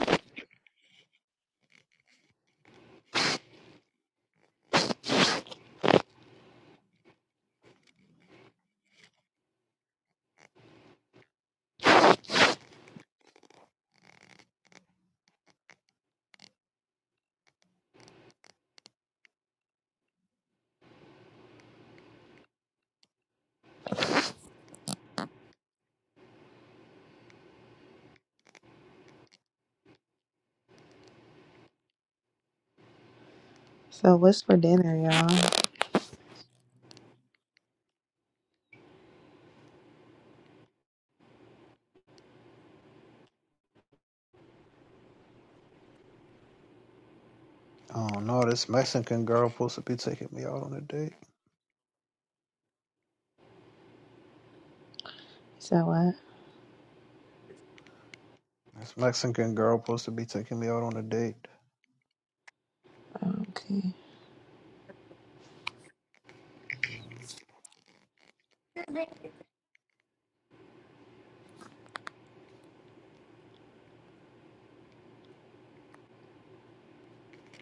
So, what's for dinner, y'all? Oh no, this Mexican girl supposed to be taking me out on a date. So, what? This Mexican girl supposed to be taking me out on a date. Okay.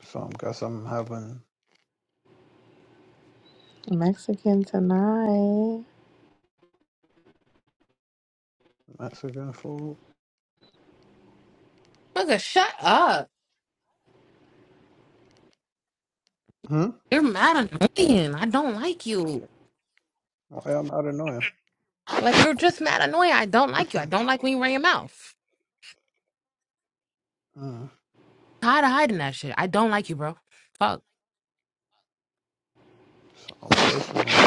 So I guess I'm having Mexican tonight. Mexican food. Nigga, shut up. Hmm? You're mad annoying. I don't like you. Oh, yeah, I'm out of nowhere. Like you're just mad annoying. I don't like you. I don't like when you run your mouth. Mm. Tired of hiding that shit. I don't like you, bro. Fuck. So personal.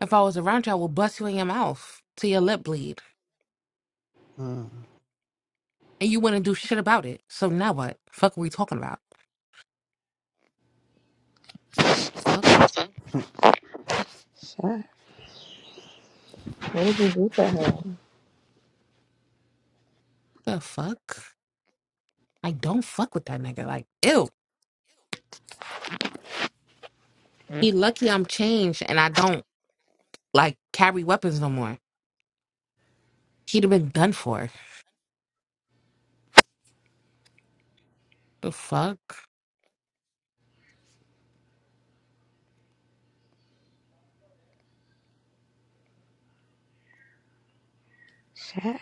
If I was around you, I would bust you in your mouth till your lip bleed, Mm. and you wouldn't do shit about it. So now what? Fuck, are we talking about? Fuck Shit. What did you do for her? the fuck. I don't fuck with that nigga. Like, ew. He lucky I'm changed and I don't like carry weapons no more. He'd have been done for. The fuck. Shit.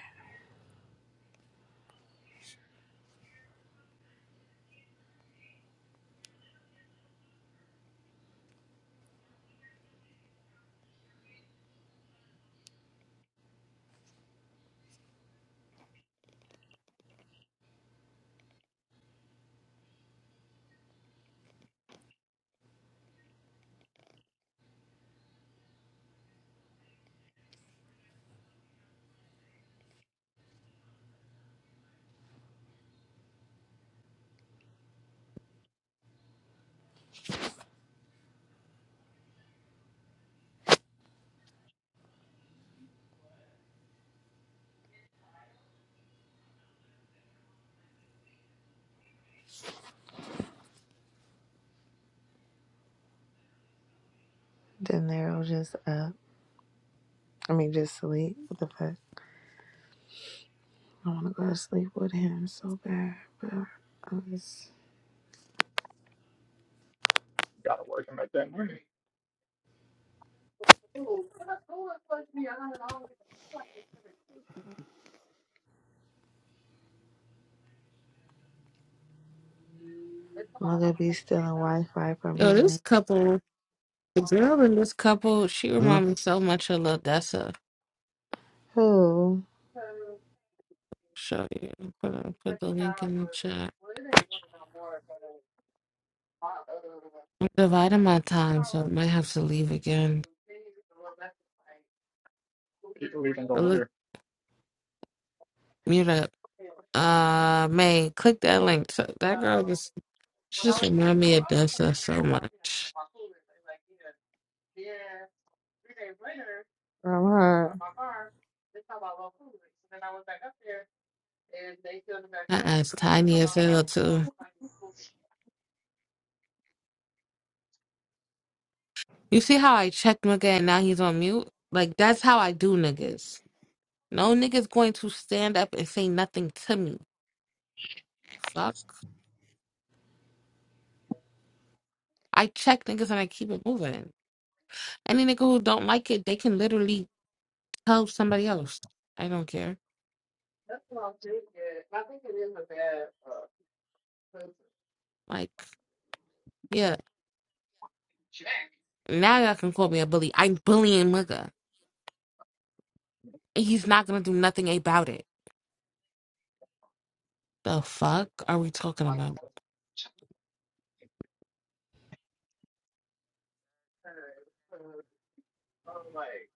De Niro just up. I mean, just sleep. What the fuck? I want to go to sleep with him so bad, but I'm just You gotta work and make that money. i be stealing Wi-Fi from Yo, his this nigga. couple, the girl in this couple, she Hmm? reminds me so much of Lil Dessa. Who? show you. Put, uh, put the link in the chat. I'm dividing my time, so I might have to leave again. But look, mute up. Uh, May, click that link. So that girl just she just remind me of Dessa so much. From her. That ass tiny as hell too. You see how I checked nigga and now he's on mute? Like that's how I do niggas. No niggas going to stand up and say nothing to me. Fuck. I check niggas and I keep it moving. Any nigga who don't like it, they can literally tell somebody else. I don't care. Like, yeah, now y'all can call me a bully. I'm bullying Mugga, and he's not gonna do nothing about it. The fuck are we talking about?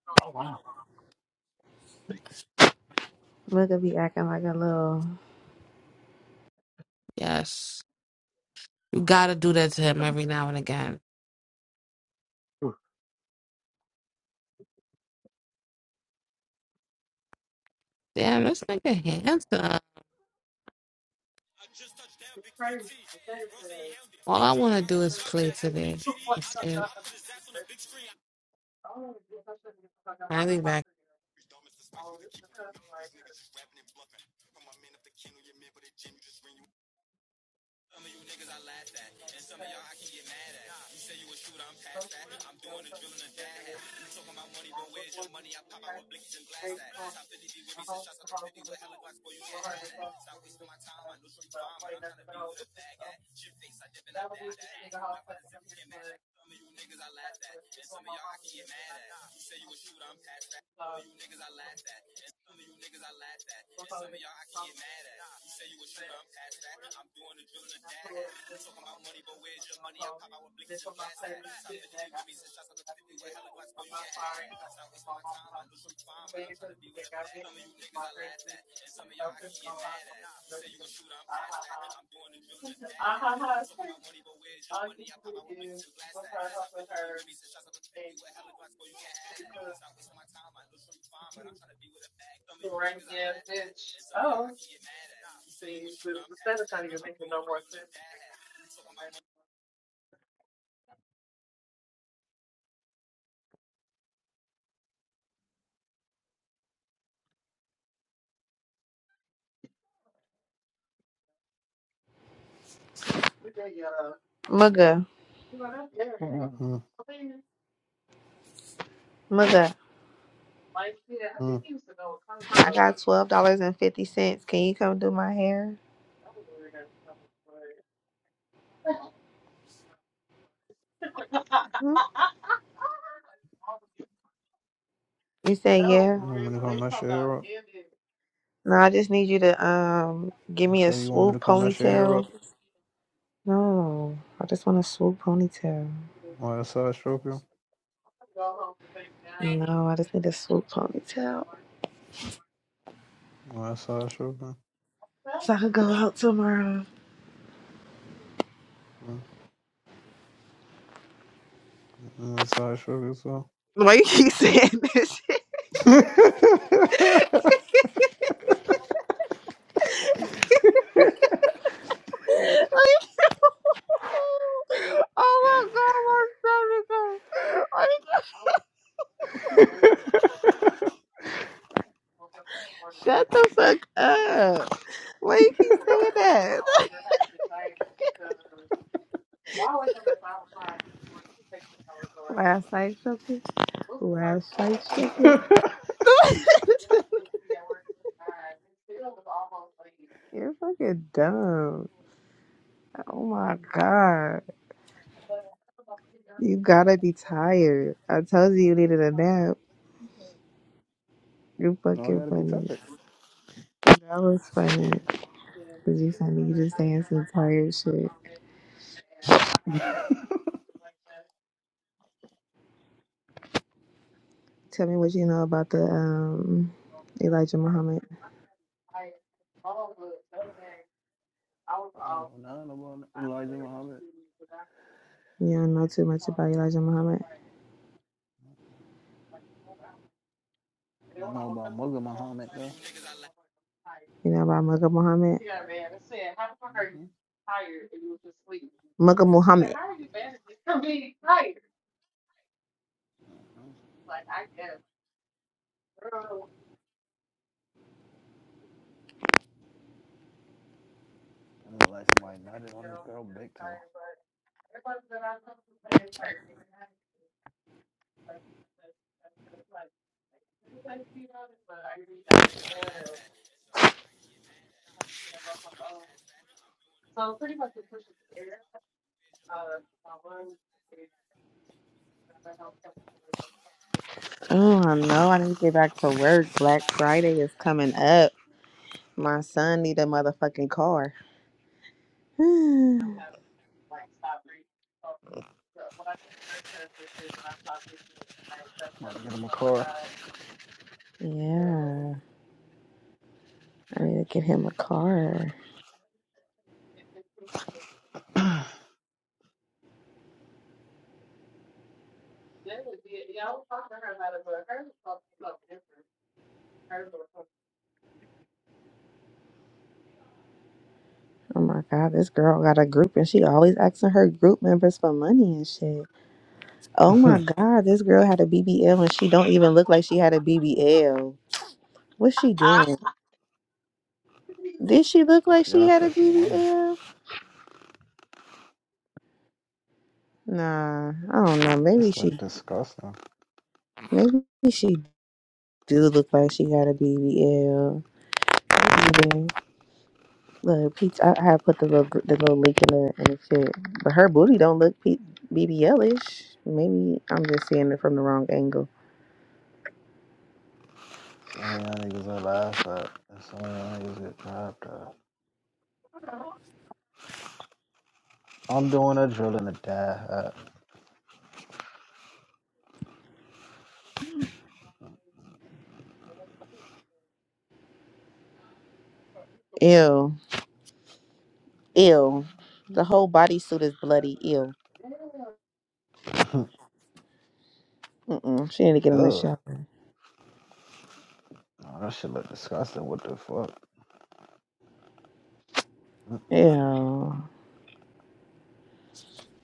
Oh, wow. Mugga be acting like a little Yes, you gotta do that to him every now and again. Damn, this nigga handsome. All I wanna do is play today. That's it. I'll be back. Mugga. Mm-hmm. Hmm? Mugga. Hmm? I got twelve dollars and fifty cents. Can you come do my hair? Hmm? You say You yeah. want me to come mess your hair up? No, I just need you to um give I me a say you want me to swoop come mess your hair up? ponytail. No, I just want a swoop ponytail. Why I side stroke you? No, I just need a swoop ponytail Why I side stroke you? so I could go out tomorrow. Hmm? You want me side stroke you as Why you keep saying this? shit? I know. oh my god, my stomach hurts. Shut the fuck up. Why you keep saying that? Last night shook it. Last night shook it. You're fucking dumb. Oh my god. You gotta be tired. I told you you needed a nap. You're no, I fucking gotta be funny. tired. That was funny. Cause you funny. You just saying some tired shit. Tell me what you know about the um, Elijah Muhammad. I don't know nothing about Elijah Muhammad. You don't know too much about Elijah Muhammad. I know about Mugga Muhammad though. You know about Mugga Muhammad. Mm-hmm. Mugga Muhammad. Mm-hmm. I look like somebody nutted on this girl big toe. Oh, I know. I need to get back to work. Black Friday is coming up. My son need a motherfucking car. I'm about to get him a car. yeah, I need to get him a car. Oh my god, this girl got a group and she always asking her group members for money and shit. Oh my god, this girl had a BBL and she don't even look like she had a BBL. What's she doing? Did she look like she she asked had for a some money. BBL? Nah, I don't know. This Maybe look she, disgusting. maybe she do look like she got a BBL. Yeah. Look, Peach, I, I put the little, gr- the little link in the in the shit, but her booty don't look P- ish Maybe I'm just seeing it from the wrong angle. Some of y'all niggas are laughed at. And some of y'all niggas get laughed at. I'm doing a drill in a dad Ew, ew. The whole bodysuit is bloody. Ew. hat. Mm-mm. She need to get in the Ugh. shower. No, that shit look disgusting. What the fuck? Mm-mm. Ew.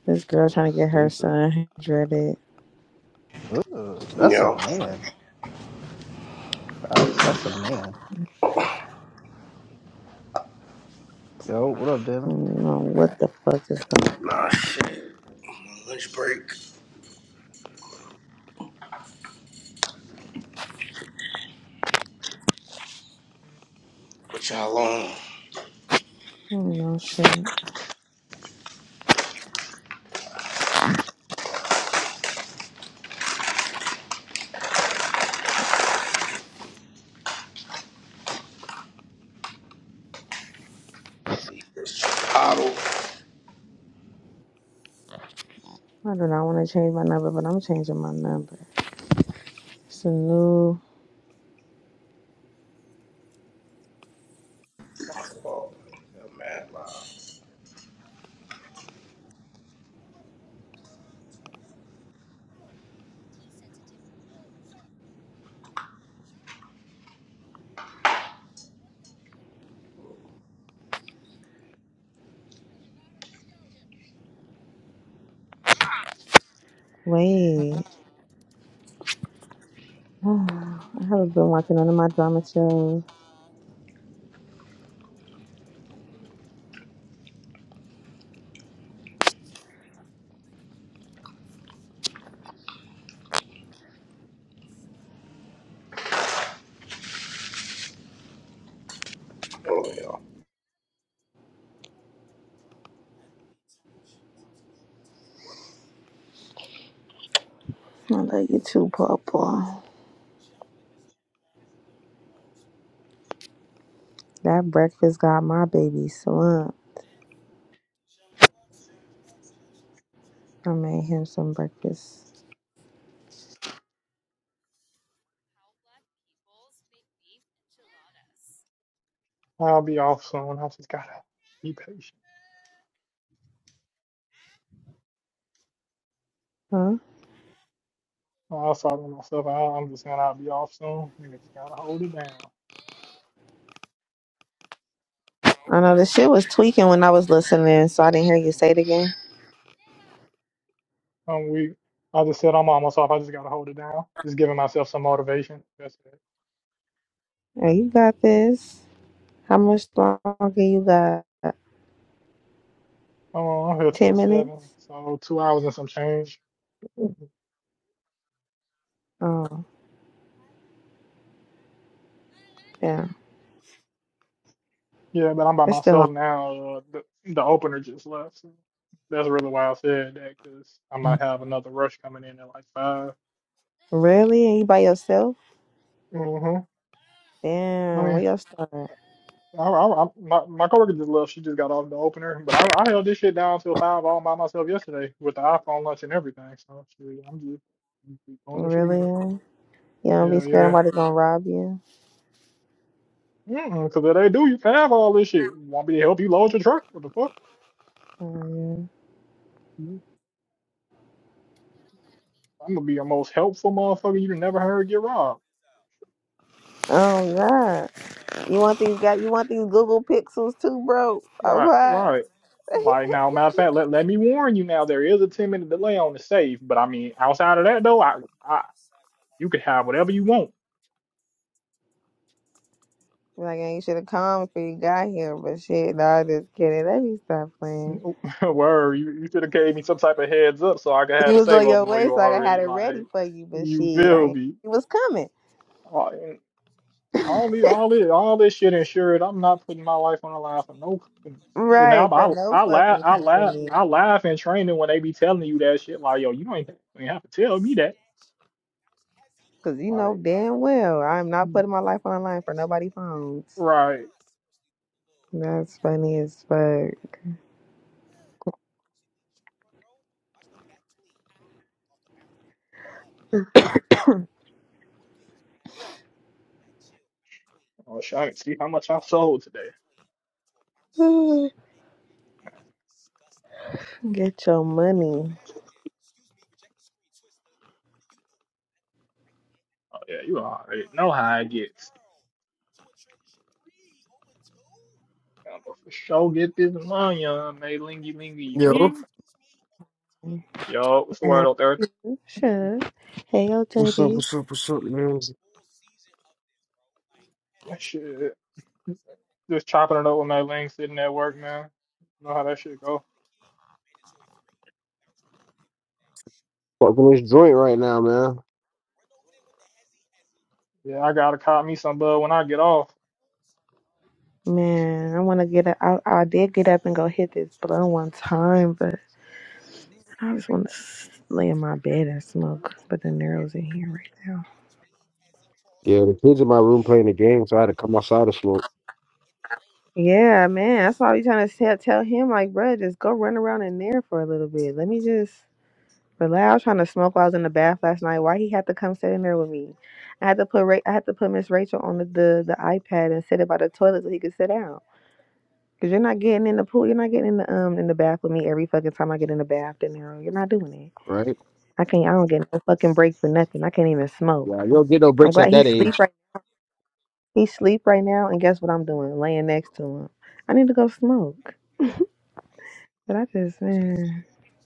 This It girl looks trying to get her stupid. son dreaded. Ugh. That's a Yo, man. Facts. That's a man. Yo, what up, Damon? Mm, what the fuck is going? nah, shit. Lunch break. What y'all on? Oh no shit. I About to eat this Chipotle. do not want to change my number, but I'm changing my number. It's a new Oh, man, loud. way. I haven't been watching none of my drama shows. Oh, yo. I love you too, Papa. That breakfast got my baby slumped. I made him some breakfast. I'll keep Huh? I'll sort myself out. I'm just saying I'll be off soon. Nigga, just gotta hold it down. I know the shit was tweaking when I was listening, so I didn't hear you say it again. I'm weak. I just said I'm almost off. I just gotta hold it down. Just giving myself some motivation. That's it. Hey, you got this. How much longer you got? Oh, I'm here till Ten minutes? seven, so two hours and some change. Oh, yeah. Yeah, but I'm by It's still myself now. Uh, the, the opener just left. So that's really why I said that because I on. might have another rush coming in at like 5 Really? And you by yourself? Mm-hmm. I Damn, where mean, y'all starting? I, I, I, my my coworker just left. She just got off the opener, but I, I held this shit down till five all by myself yesterday with the iPhone lunch and everything. So shit, I'm just, I'm just doing this shit again. Really? you don't be Hell scared yeah. somebody gonna rob you? Because if they do, you can have all this shit. Want me to help you load your truck? What the fuck? Mm. Mm-hmm. I'm gonna be the most helpful motherfucker you never heard get robbed. Oh God. You want these guys you want these Google Pixels too, bro? All Right, right. right. Like now, matter of fact, let, let me warn you now, there is a 10 minute delay on the safe, but I mean, outside of that though, I, I you could have whatever you want. Like I ain't should have come before you got here, but shit, no, I'm just kidding. Let me stop playing. Word, you, you should have gave me some type of heads up so I could have You the was save on your open for way, you so I had already. it ready Like, for you, but you shit, I feel ain't me? you was coming. All, and all the all this all this shit insured. I'm not putting my life on the line for no company. And I, Right, for I no I laugh fucking I laugh company. I laugh in training when they be telling you that shit like yo you ain't not even have to tell me that Cause you know like damn well I'm not mm, putting my life on the line for nobody's phones. right That's funny as fuck. Oh, shit, I can see how much I sold today. Ooh, Get your money. Oh, yeah, you already know how it gets. I'm gonna for sure get this money on, May Lingy Lingy Yo. Ling. Yo, what's the word And out there? Sure. Hey, yo, What's up, Daddy. what's up, what's up, man? That shit, just chopping it up with May Ling sitting at work, man. You know how that shit go. Fucking this joint right now, man. Yeah, I gotta cop me some bud when I get off. Man, I want to get up. I, I did get up and go hit this blunt one time, but I just want to lay in my bed and smoke. But the narrows in here right now. Yeah, the kids in my room playing the game, so I had to come outside to smoke. Yeah, man. That's why I be trying to tell, tell him, like, bruh, just go run around in there for a little bit. Let me just relax. I was trying to smoke while I was in the bath last night. Why he had to come sit in there with me? I had to put Ra- I had to put Miss Rachel on the, the the iPad and sit it by the toilet so he could sit down. Cause you're not getting in the pool. You're not getting in the um in the bath with me every fucking time I get in the bath, De Niro. You're not doing it. Right? I can't. I don't get no fucking break for nothing. I can't even Yeah, smoke. you don't get no I'm breaks glad at he that sleep age. right. He sleep right now, and guess what I'm doing? Laying next to him. I need to go smoke. But I just man,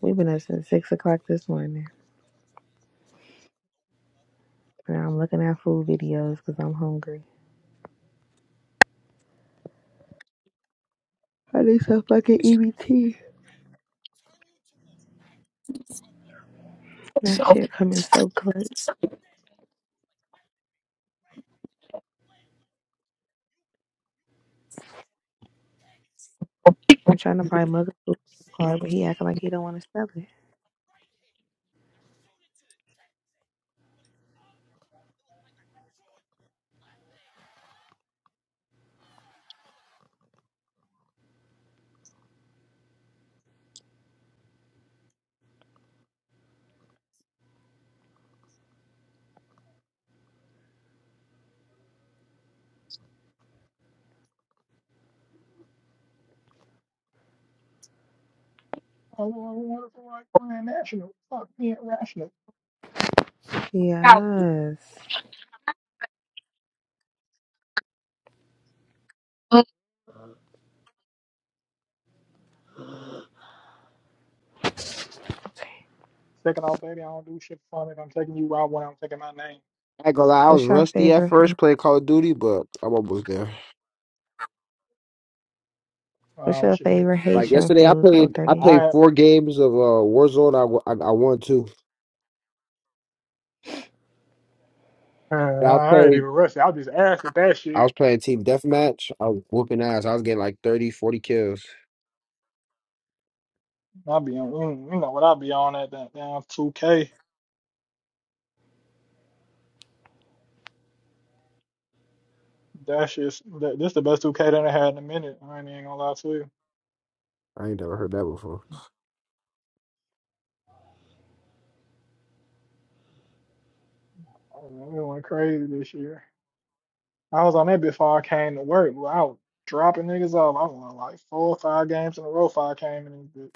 we've been up since six o'clock this morning, Now I'm looking at food videos because I'm hungry. I need some fucking EBT. That shit coming so close. I'm trying to buy mother food card, but he acting like he don't want to sell it. Oh, wonderful, like Grand National. Fuck me, irrational. Yes. Second off, baby, I don't do shit fun. If I'm taking you out when I'm taking my name. I ain't gonna lie, I was What's your rusty at favorite first playing Call of Duty, but I'm almost there. What's Oh, your shit. favorite Like Haitian yesterday, I food? O played I 30. played I, four games of uh, Warzone. I, wa- I I won two, and I I ain't played even rushing. I just asked if that I shit. was playing team deathmatch. I was whooping ass. I was getting like thirty, forty kills. I be on, you you know what I be on at that damn 2K. That shit's that, this the best 2K that I had in a minute. I ain't even gonna lie to you. I ain't never heard that before. I really went crazy this year. I was on that before I came to work. but I was dropping niggas off. I won like four or five games in a row. Five came in this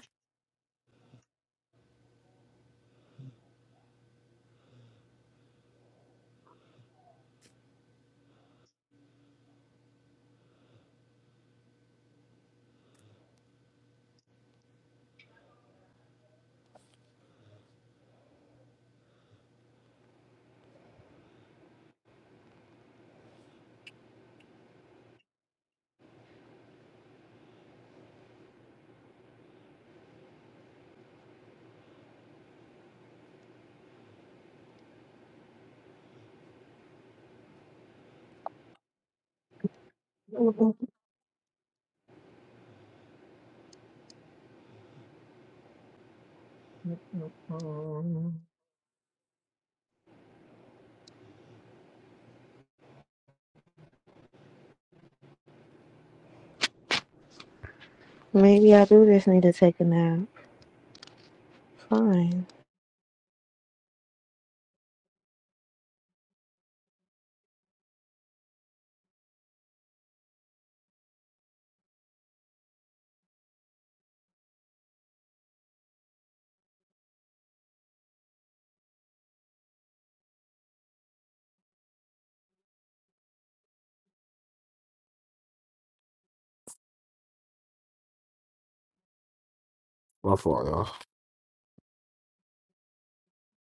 bitch. Mm-mm-mm. Maybe I do just need to take a nap. Fine. My fault, y'all.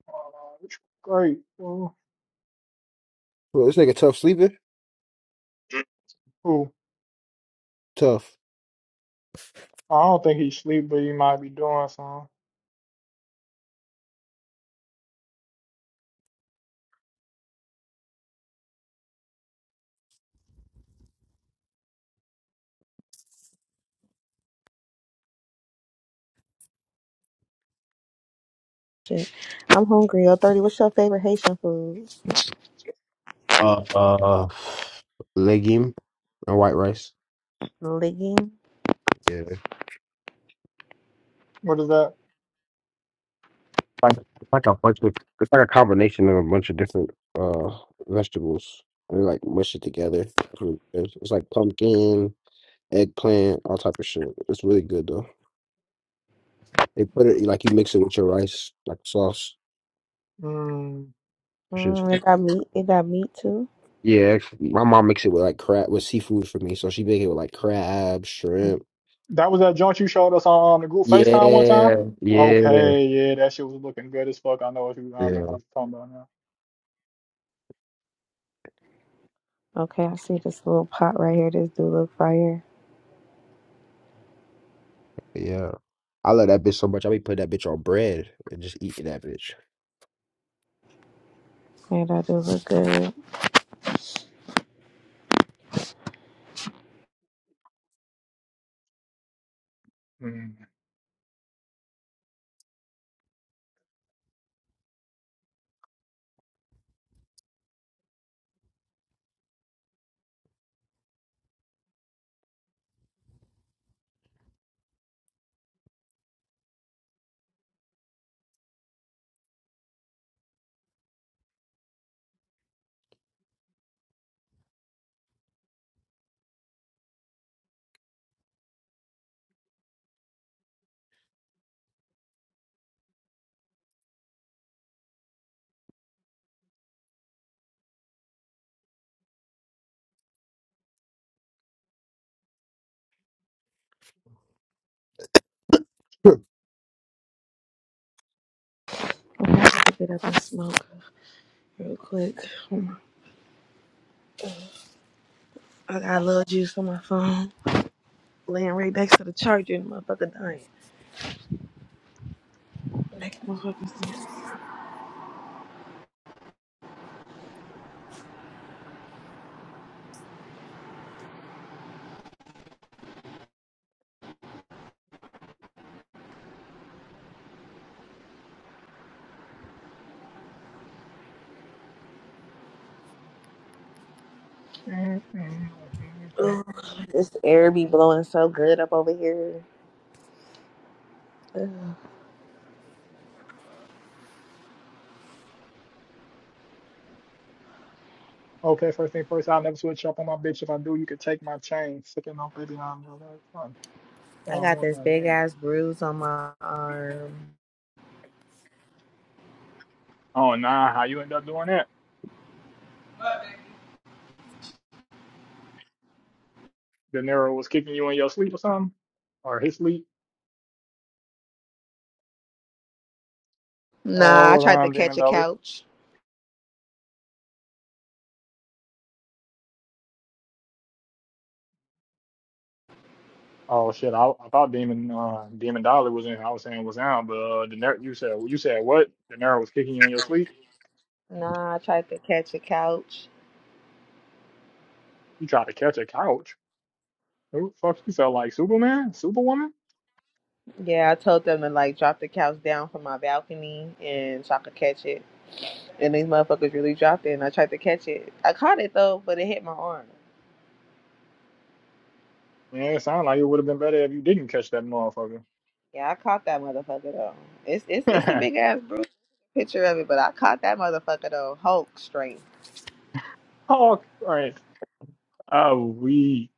Uh, it's Great. Ooh. Well, this nigga tough sleeping, Ooh. tough. I don't think he sleep, but he might be doing something. Shit. I'm hungry. O 30. What's your favorite Haitian food? Uh, uh, legume and white rice. Legume. Yeah. What is that? like it's like a bunch of it's like a combination of a bunch of different uh vegetables. They like mush it together. It's really good. It's like pumpkin, eggplant, all type of shit. It's really good though. They put it like you mix it with your rice, like sauce. Mm. Shit's Mm, it got meat. It got meat too. yeah. My mom makes it with like crab with seafood for me, so she make it with like crab, shrimp. That was that joint you showed us on the group FaceTime one time? Yeah, yeah, Okay, yeah, that shit was looking good as fuck. I know if you I yeah, remember what you're talking about now. Okay, I see this little pot right here. This do look fire. yeah. I love that bitch so much. I be putting that bitch on bread and just eating that bitch. And that do look good. Mm. I'm gonna have to get up and smoke real quick. I got a little juice on my phone. Laying right next to the charger and the motherfucker dying. Make motherfucking sense. Mm, mm, mm, mm, mm. Ugh, this air be blowing so good up over here. Ugh. Okay, first thing first, I'll never switch up on my bitch. If I do, you could take my chain. Sicking on baby, I know that's fun. I Oh, got one this my big name. ass bruise on my arm. Oh nah, how you end up doing that? De Niro was kicking you in your sleep or something? Or his sleep? Nah, I Oh, well, tried to I'm catch Demon a Dolly. couch. Oh shit! I, I thought Demon uh, Demon Dolly was in. I was saying was down, but uh, the ner- you said you said what? The Daenerys was kicking you in your sleep. Nah, I tried to catch a couch. You tried to catch a couch. Who the fuck? You felt like Superman, Superwoman? Yeah, I told them to like drop the couch down from my balcony and so I could catch it. And these motherfuckers really dropped it and I tried to catch it. I caught it though, but it hit my arm. Yeah, it sounded like it would have been better if you didn't catch that motherfucker. Yeah, I caught that motherfucker though. It's it's it's a big ass bruise picture of it, but I caught that motherfucker though. Hulk straight. oh, right. Oh, we.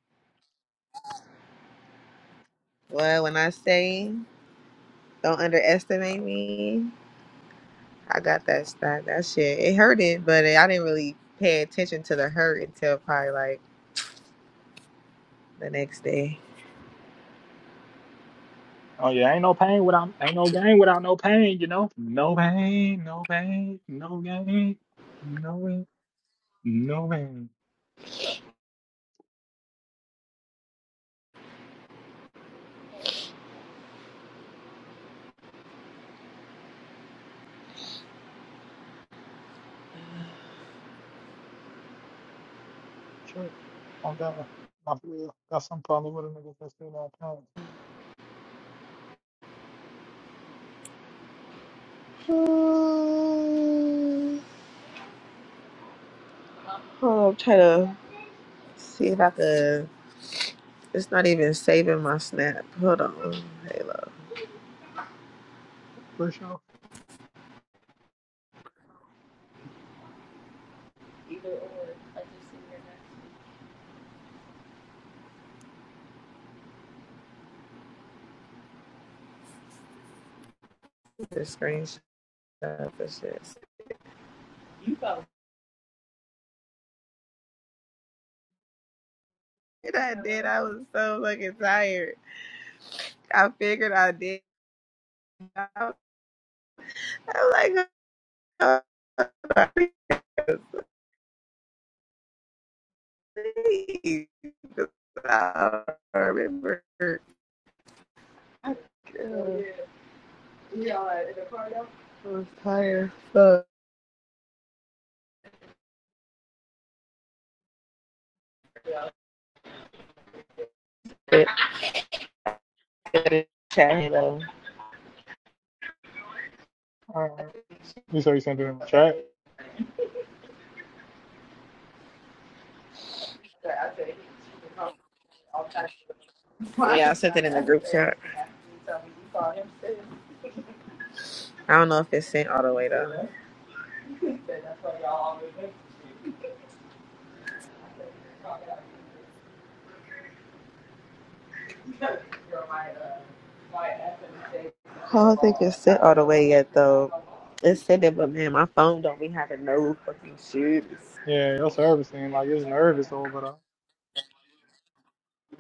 Well, when I say don't underestimate me, I got that that that shit. It hurted, but I didn't really pay attention to the hurt until probably like the next day. Oh yeah, ain't no pain without ain't no gain without no pain. You know, no pain, no pain, no gain, no pain, no pain. Sure, I'm done. My real got some problem with a nigga that's still on Hmm. Oh, I'm trying to see if I could. It's not even saving my snap. Hold on, Halo. For sure. The screenshot of the shit. And I did. I was so fucking tired. I figured I did. I was like, oh, I remember. Yeah, in the car though. I was tired. So it, it, chat here though. All right. You said you sent it in the chat. Yeah, I sent it in the group chat. I don't know if it's sent all the way though. I don't think it's sent all the way yet though. It's sent it, but man, my phone don't be having no fucking shit. Yeah, your service seemed like it's nervous over there.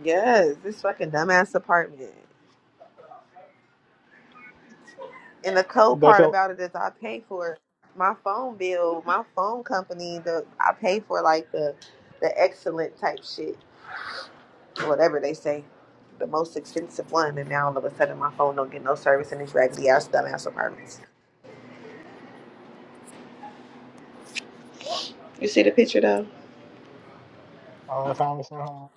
Yes, this fucking dumbass apartment. And the cold They part felt. about it is I pay for my phone bill, my phone company, the I pay for like the the excellent type shit. whatever they say, the most expensive one, and now all of a sudden my phone don't get no service in this raggedy ass dumbass apartments. You see the picture though? Oh, that's how I'm saying.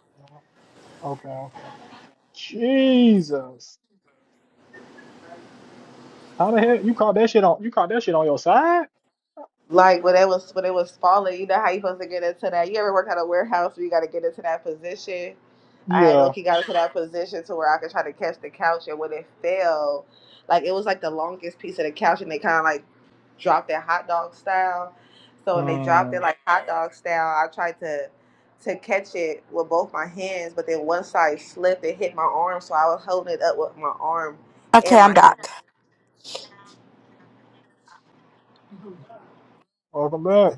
Okay, okay. Jesus. How the hell you caught that shit on? You caught that shit on your side? Like when it was when it was falling, you know how you supposed to get into that. You ever work at a warehouse where you got to get into that position? I had Yeah. Oki got into that position to where I could try to catch the couch, and when it fell, like it was like the longest piece of the couch, and they kind of like dropped it hot dog style. So when they dropped Hmm. it like hot dog style, I tried to to catch it with both my hands, but then one side slipped and hit my arm, so I was holding it up with my arm Okay, and my I'm hand. back. Welcome back.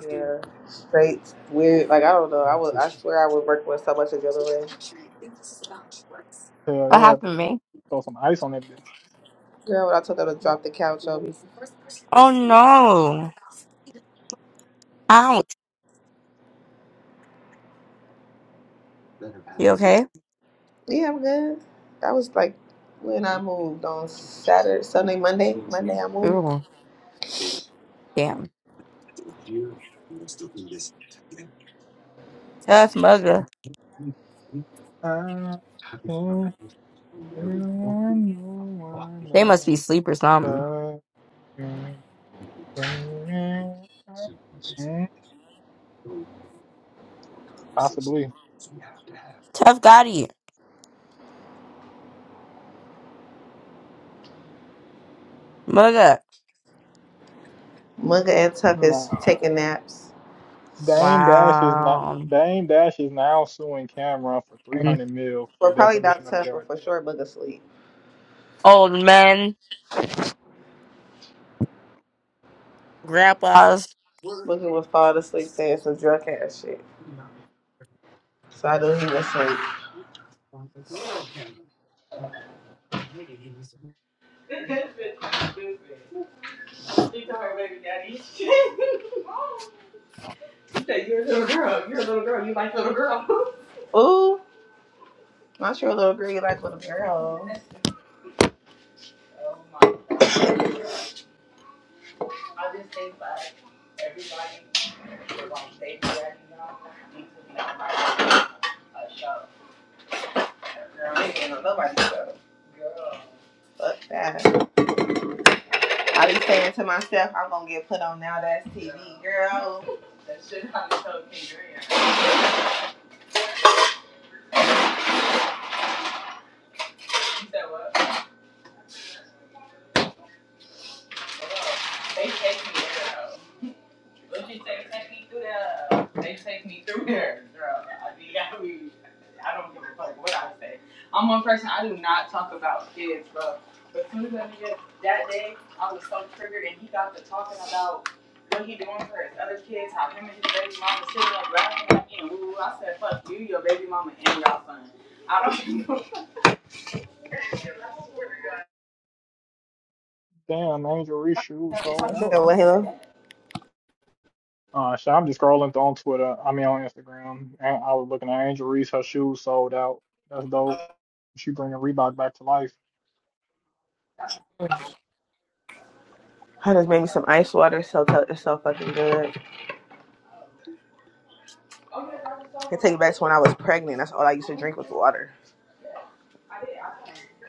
Yeah, straight weird. Like I don't know. I would. I swear I would work with so much adrenaline. Hell What yeah. happened to th- me? Throw some ice on that bitch. Girl, when I told them to drop the couch on me. Oh no. Ouch. You okay? Yeah, I'm good. That was like when I moved on Saturday, Sunday, Monday. Monday I moved. Ooh, damn. Tough mugga. I can't find no one They must be else asleep or something. but you. Hmm, Possibly. Tough Gotti. Mugga. Mugga and Tuck is Nah. taking naps. Dame Dash is not Wow. Dame Dash is now suing Cameron for And 300 mil for Well, probably not defamation of Tuck, but character. for sure Mugga sleep. old men, grandpas. Mugga would fall asleep saying some drunk ass shit. So I knew he was asleep. Ooh, not sure little girl. You like little girl. Girl, ain't gonna nobody go. Fuck that. I be saying to myself, I'm gonna get put on now. That's TV, girl. Damn, Angel Reese shoes sold out. So, well, That's hello. dope. Uh, so I'm just scrolling th- on Twitter. I mean on Instagram. And I was looking at Angel Reese. Her shoes sold out. That's dope. She bringing Reebok back to life. I just made me some ice water. So t- it's so fucking good. I take it back to when I was pregnant. That's all I used to drink was water.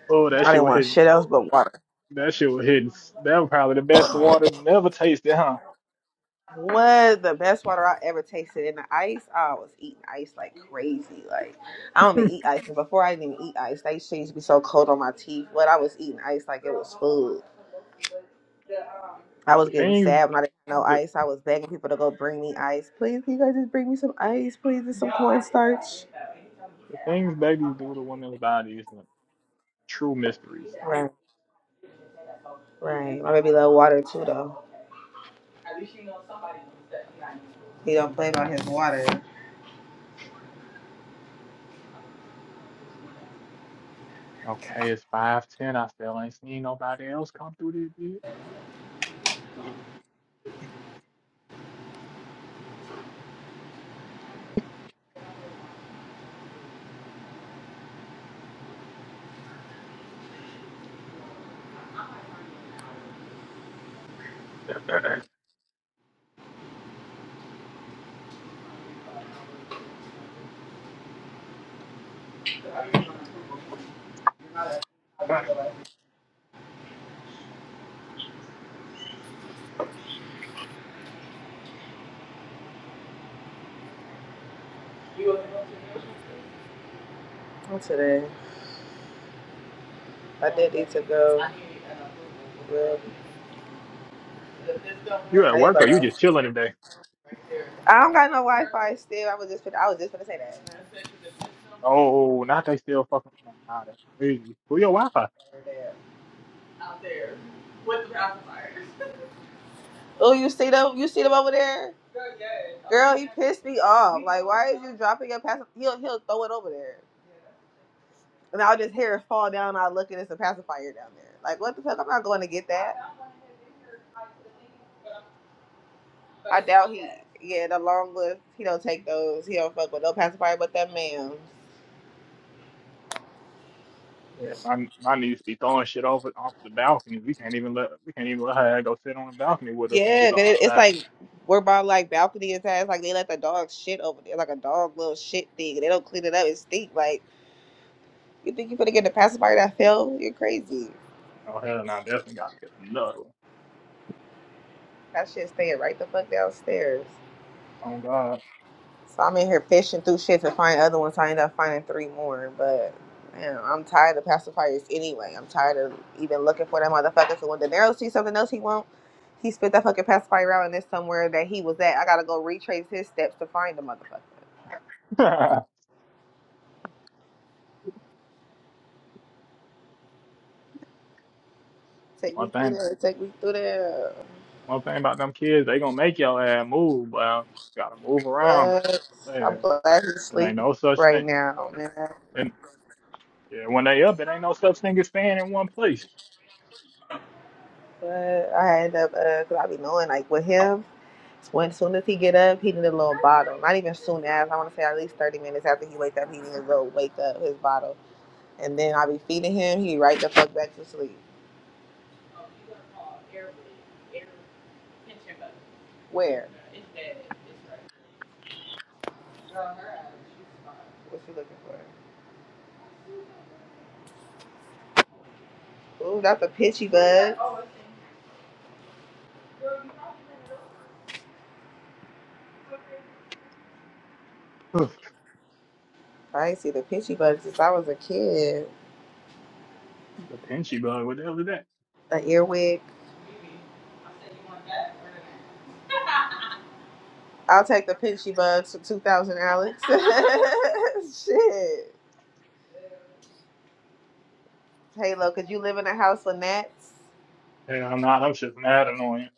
Oh, that I shit didn't was want hitting. shit else but water. That shit was hitting. That was probably the best water never tasted, huh? What the best water I ever tasted in the ice? I was eating ice like crazy. Like I don't even eat ice. And before I didn't even eat ice. They used to be so cold on my teeth. What I was eating ice like it was food. I was The getting things, sad when I didn't have no the, ice. I was begging people to go bring me ice. Please, can you guys just bring me some ice, please, and some cornstarch. the things babies do to women's bodies, are true mysteries. Right, right. My baby love water too, though. He don't play about his water. Okay, it's five ten. I still ain't seen nobody else come through this bitch. Not today. I did need to go. Well, you at I need my work or you wi just chilling today? I don't got no Wi-Fi still. I was just, fin- I was just gonna say that. Oh, not they still fucking. Nah, nah, that's crazy. Who your Wi-Fi? Oh, you see them? You see them over there? Girl, he pissed me off. Like, why is you dropping your pass? He'll he'll throw it over there. and I'll just hear it fall down. I look and it's a pacifier down there. Like what the fuck? I'm not going to get that. I doubt he. Yeah, the long list. He don't take those. He don't fuck with no pacifier, but that man. Yeah, my my niece be throwing shit over off the balcony. We can't even let we can't even let her go sit on the balcony with us when we Yeah, go 'cause it, it's outside. like we're by like balcony and ass. Like they let the dog shit over there, like a dog little shit thing. They don't clean it up. It stink. Like you think you gonna get the pacifier that fell? You're crazy. Oh hell, no, definitely gotta get another That shit staying right the fuck downstairs. one. Oh So I'm in here fishing through shit to find other ones. I end up finding three more, but man, I'm tired of pacifiers anyway. I'm tired of even looking for that motherfucker. So when De Niro sees something else he wants, he spit that fucking pacifier out and it's somewhere that he was at. I gotta go retrace his steps to find the motherfucker. God. Take one me through thing, there. Take me through there. one thing about them kids, they gonna make your ass move. Well, gotta move around. So, What? yeah, I'm glad he's it ain't asleep no such right now, man. thing. Yeah, when they up, it ain't no such thing as staying in one place. But I end up, uh, 'cause I be knowing like with him. When soon as he get up, he need a little bottle. Not even soon as I want to say at least thirty minutes after he wake up, he need a little wake up his bottle, and then I be feeding him. He right the fuck back to sleep. Where? What you looking for? Ooh, that's a pitchy bug. Ugh, I ain't see the pitchy bug since I was a kid. the pinchy bug, what the hell is that? An earwig. I'll take the pitchy bugs for two thousand, Alex. Shit. Halo, could you live in a house with gnats? And I'm not, I'm just mad annoying.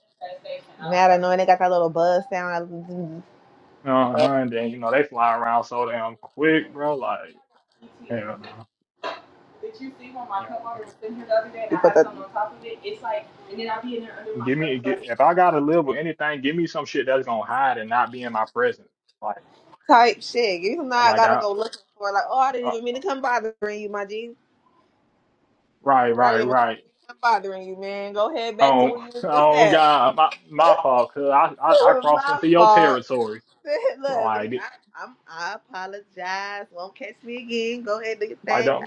Mad annoying. They got that little buzz sound. Uh huh. And then you know they fly around so damn quick, bro. Like hell no, that you see when my hell cup no. water was sitting here the other day and I had on top of it, it's like, and then I'll be in there under my Give cup me, get, like, if I gotta live with anything, give me some shit that's gonna hide and not be in my presence. Like, type shit. You know, I like gotta I, go looking for like, oh, I didn't uh, even mean to come bothering you, my G. right, I right, didn't even come, right. come bothering you, man. Go head back to where Oh, you was just oh at. God, my my fault, cause I I, I crossed my into your fault. territory. Look, Lee, Like, I, I'm, I apologize. Won't catch me again. Go ahead, do your I thing. don't.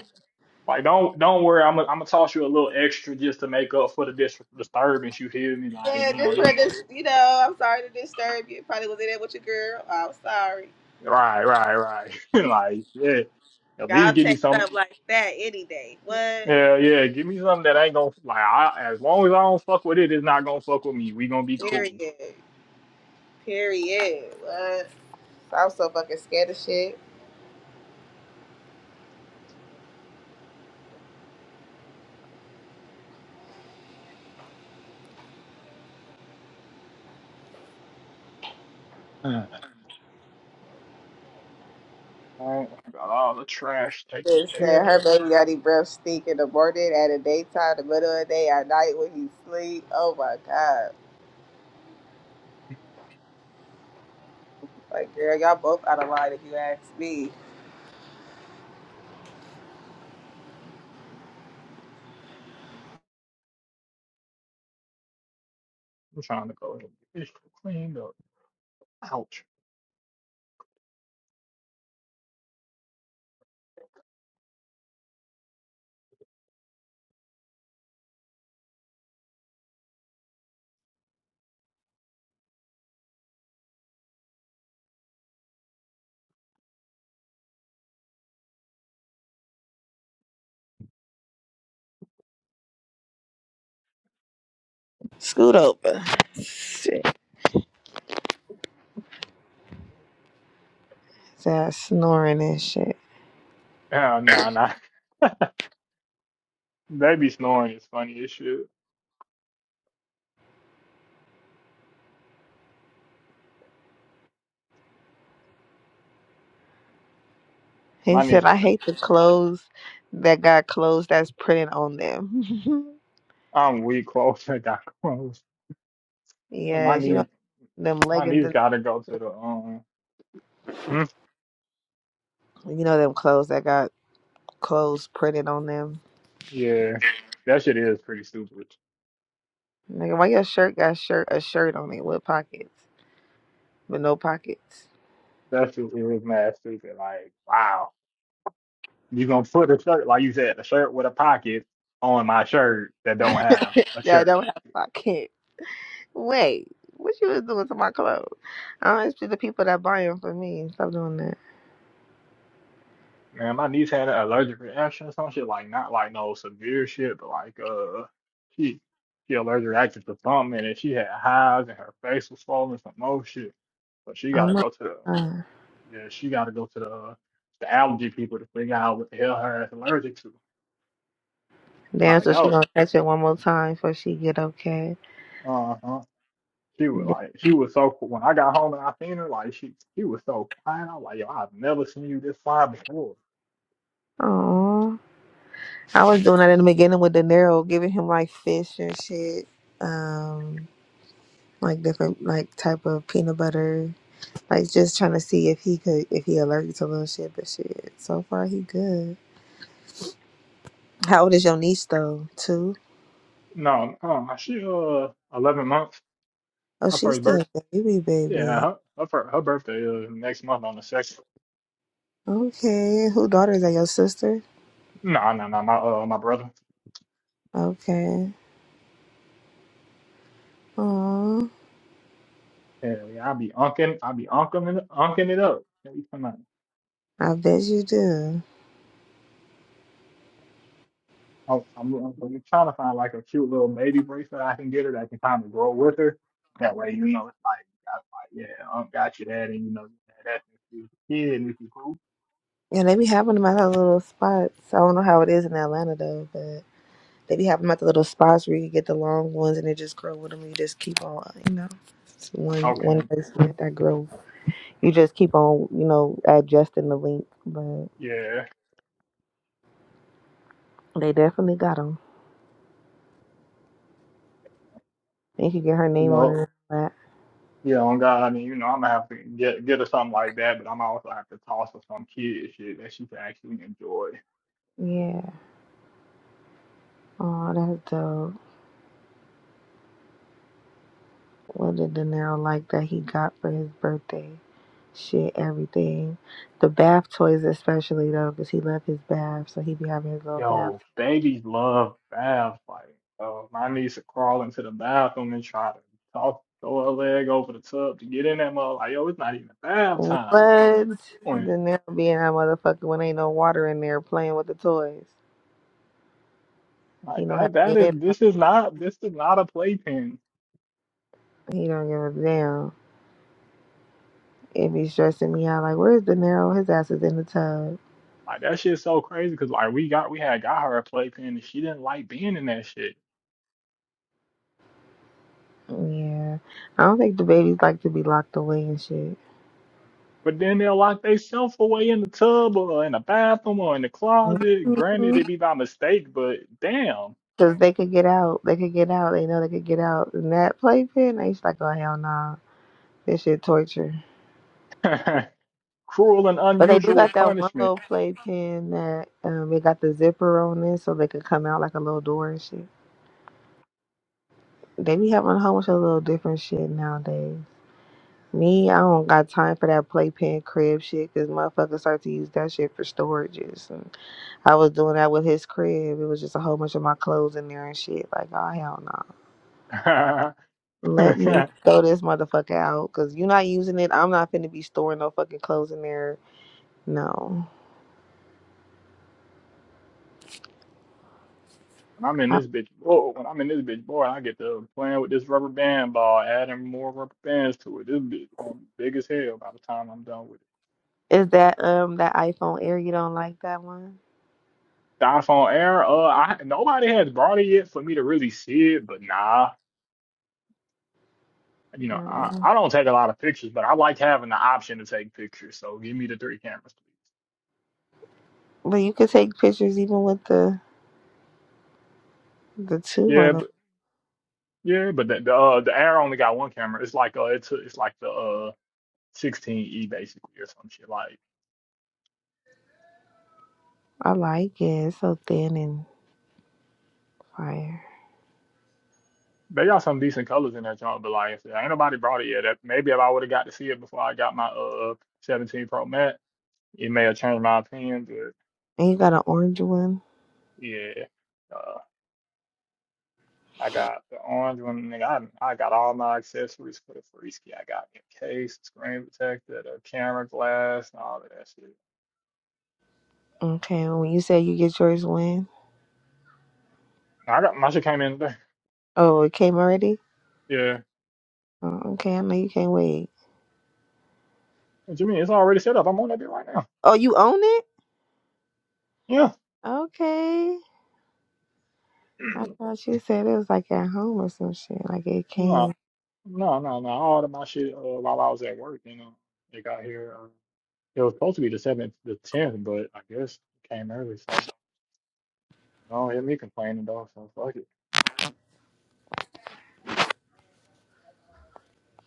Like don't don't worry, I'm i am gonna i gonna toss you a little extra just to make up for the dis- disturbance. You hear me? Like Yeah, you know, just they for this, you know, I'm sorry to disturb you. Probably was in there with your girl. Oh, I'm sorry. right, right, right. like yeah, at Y'all least give me text some. up like that any day. What? Yeah, yeah, give me something that ain't gonna like. I, as long as I don't fuck with it, it's not gonna fuck with me. We gonna be Period. cool. Period. What? I was so fucking scared of shit. Uh, Oh, I got all the trash taken They said care her of. baby daddy breath stink in the morning, at the daytime, the middle of the day, at night when he sleep. Oh my god. Like girl, y'all both out of line if you ask me. I'm trying to go and get this cleaned up. Ouch. Scoot over. Shit. That snoring and shit. Yeah, nah, nah. Baby snoring is funny as shit. He My knees said I got it. hate the clothes that got clothes that's printed on them. I'm weak close. I got close. My yes, you knee. know them My leggings niece and gotta go to the um. Hmm? you know them clothes that got clothes printed on them. Yeah, that shit is pretty stupid. Nigga, why your shirt got shirt a shirt on it with pockets, but no pockets? That shit is mad stupid. Like, wow, you gonna put a shirt like you said, a shirt with a pocket on my shirt that don't have a Yeah, I shirt don't have pocket. pockets. Wait, what you was doing to my clothes? I don't expect the people that buy them for me. Stop doing that. Man, my niece had an allergic reaction or some shit. Like, not like no severe shit, but like uh, she she allergic reacted to something, and she had hives, and her face was swollen, some more shit. But she Oh gotta my go to the god. Yeah, she got to go to the uh, the allergy people to figure out what the hell her ass allergic to. Damn, Like so that she was, gonna catch it one more time before she get okay. uh huh. She was like, she was so qu- when I got home and I seen her, like she she was so quiet. I was like, yo, I've never seen you this fine before. Oh, I was doing that in the beginning with De Niro, giving him like fish and shit, um, like different like type of peanut butter Like just trying to see if he could if he allergic to little shit, but shit, so far he good. How old is your niece though? Two? No, uh, she uh eleven months. Oh, Her she's first still birth. a baby, Yeah, baby. her her, fir- her birthday is next month on the second. Okay, who daughter is that? Your sister? No, no, no, my uh my brother. Okay. Aww, Hell yeah, I be unking, I be unking, it- unking it up. I bet you do. Oh, I'm, I'm, I'm trying to find like a cute little baby bracelet I can get her that can kind of grow with her. That way, you know, it's like, I, like yeah, I got you that, and you know, that's if you kid and if you cool. Yeah, they be having them at the little spots. I don't know how it is in Atlanta though, but they be having them at the little spots where you can get the long ones and they just grow with them. You just keep on, you know, it's one one Okay, person that grows. You just keep on, you know, adjusting the length, but. yeah, They definitely got them. They could get her you name on it. know, And all that. yeah, on God, I mean, you know, I'm gonna have to get get her something like that, but I'm also have to toss her some kid shit that she can actually enjoy. Yeah. Oh, that's dope. What did De Niro like that he got for his birthday? Shit, everything. The bath toys, especially though, because he left his bath, so he be having his little bath. Yo, babies love baths. Like, uh, my niece would crawl into the bathroom and try to talk, throw her leg over the tub to get in that mug. Like, yo, it's not even bath What? time. Like, what are you doing? De Niro being that motherfucker when ain't no water in there playing with the toys. He Like know how to that. That get is. in. there. This is not. This is not a playpen. He don't give a damn. It be stressing me out. Like, where's De Niro? His ass is in the tub. Like that shit's so crazy because like we got we had got her a playpen and she didn't like being in that shit. Yeah. I don't think the babies like to be locked away and shit. But then they'll lock themselves away in the tub or in the bathroom or in the closet. Because Granted, it'd be by mistake, but damn. they could get out. They could get out. They know they could get out. And that playpen, they just like, oh, hell nah. This shit torture. Cruel and But they do unusual got that one punishment. little playpen that um, it got the zipper on it so they could come out like a little door and shit. They be having a whole bunch of little different shit nowadays. Me, I don't got time for that playpen crib shit because motherfuckers start to use that shit for storages. And I was doing that with his crib. It was just a whole bunch of my clothes in there and shit. Like, oh, hell no. when Let me throw this motherfucker out because you're not using it. I'm not finna be storing no fucking clothes in there. No. I'm in I- this bitch, boy, when I'm in this bitch, boy, I get to playing with this rubber band ball, adding more rubber bands to it. This bitch gonna be big as hell by the time I'm done with it. Is that um that iPhone Air? You don't like that one? The iPhone Air, uh, I nobody has brought it yet for me to really see it, but nah, you know, I, Oh. I don't take a lot of pictures, but I like having the option to take pictures. So give me the three cameras, please. But you could take pictures even with the the two. I, Yeah, don't, but yeah, but the the, uh, the Air only got one camera. It's like uh, it's it's like the uh 16e basically or some shit like. I like it. It's so thin and fire. They got some decent colors in that joint, but like I said, ain't nobody brought it yet. That, maybe if I would have got to see it before I got my uh uh, 17 Pro Max, it may have changed my opinion. But And you got an orange one. yeah, uh, I got the orange one. Nigga, I I got all my accessories for the Freeski. I got the case, the screen protector, the camera glass, and all of that shit. Okay, when you say you get yours when? I got my shit came in today. Oh, it came already? Yeah, Oh, okay, I know you can't wait. what you mean? It's already set up. I'm on that bit right now. Oh, you own it? Yeah, Okay. I no, thought you said it was like at home or some shit. Like it came. no, no, no. All of my shit uh, while I was at work, you know, it got here. Uh, It was supposed to be the seventh, the tenth, but I guess it came early, so don't hit me complaining though. So fuck it.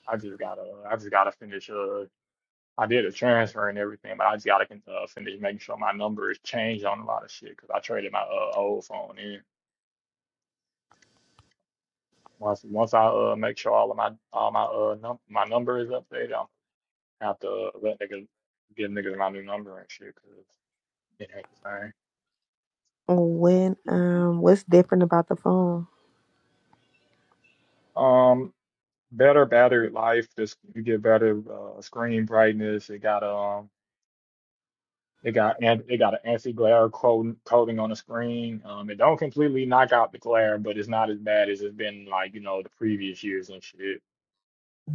I just gotta, I just gotta finish. Uh, I did a transfer and everything, but I just gotta uh, finish making sure my number is changed on a lot of shit because I traded my uh, old phone in. Once, once I uh make sure all of my all my uh num- my number is updated, I'm gonna have to uh, let niggas give niggas my new number and shit because it ain't the same. When um what's different about the phone? Um, better battery life. Just you get better uh, screen brightness. It got um. It got an- it got an anti-glare coating coating on the screen. Um, it don't completely knock out the glare, but it's not as bad as it's been like you know the previous years and shit.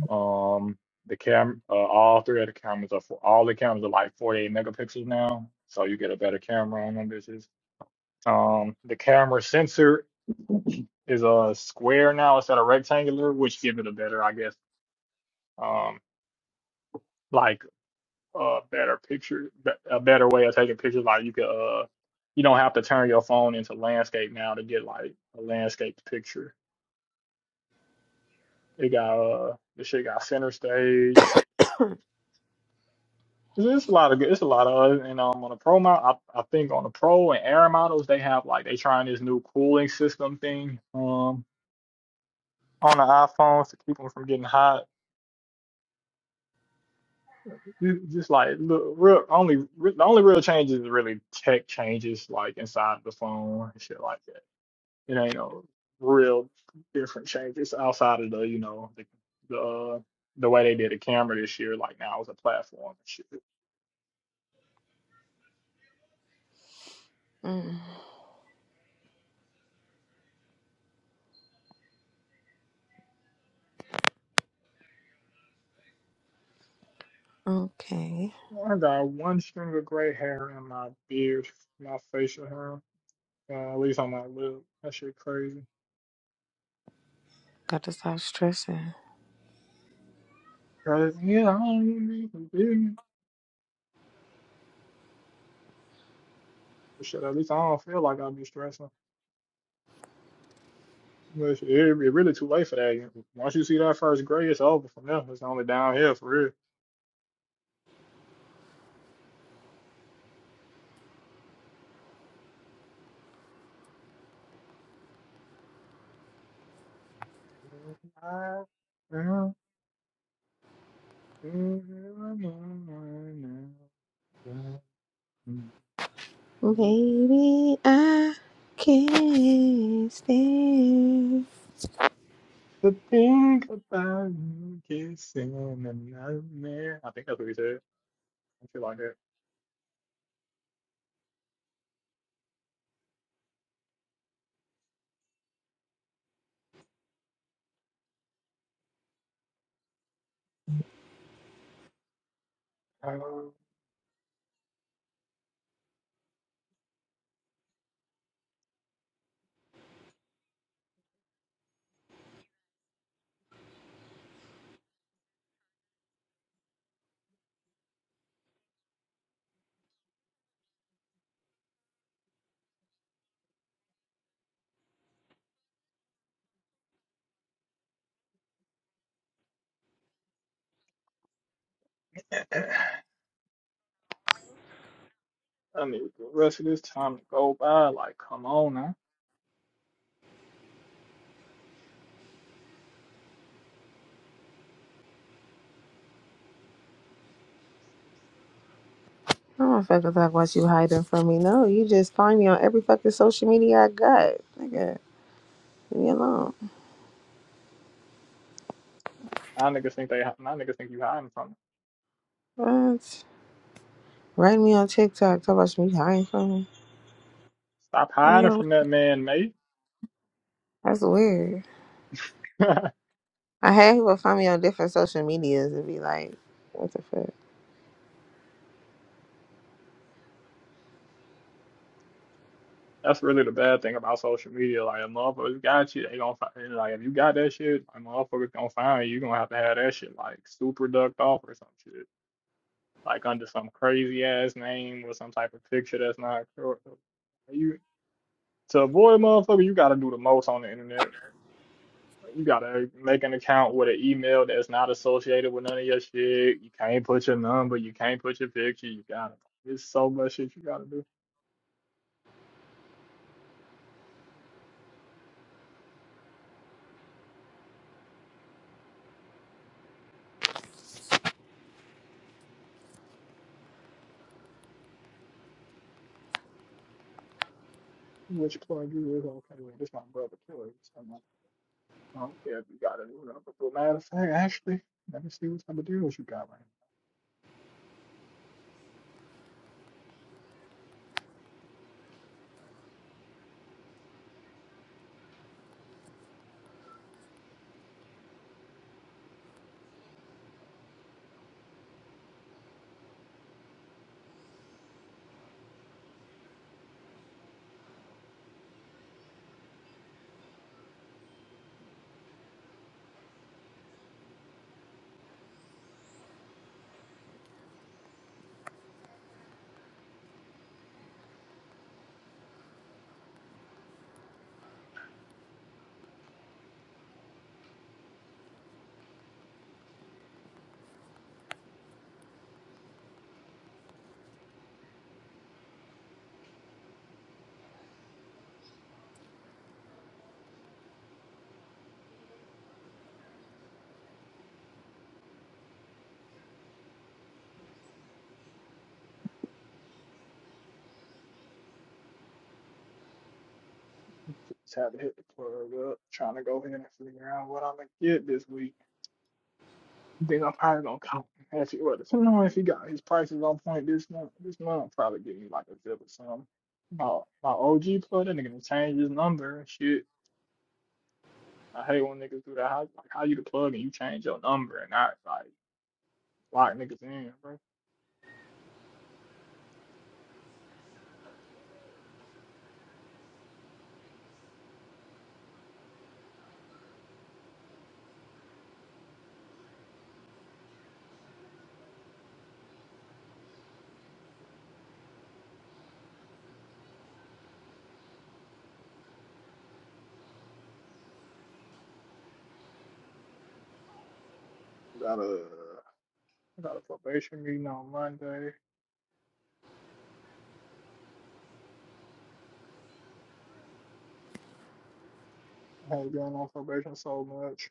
Um, the cam uh, all three of the cameras are for all the cameras are like 48 megapixels now, so you get a better camera on them bitches. Um, the camera sensor is a square now instead of rectangular, which give it a better, I guess, um, like a better picture, a better way of taking pictures. Like you could, uh, you don't have to turn your phone into landscape now to get like a landscape picture. It got uh, this shit got center stage. It's, it's a lot of good. It's a lot of other. and um on the pro model, I, I think on the pro and air models they have like they trying this new cooling system thing um on the iPhones to keep them from getting hot. Ju- Just like look, real only re- the only real changes is really tech changes like inside the phone and shit like that it ain't no real different changes outside of the you know the the uh, the way they did the camera this year. Like now it's a platform and shit. Mm, okay. I got one string of gray hair in my beard, my facial hair, uh, at least on my lip. That shit crazy. Gotta stop stressing. Cause, yeah, I don't even need to be. Shit, at least I don't feel like I'll be stressing. But shit, it'd be really too late for that. Once you see that first gray, it's over from there. It's only downhill for real. To Baby, I can't stand. think about you kissing another man. I think that's what we said. I feel like that. Um, I need the rest of this time to go by. Like, come on now. I don't fucking talk about you hiding from me. No, you just find me on every fucking social media I got. Nigga, leave me alone. Now niggas think they. Now niggas think you hiding from. Them. What? Write me on TikTok. Talk about you hiding from me. Stop Oh hiding yeah, from that man, mate. that's weird. I had people find me on different social medias and be like, what the fuck? That's really the bad thing about social media. Like, if motherfuckers got you, they gonna find. Like, if you got that shit, like motherfuckers gonna find you. You gonna have to have that shit like super ducked off or some shit. like under some crazy ass name or some type of picture that's not cor- you to avoid motherfucker you gotta do the most on the internet you gotta make an account with an email that's not associated with none of your shit you can't put your number you can't put your picture you gotta there's so much shit you gotta do which plug you is okay with this my brother killer i I don't care if you got it or not, but matter of fact, actually, let me see what type of deals you got right now. Just had to hit the plug up, trying to go ahead and figure out what I'm gonna get this week. Then I'm probably gonna come. If he, well, depending on if he got his prices on point this month, this month I'll probably give me like a zip or something. My my OG plug, that nigga done changed his number and shit. I hate when niggas do that. How like how you the plug and you change your number and I like lock niggas in, bro. I got a I got a probation meeting on Monday. I ain't been on probation so much.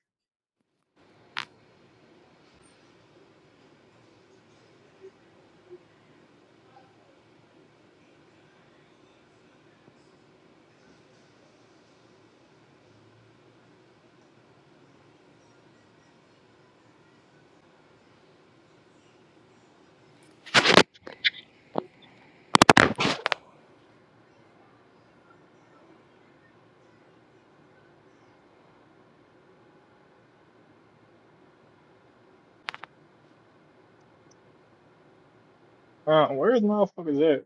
Uh, where's motherfuckers at?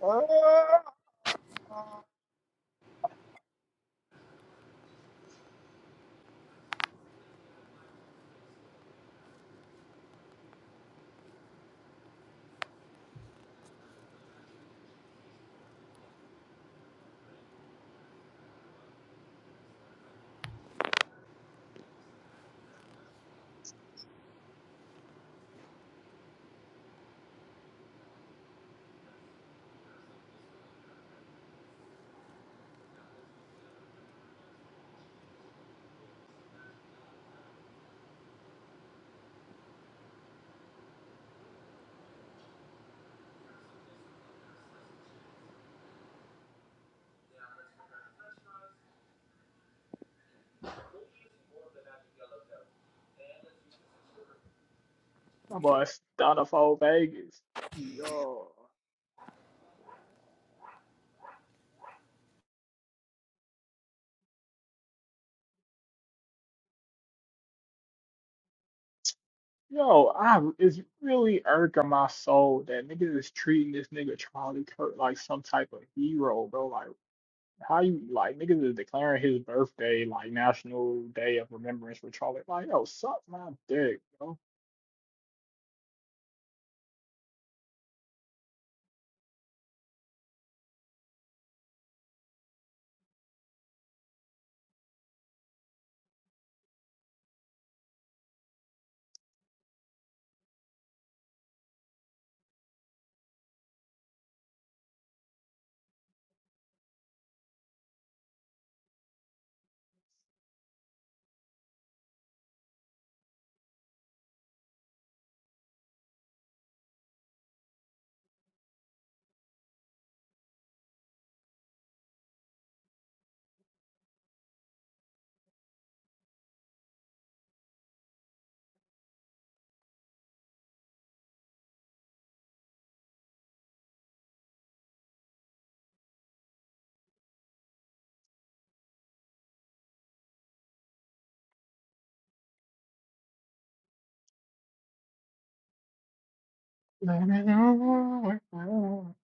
Uh, my boy, Donald Vegas. Yo. Yo, I it's really irking my soul that niggas is treating this nigga Charlie Kirk like some type of hero, bro. Like how you like niggas is declaring his birthday like National Day of Remembrance for Charlie. Like, yo, suck my dick, bro. Let me know what you want.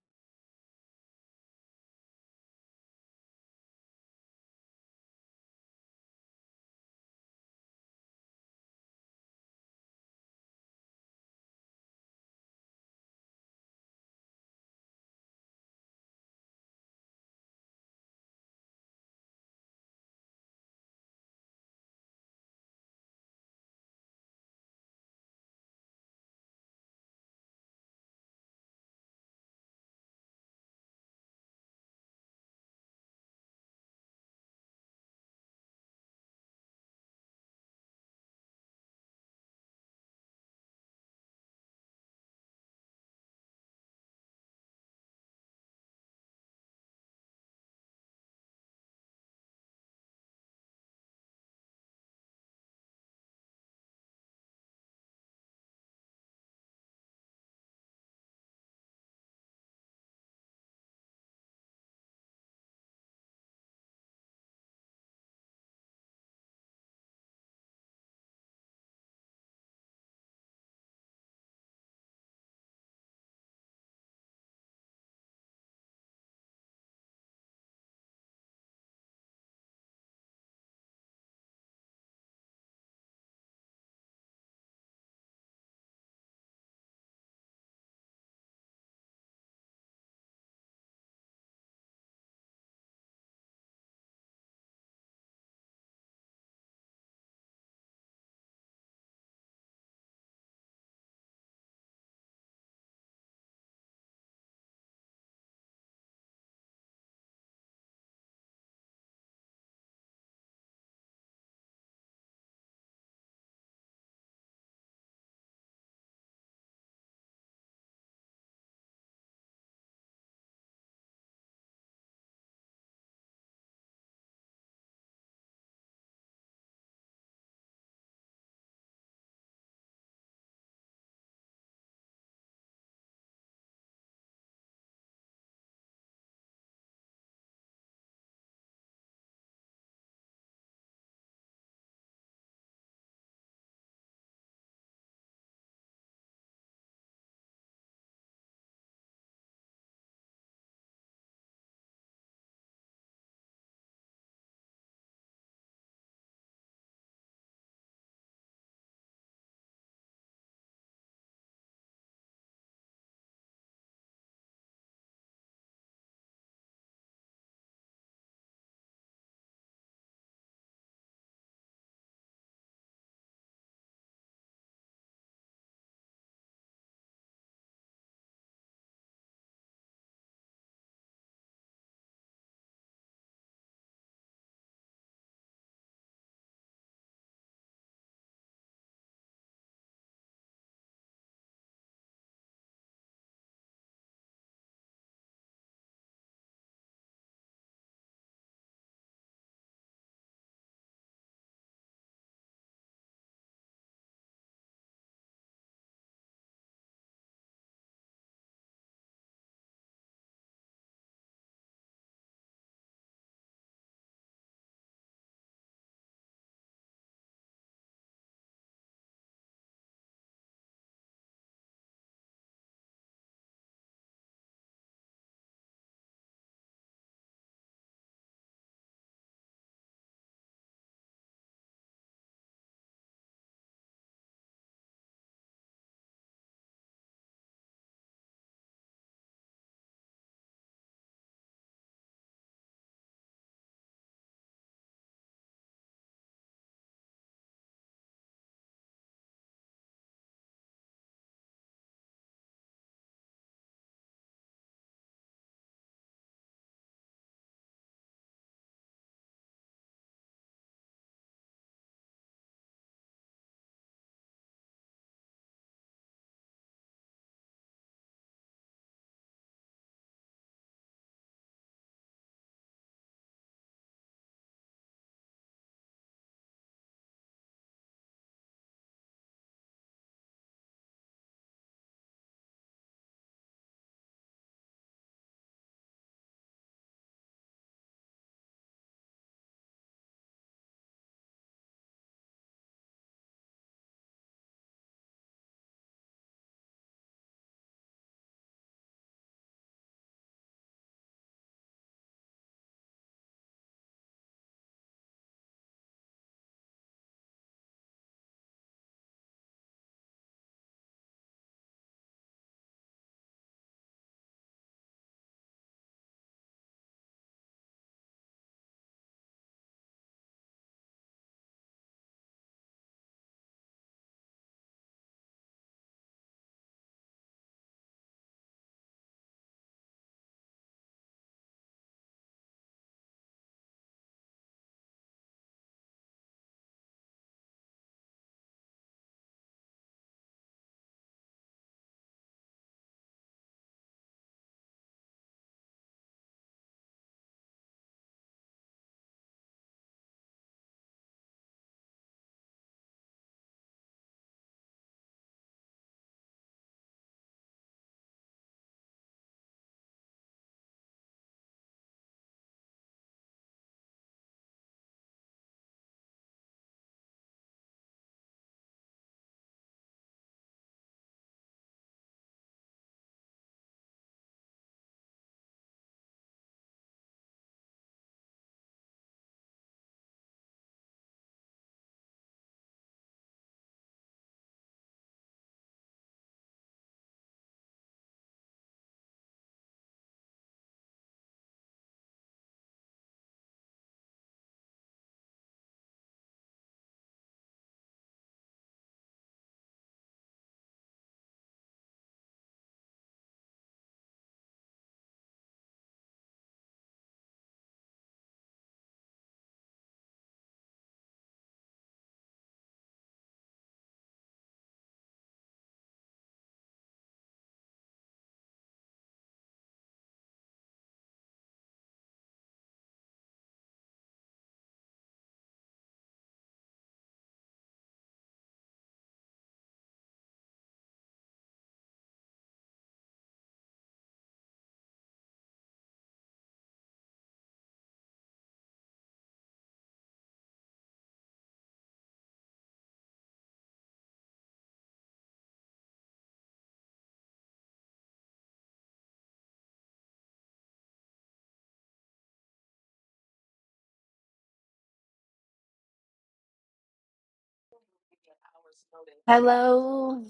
Hello,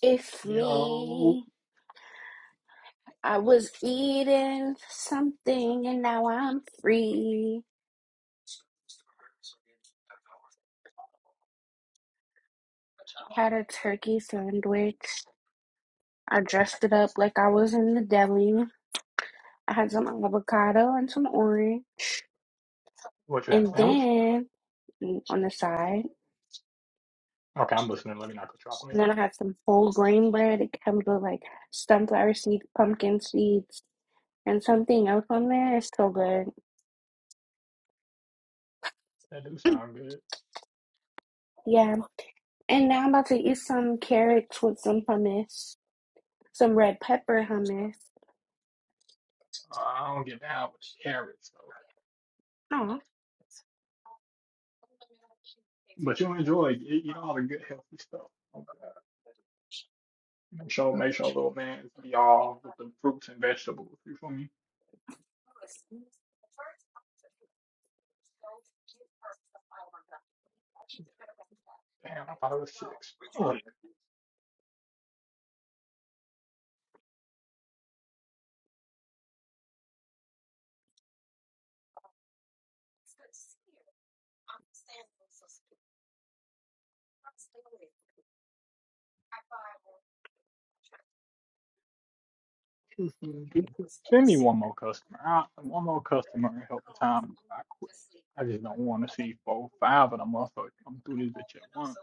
it's Yo, me. I was eating something and now I'm free. had a turkey sandwich. I dressed it up like I was in the deli. I had some avocado and some orange. what you got, And sandwich? then mm, on the side, Okay, I'm listening. Let me not go and chocolate. then I had some whole grain bread. It comes with like sunflower seeds, pumpkin seeds, and something else on there. It's so good. That do sound good. Yeah. And now I'm about to eat some carrots with some hummus, some red pepper hummus. Uh, I don't get down with the carrots though, Oh. but you'll enjoy. Eat, eat all the good healthy stuff. Okay. Make sure, make sure little man's be all with the fruits and vegetables. You feel me? Damn, I thought it was six. Fuck. Send me one more customer. I, one more customer and help the time. I quit. I just don't want to see four, five of them motherfuckers come through this bitch at once.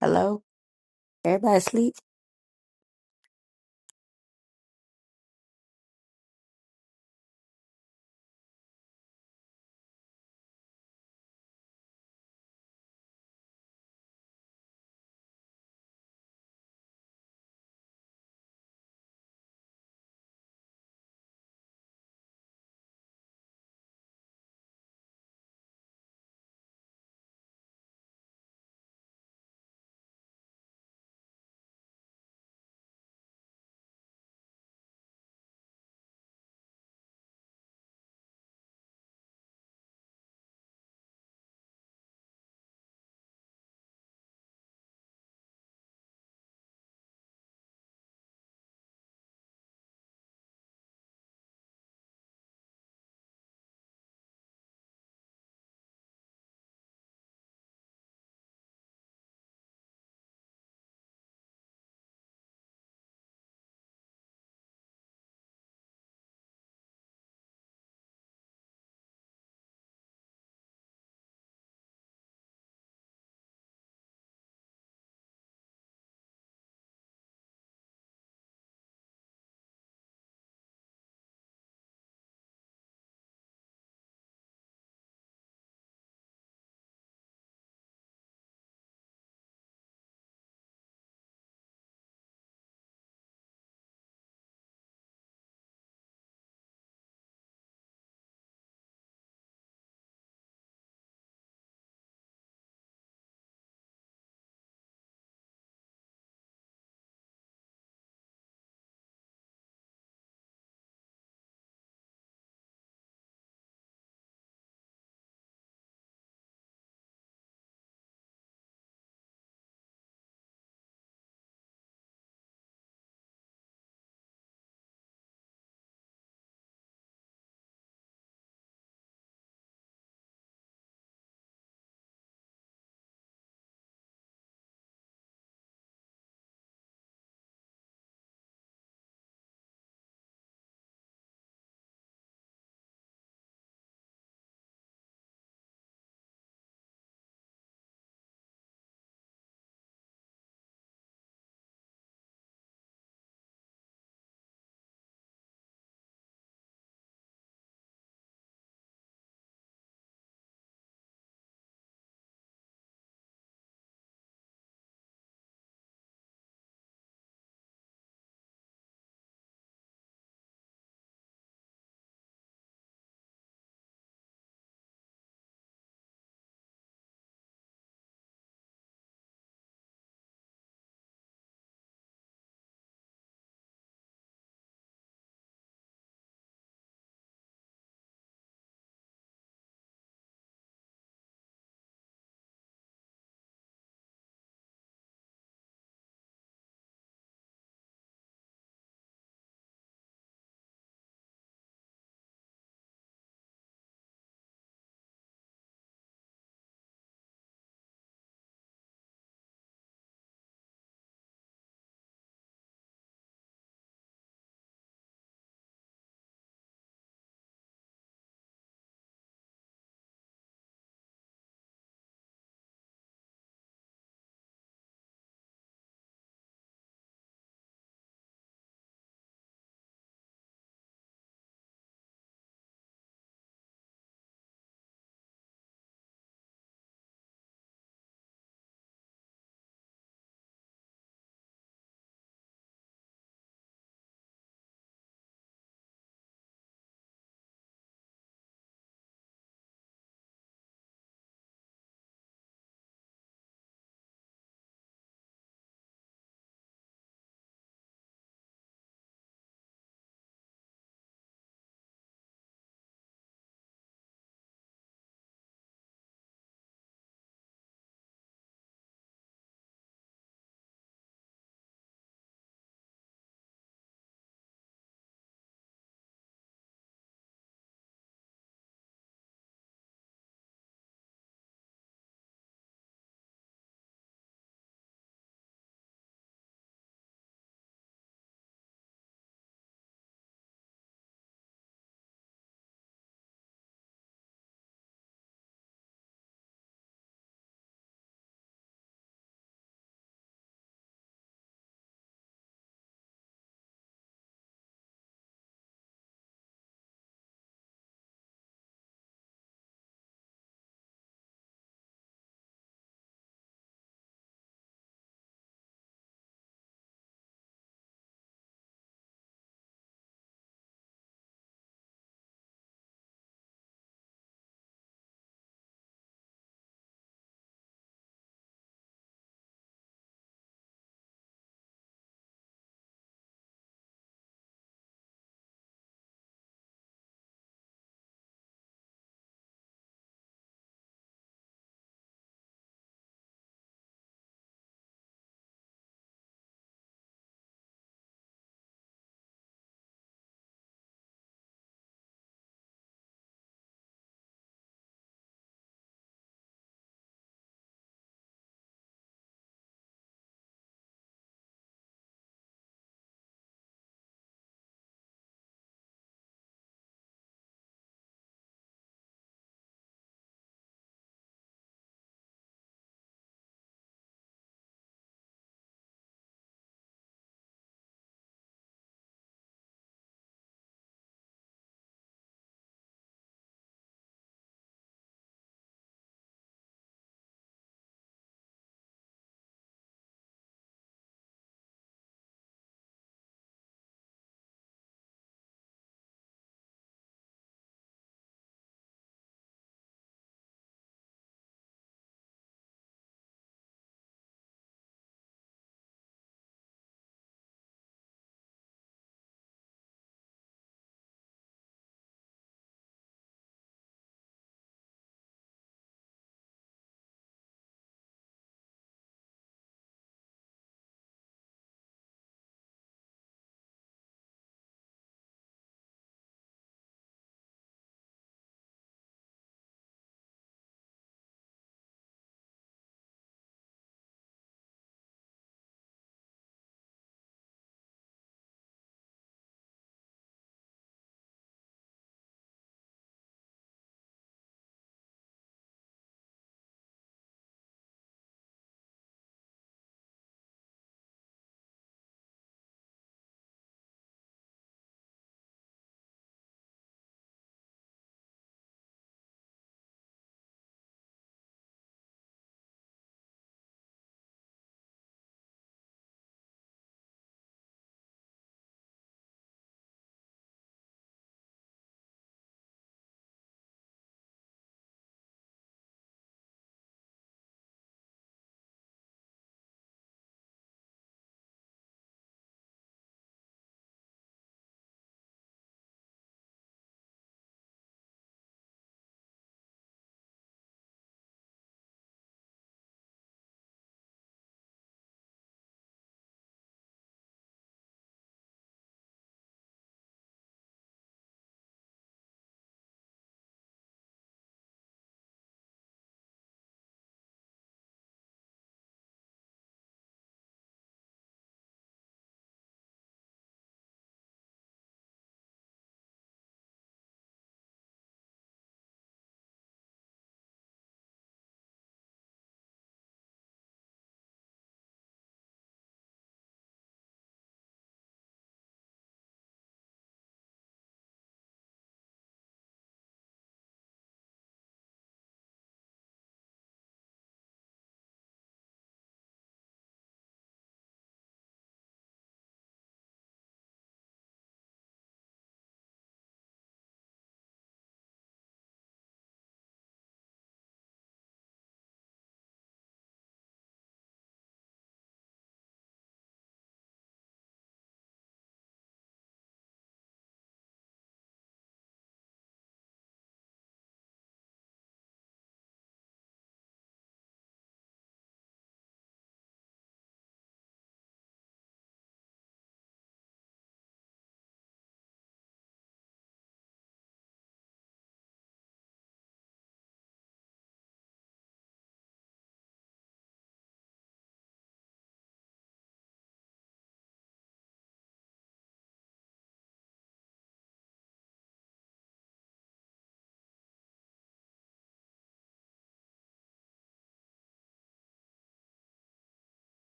Hello? Everybody sleep.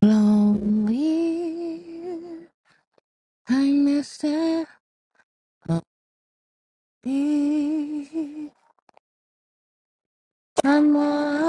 Lonely, I miss that. Lonely. I'm